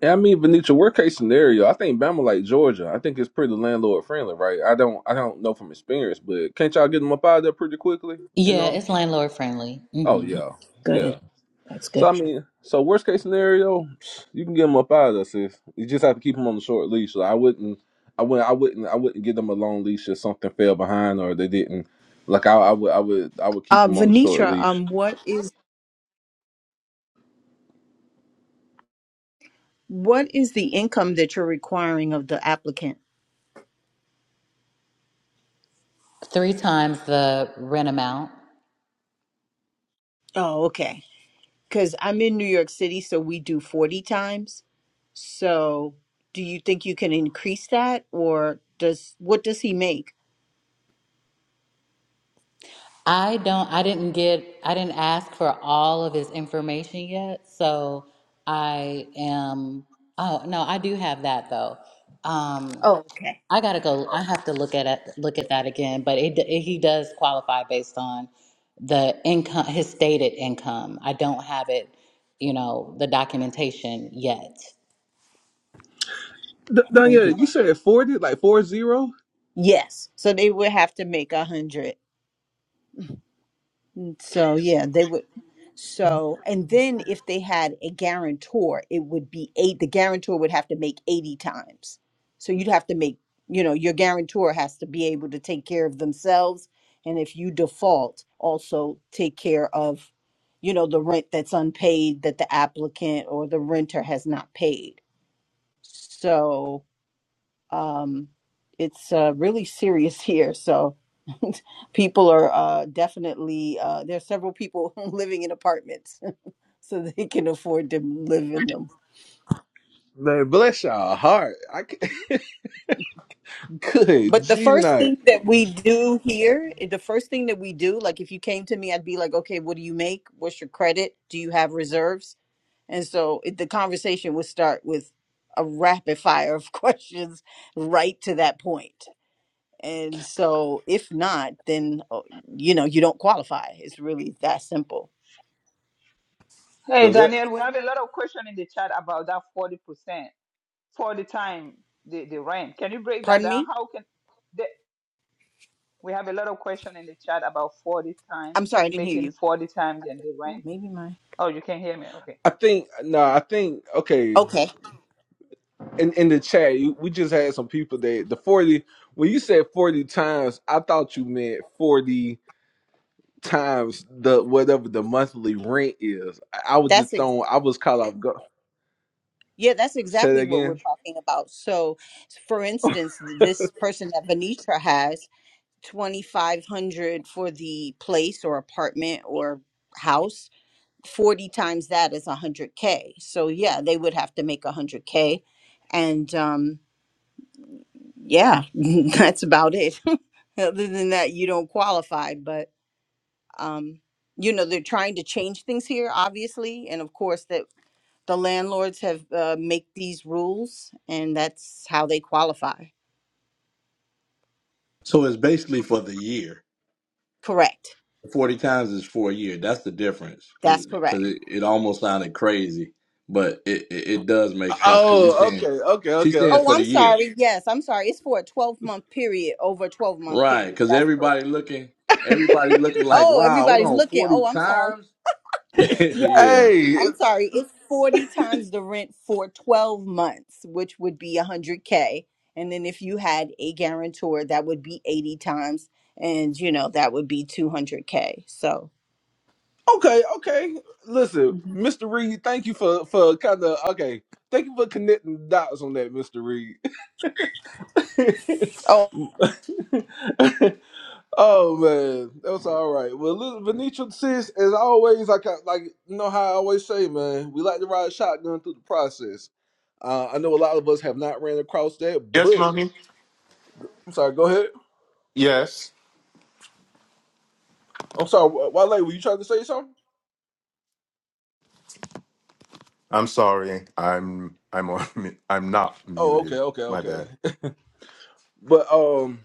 Speaker 1: Yeah, I mean, Venetia, worst case scenario, I think Bama like Georgia. I think it's pretty landlord friendly, right? I don't, I don't know from experience, but can't y'all get them up out of there pretty quickly? You
Speaker 6: Yeah,
Speaker 1: know?
Speaker 6: it's landlord friendly.
Speaker 1: Oh
Speaker 6: hmm
Speaker 1: yeah,
Speaker 17: Good.
Speaker 1: yeah.
Speaker 17: That's
Speaker 1: So
Speaker 17: good.
Speaker 1: I mean, so worst case scenario, you can get them up out of there, sis. You just have to keep them on the short leash. So I wouldn't, I wouldn't, I wouldn't, I wouldn't give them a long leash if something fell behind or they didn't. Like I, I would, I would, I would keep
Speaker 17: Uh,
Speaker 1: them on the short
Speaker 17: Venetra,
Speaker 1: leash.
Speaker 17: um, what is What is the income that you're requiring of the applicant?
Speaker 6: Three times the rent amount.
Speaker 17: Oh, okay. Because I'm in New York City, so we do 40 times. So do you think you can increase that or does what does he make?
Speaker 6: I don't. I didn't get. I didn't ask for all of his information yet. So I am. Oh no, I do have that though. Um,
Speaker 17: Oh, okay.
Speaker 6: I gotta go. I have to look at it, look at that again. But it, it, he does qualify based on the income, his stated income. I don't have it, you know, the documentation yet.
Speaker 1: D- Danya,
Speaker 17: 100.
Speaker 1: you said forty, like four zero.
Speaker 17: Yes. So they would have to make a hundred. So yeah, they would. So and then if they had a guarantor, it would be eight. The guarantor would have to make eighty times. So you'd have to make. You know, your guarantor has to be able to take care of themselves, and if you default, also take care of, you know, the rent that's unpaid that the applicant or the renter has not paid. So um, it's uh, really serious here. So [laughs] people are uh, definitely uh, there are several people [laughs] living in apartments, [laughs] so they can afford to live in them.
Speaker 1: Man, bless y'all heart. I I c- [laughs] good
Speaker 17: But the
Speaker 1: G
Speaker 17: first
Speaker 1: night.
Speaker 17: thing that we do here, eh, the first thing that we do, like if you came to me, I'd be like, okay, what do you make? What's your credit? Do you have reserves? And so it, the conversation would start with a rapid fire of [laughs] questions right to that point. And so if not, then oh, you know, you don't qualify. It's really that simple.
Speaker 3: Hey,
Speaker 1: So that-
Speaker 3: Daniel, we have a lot of question in the chat about that 40% for the time, the, the rent. Can you break that
Speaker 17: Pardon
Speaker 3: down?
Speaker 17: me?
Speaker 3: How can the, we have a lot of question in the chat about 40
Speaker 17: I'm
Speaker 3: time,
Speaker 17: sorry, I didn't hear
Speaker 3: making
Speaker 17: you.
Speaker 3: 40 times than the
Speaker 17: Oh,
Speaker 3: rent?
Speaker 17: maybe my.
Speaker 3: Oh, you can hear me. Okay.
Speaker 1: I think no, I think okay.
Speaker 17: Okay.
Speaker 1: In in the chat, you- we just had some people that the forty. When you said forty times, I thought you meant forty times the whatever the monthly rent is. I, I was
Speaker 17: That's
Speaker 1: just
Speaker 17: ex-
Speaker 1: throwing. I was caught off guard.
Speaker 17: yeah, that's
Speaker 1: Say that
Speaker 17: exactly what we're
Speaker 1: again.
Speaker 17: talking about. So, for instance, th- this person that Venetra has 2500 for the place or apartment or house, 40 times that is 100k. So, yeah, they would have to make 100k and um yeah, [laughs] that's about it. Other than that, you don't qualify. But um, you know, they're trying to change things here, obviously, and of course that the landlords have uh, make these rules, and that's how they qualify.
Speaker 8: So it's basically for the year.
Speaker 17: Correct.
Speaker 8: 40 times is for a year. That's the difference because
Speaker 17: That's
Speaker 8: cause 'cause
Speaker 17: correct.
Speaker 8: it, it almost sounded crazy, but it, it, it does make sense because you're
Speaker 1: Oh,
Speaker 8: saying
Speaker 1: okay, okay,
Speaker 8: she
Speaker 1: okay,
Speaker 8: stands
Speaker 1: okay.
Speaker 17: Oh,
Speaker 8: for the
Speaker 17: I'm
Speaker 8: year.
Speaker 17: sorry. Yes, I'm sorry. It's for a 12 month period, over a 12 month
Speaker 8: Right.
Speaker 17: period.
Speaker 8: Because
Speaker 17: That's
Speaker 8: everybody
Speaker 17: correct.
Speaker 8: looking, everybody looking like,
Speaker 17: Oh,
Speaker 8: wow, hold
Speaker 17: everybody's
Speaker 8: on,
Speaker 17: looking.
Speaker 8: 40
Speaker 17: Oh, I'm sorry.
Speaker 8: times? [laughs]
Speaker 1: [laughs]
Speaker 17: Yes.
Speaker 8: yeah.
Speaker 1: hey,
Speaker 17: I'm sorry. It's 40 times the rent for 12 months, which would be 100K. And then if you had a guarantor, that would be 80 times. And, you know, that would be 200K. So,
Speaker 1: okay, okay. Listen,
Speaker 17: Mhm.
Speaker 1: Mister Reed, thank you for for kind of okay. Thank you for connecting the dots on that, Mister Reed.
Speaker 17: oh,
Speaker 1: [laughs] Oh man, that's all right. Well, listen, Venetia, sis, as always, like I, like you know how I always say, man, we like to ride shotgun through the process. Uh, I know a lot of us have not ran across that,
Speaker 16: Yes,
Speaker 1: but
Speaker 16: mommy.
Speaker 1: I'm sorry. Go ahead.
Speaker 16: Yes.
Speaker 1: I'm sorry. Wh- Wale, were you trying to say something?
Speaker 16: I'm sorry. I'm I'm on [laughs] mu- I'm not
Speaker 1: Oh, okay,
Speaker 16: muted.
Speaker 1: okay,
Speaker 16: My
Speaker 1: okay.
Speaker 16: bad.
Speaker 1: But um.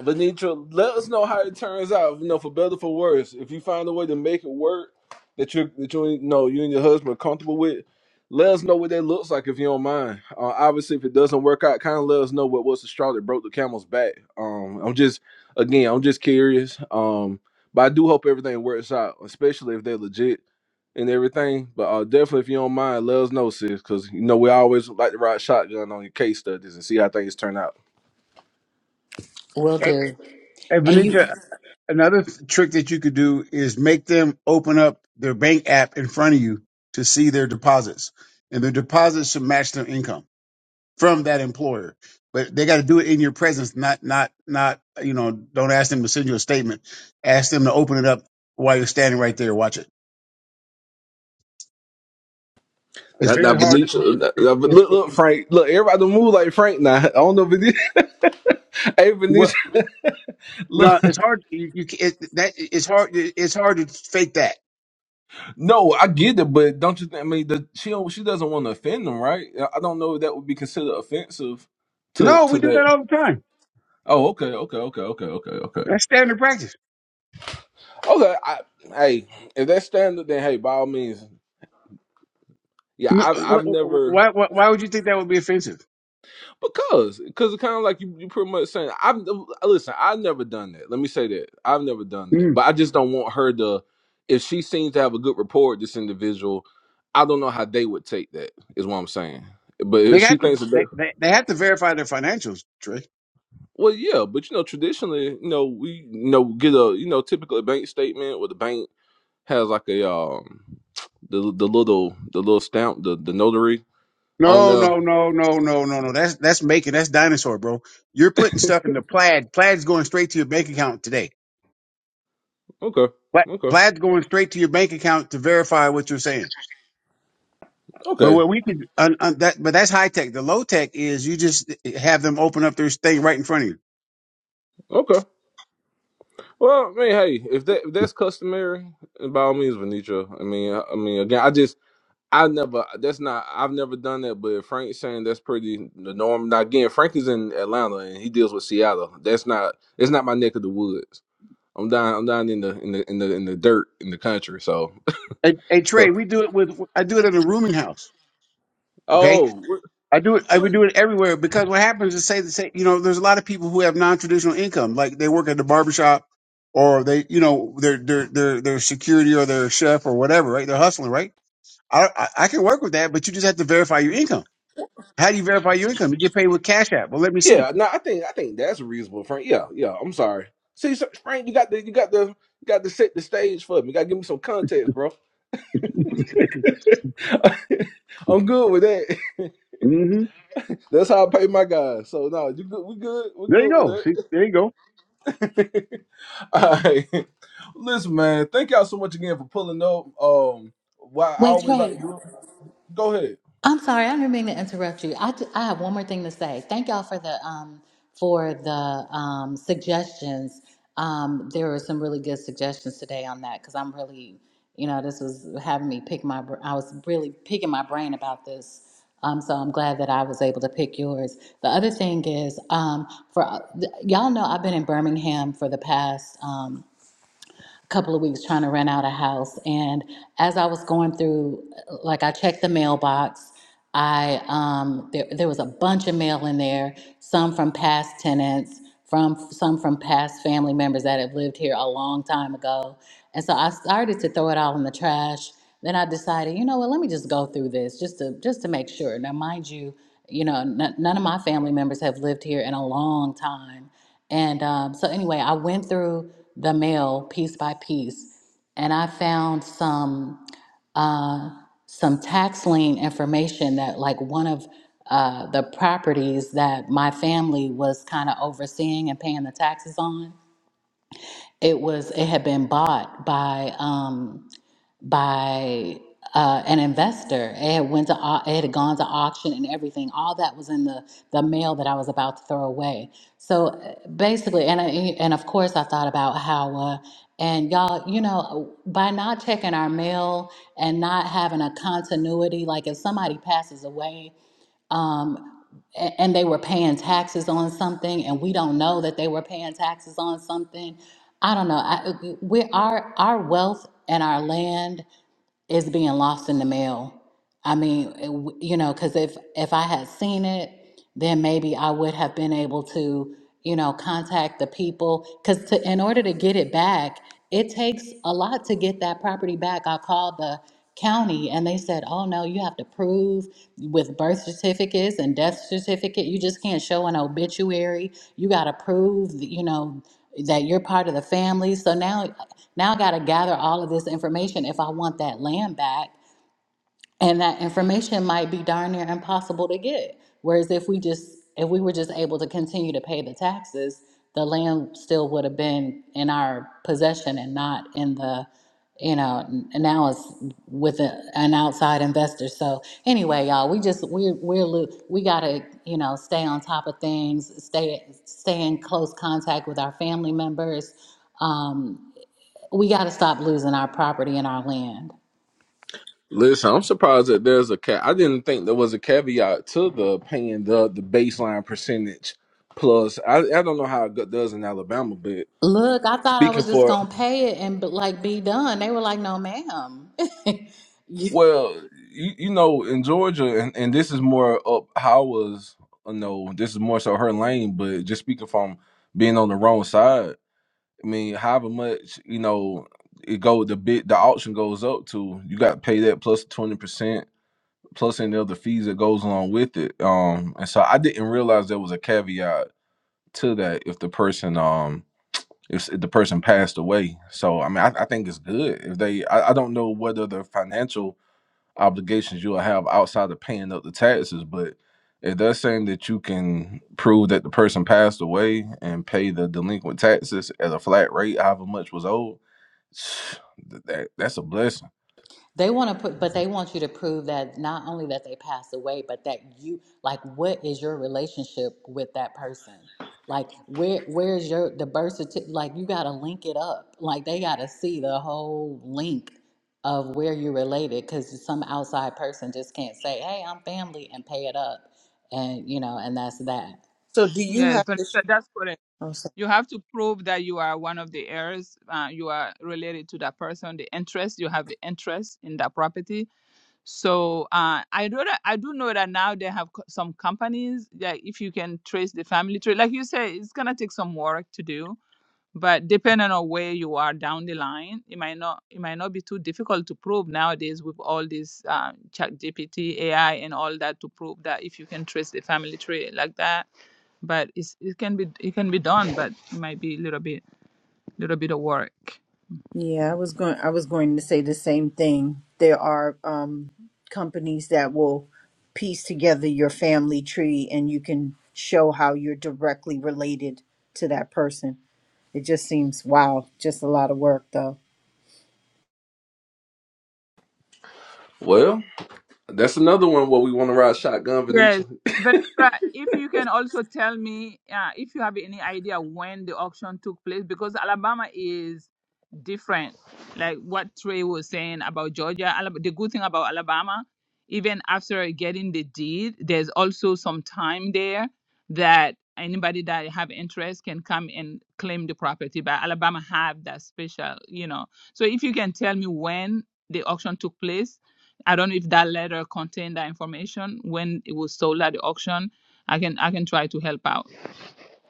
Speaker 1: Venetra, let us know how it turns out. You know, for better for worse. If you find a way to make it work that you that you and- know you and your husband are comfortable with, let us know what that looks like if you don't mind. Uh, obviously, if it doesn't work out, kind of let us know what was the straw that broke the camel's back. Um, I'm just again, I'm just curious. Um, but I do hope everything works out, especially if they're legit and everything. But uh, definitely, if you don't mind, let us know, sis, because you know we always like to ride shotgun on your case studies and see how things turn out.
Speaker 6: Will do.
Speaker 4: hey
Speaker 6: And you
Speaker 4: Venetia, Another th- trick that you could do is make them open up their bank app in front of you to see their deposits, and their deposits should match their income from that employer. But they got to do it in your presence, not not not you know. Don't ask them to send you a statement. Ask them to open it up while you're standing right there. Watch it. It's
Speaker 1: Now, now
Speaker 4: very hard.
Speaker 1: Benicia, now,
Speaker 4: It,
Speaker 1: now,
Speaker 4: it,
Speaker 1: look,
Speaker 4: it-
Speaker 1: look, Frank, look, everybody don't move like Frank now. [laughs] I don't know, Benicia. [laughs] Hey,
Speaker 4: well,
Speaker 1: Benicia,
Speaker 4: no,
Speaker 1: look,
Speaker 4: it's hard. You, you ca- it, that it's hard. It's hard to fake that.
Speaker 1: no, I get it, but don't you think? I mean, the, she don't, she doesn't want to offend them, right? I I don't know if that would be considered offensive to
Speaker 4: No,
Speaker 1: to
Speaker 4: we do that
Speaker 1: that.
Speaker 4: all the time.
Speaker 1: Oh, okay, okay, okay, okay, okay, okay,
Speaker 4: That's standard practice.
Speaker 1: okay. I, hey, if that's standard, then hey, by all means, yeah,
Speaker 4: No,
Speaker 1: I've
Speaker 4: wh-
Speaker 1: I've
Speaker 4: wh-
Speaker 1: never.
Speaker 4: why, why why would you think that would be offensive?
Speaker 1: Because, because it's kind of like you, you pretty much saying, I've listen, I've never done that. Let me say that I've never done that,
Speaker 4: Mm.
Speaker 1: but I just don't want her to. If she seems to have a good rapport with this individual, I don't know how they would take that. Is what I'm saying. But if
Speaker 4: They
Speaker 1: she
Speaker 4: have to
Speaker 1: thinks
Speaker 4: they,
Speaker 1: that,
Speaker 4: they, they have to verify their financials, Trey.
Speaker 1: well, yeah, but you know, traditionally, you know, we you know get a you know typical bank statement where the bank has like a um the the little the little stamp the the notary on
Speaker 4: No,
Speaker 1: there.
Speaker 4: no, no, no, no, no, no. That's that's making that's dinosaur, bro. You're putting stuff into plaid. Plaid's going straight to your bank account today.
Speaker 1: Okay,
Speaker 4: Pla-
Speaker 1: okay,
Speaker 4: Plaid's going straight to your bank account to verify what you're saying. But
Speaker 1: okay,
Speaker 4: what we can un, un, that but that's high tech. The low tech is you just have them open up their thing right in front of you.
Speaker 1: okay. Well, I mean, hey, if that if that's customary, by all means, Venetra. I mean, I, I mean, again, I just I never that's not I've never done that. But if Frank's saying that's pretty the norm. Now again, Frank is in Atlanta and he deals with Seattle. That's not it's not my neck of the woods. I'm down I'm down in the in the in the in the dirt in the country. So
Speaker 4: Hey, hey
Speaker 1: [laughs]
Speaker 4: Trey, we do it with I do it in a rooming house. Okay
Speaker 1: oh what,
Speaker 4: I do it. I
Speaker 1: what-
Speaker 4: would do it everywhere because what happens is, say the same. You know, there's a lot of people who have non-traditional income, like they work at the barbershop, or they, you know, they're they're they're they're security or they're a chef or whatever, right? They're hustling, right? I, I I can work with that, but you just have to verify your income. How do you verify your income? You get paid with Cash App. Well, let me see.
Speaker 1: yeah, no, I think I think that's reasonable, Frank. Yeah, yeah. I'm sorry. See, so, Frank, you got the you got the you got to set the stage for me. You got to give me some context, bro. [laughs] I'm good with that.
Speaker 4: hmm
Speaker 1: [laughs] That's how I pay my guys. So no, you good? We good? We
Speaker 4: There you
Speaker 1: good
Speaker 4: go.
Speaker 1: with
Speaker 4: See, there you go.
Speaker 1: that? [laughs] All right. Listen, man. Thank y'all so much again for pulling up. Um, why I
Speaker 6: wait,
Speaker 1: always like to
Speaker 6: Trey.
Speaker 1: do it. Go ahead.
Speaker 6: I'm sorry, I didn't mean to interrupt you. I, d- I have one more thing to say. Thank y'all for the um for the um suggestions. Um, there were some really good suggestions today on that because I'm really, you know, this was having me pick my. br- I was really picking my brain about this. Um, so I'm glad that I was able to pick yours. The other thing is, um, for y'all know, I've been in Birmingham for the past. Um, couple of weeks trying to rent out a house and as i was going through like i checked the mailbox i um there, there was a bunch of mail in there some from past tenants from some from past family members that have lived here a long time ago and so i started to throw it all in the trash then i decided you know what let me just go through this just to just to make sure now mind you you know n- none of my family members have lived here in a long time and um, so, anyway, I went through the mail piece by piece, and I found some uh, some tax lien information that, like, one of uh, the properties that my family was kind of overseeing and paying the taxes on. It was it had been bought by. Um, by uh, an investor. It had went to au- it had gone to auction and everything. All that was in the the mail that I was about to throw away. So uh, basically, and I, and of course, I thought about how. Uh, and y'all, you know, by not checking our mail and not having a continuity, like if somebody passes away, um, a- and they were paying taxes on something and we don't know that they were paying taxes on something i don't know I, we our our wealth and our land is being lost in the mail. I mean, it w- you know, because if if I had seen it, then maybe I would have been able to, you know, contact the people. Because to in order to get it back, it takes a lot to get that property back. I called the county and they said, "Oh no, you have to prove with birth certificates and death certificate. You just can't show an obituary. You got to prove, you know." that you're part of the family so now now i got to gather all of this information if i want that land back and that information might be darn near impossible to get. Whereas if we just if we were just able to continue to pay the taxes, the land still would have been in our possession and not in the you know n- now it's with a, an outside investor so anyway y'all we just we we're lo- we gotta you know stay on top of things stay stay in close contact with our family members um, we gotta stop losing our property and our land
Speaker 1: Listen, I'm surprised that there's a cat. I didn't think there was a caveat to the paying the the baseline percentage plus. I I don't know how it go- does in Alabama, but
Speaker 6: Look, I thought I
Speaker 1: speaking
Speaker 6: was just
Speaker 1: for
Speaker 6: gonna pay it and but like be done. They were like, "No, ma'am." [laughs] You-
Speaker 1: Well, you, you know, in Georgia, and, and this is more up Howard's, you know, this is more so her lane, but just speaking from being on the wrong side, I mean, however much, you know, it go the bid the auction goes up to, you got to pay that 20%, plus any other fees that goes along with it. Um, and so I didn't realize there was a caveat to that if the person, um, if, if the person passed away. So, I mean, I, I think it's good if they, I, I don't know whether the financial obligations you'll have outside of paying up the taxes. But it does seem that you can prove that the person passed away and pay the delinquent taxes at a flat rate, however much was owed. [sighs] That, that's a blessing.
Speaker 6: they want to put, but they want you to prove that not only that they passed away, but that you like, what is your relationship with that person? Like, where where's your the birth certificate? Like, you gotta link it up. Like, they gotta see the whole link of where you're related, because some outside person just can't say, "Hey, I'm family," and pay it up, and you know, and that's that.
Speaker 17: So do you
Speaker 3: Yes,
Speaker 17: have
Speaker 3: but
Speaker 17: to? Sh-
Speaker 3: that's correct.
Speaker 17: oh, sorry.
Speaker 3: You have to prove that you are one of the heirs. Uh, you are related to that person. The interest you have the interest in that property. So uh, I do that, I do know that now they have co- some companies that if you can trace the family tree, like you say, it's gonna take some work to do. But depending on where you are down the line, it might not it might not be too difficult to prove nowadays with all this uh, Chat GPT, AI, and all that to prove that if you can trace the family tree like that. But it's, it can be it can be done, but it might be a little bit little bit of work.
Speaker 17: Yeah, I was going. I was going to say the same thing. There are um, companies that will piece together your family tree, and you can show how you're directly related to that person. It just seems wow, just a lot of work though.
Speaker 1: Well, that's another one where we want to ride shotgun,
Speaker 3: Yes,
Speaker 1: Venetia.
Speaker 3: Venetra, if you can also tell me uh, if you have any idea when the auction took place, because Alabama is different. Like what Trey was saying about Georgia, Alabama, the good thing about Alabama, even after getting the deed, there's also some time there that anybody that have interest can come and claim the property. But Alabama have that special, you know. So if you can tell me when the auction took place, I don't know if that letter contained that information when it was sold at the auction. I can I can try to help out.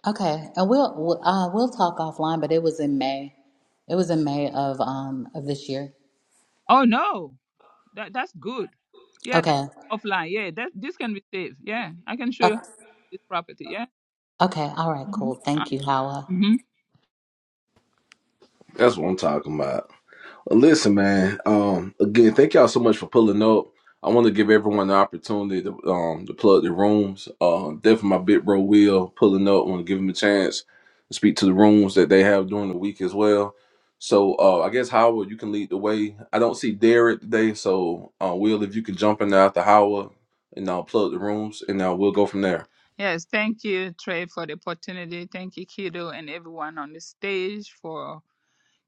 Speaker 6: Okay, and we'll we'll- uh, we'll talk offline, but it was in May. It was in May of um of this year.
Speaker 3: Oh no. That that's good. Yeah, that's
Speaker 6: Okay.
Speaker 3: offline. Yeah, that this can be saved. Yeah, I can show
Speaker 6: Uh,
Speaker 3: you this property. Yeah.
Speaker 6: okay. All right. Cool.
Speaker 3: Mm-hmm.
Speaker 6: Thank you, Hawa.
Speaker 3: Mm-hmm.
Speaker 1: That's what I'm talking about. Listen, man. Um, again, thank y'all so much for pulling up. I want to give everyone the opportunity to um to plug their rooms. Uh, definitely my big bro Will pulling up. want to give him a chance to speak to the rooms that they have during the week as well. So uh, I guess Howard, you can lead the way. I don't see Derek today, so uh, Will, if you can jump in after Howard and uh, plug the rooms, and now we'll go from there.
Speaker 3: Yes, thank you, Trey, for the opportunity. Thank you, Kido, and everyone on the stage for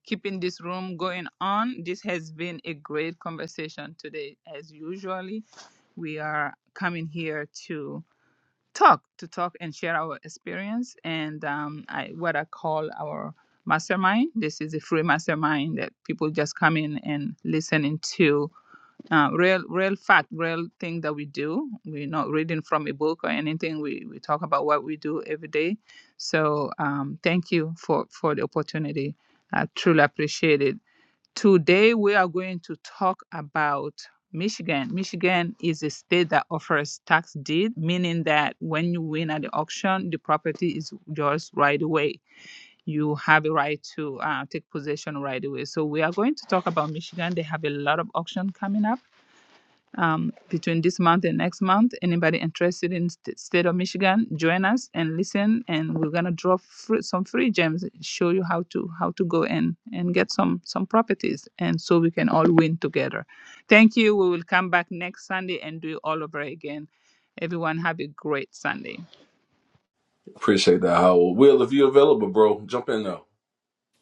Speaker 3: keeping this room going on. This has been a great conversation today, as usually. We are coming here to talk to talk and share our experience and um, I, what I call our mastermind. This is a free mastermind that people just come in and listen into uh, real, real fact, real thing that we do. We're not reading from a book or anything. We we talk about what we do every day. So um, thank you for for the opportunity. I truly appreciate it. Today, we are going to talk about Michigan. Michigan is a state that offers tax deed, meaning that when you win at the auction, the property is yours right away. You have a right to uh, take possession right away. So, we are going to talk about Michigan. They have a lot of auction coming up um, between this month and next month. Anybody interested in st- state of Michigan, join us and listen. And we're gonna draw fr- some free gems, show you how to how to go and and get some some properties, and so we can all win together. Thank you. We will come back next Sunday and do it all over again. Everyone have a great Sunday.
Speaker 1: Appreciate that, Howard. Will, if you're available, bro, jump in now.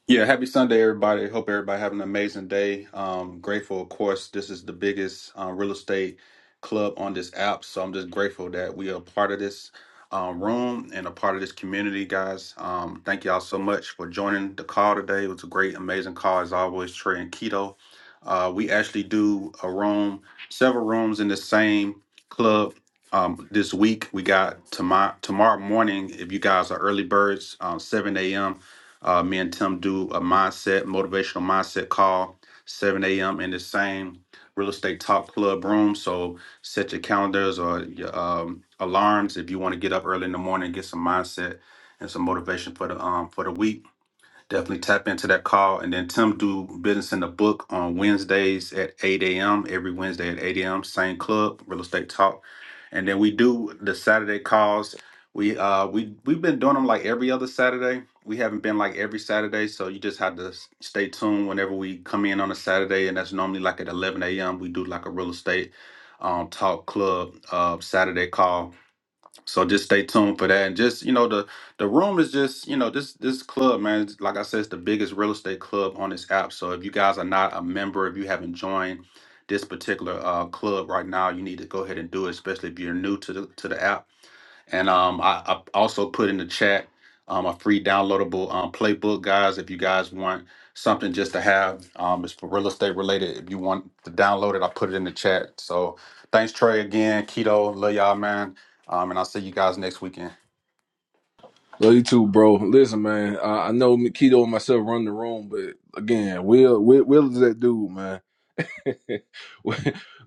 Speaker 18: Yeah, happy Sunday, everybody. Hope everybody having an amazing day. Um, grateful, of course, this is the biggest uh, real estate club on this app, so I'm just grateful that we are part of this um, room and a part of this community, guys. Um, thank y'all so much for joining the call today. It was a great, amazing call as always, Trey and Keto. Uh, we actually do a room, several rooms in the same club um, this week. We got tomorrow tomorrow morning. If you guys are early birds, um, 7 a.m. Uh, me and Tim do a mindset, motivational mindset call, 7 a.m. in the same real estate talk club room. So set your calendars or your um, alarms if you want to get up early in the morning, and get some mindset and some motivation for the um, for the week. Definitely tap into that call. And then Tim do business in the book on Wednesdays at 8 a.m. Every Wednesday at 8 a.m. Same club, real estate talk. And then we do the Saturday calls. We uh we we've been doing them like every other Saturday. We haven't been like every Saturday, so you just have to s- stay tuned whenever we come in on a Saturday, and that's normally like at 11 a.m. We do like a real estate um talk club uh Saturday call so just stay tuned for that, and just you know the the room is just you know this this club man, it's- like I said, it's the biggest real estate club on this app. So if you guys are not a member, if you haven't joined this particular uh, club right now, you need to go ahead and do it, especially if you're new to the to the app and um, I, I also put in the chat um, a free downloadable um, playbook, guys. If you guys want something just to have, um, it's for real estate related. If you want to download it, I put it in the chat. So thanks, Trey, again. Keto, love y'all, man. Um, and I'll see you guys next weekend.
Speaker 1: Love you too, bro. Listen, man. I, I know Keto and myself run the room, but again, Will, Will, Will is that dude, man. [laughs] Well,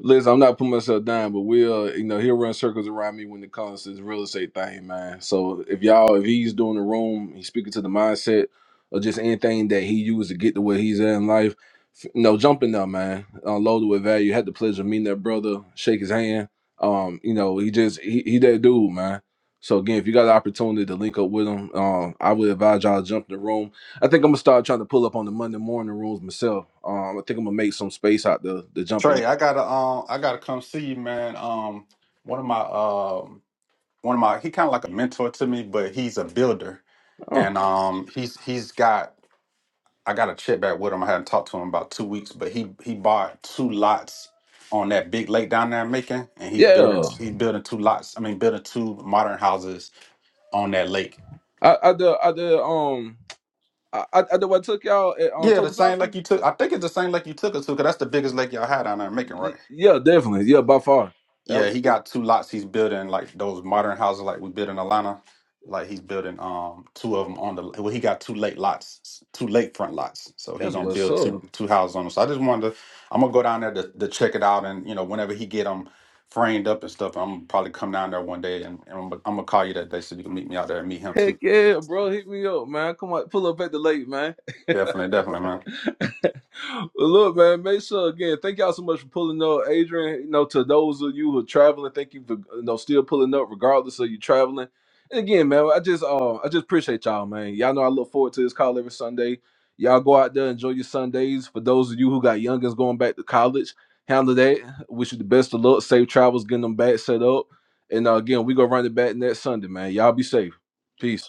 Speaker 1: Listen, I'm not putting myself down, but we'll, you know, he'll run circles around me when it comes to this real estate thing, man. So if y'all, if he's doing the room, he's speaking to the mindset or just anything that he used to get to where he's at in life, f- you know, jump in there, man. Unloaded with value. Had the pleasure of meeting that brother, shake his hand. Um, you know, he just, he, he that dude, man. So again, if you got the opportunity to link up with him, um, I would advise y'all to jump in the room I think I'm gonna start trying to pull up on the Monday morning rooms myself. Um, I think I'm gonna make some space out the the jumping.
Speaker 18: Trey, I gotta um, I gotta come see you, man. Um, one of my um, one of my he kind of like a mentor to me, but he's a builder,
Speaker 1: Oh,
Speaker 18: and um, he's he's got I got a check back with him. I hadn't talked to him about two weeks, but he he bought two lots on that big lake down there in Macon, and he's building
Speaker 1: yeah,
Speaker 18: he's building two lots. I mean, building two modern houses on that lake.
Speaker 1: I I did I did um I I I did what I took y'all at um,
Speaker 18: Yeah, the same lake
Speaker 1: Tokusaki.
Speaker 18: you took. I think it's the same lake you took us to, because that's the biggest lake y'all had down there in Macon, right?
Speaker 1: Y- yeah, definitely. Yeah, by far,
Speaker 18: Yeah, he
Speaker 1: absolutely.
Speaker 18: got two lots. He's building like those modern houses like we built in Atlanta. Like he's building um two of them on the well, he got two lake lots, two lakefront lots. So he
Speaker 1: That's
Speaker 18: gonna Gotcha.
Speaker 1: what's
Speaker 18: build
Speaker 1: up.
Speaker 18: two two houses on them. So I just wanted to, I'm gonna go down there to, to check it out, and you know whenever he get them framed up and stuff, I'm gonna probably come down there one day, and, and I'm, gonna- I'm gonna call you that day so you can meet me out there and meet him too.
Speaker 1: Heck yeah, bro. Hit me up, man. Come on, pull up at the lake, man.
Speaker 18: Definitely, definitely, man.
Speaker 1: [laughs] well, look, man, make sure again. Thank y'all so much for pulling up, Adrian. You know, to those of you who are traveling, thank you for you know still pulling up, regardless of you traveling. And again, man, I just uh, I just appreciate y'all, man. Y'all know I look forward to this call every Sunday. Y'all go out there, enjoy your Sundays. For those of you who got youngins going back to college, handle that. Wish you the best of luck, safe travels, getting them back set up. And uh, again, we gonna run it back next Sunday, man. Y'all be safe. Peace.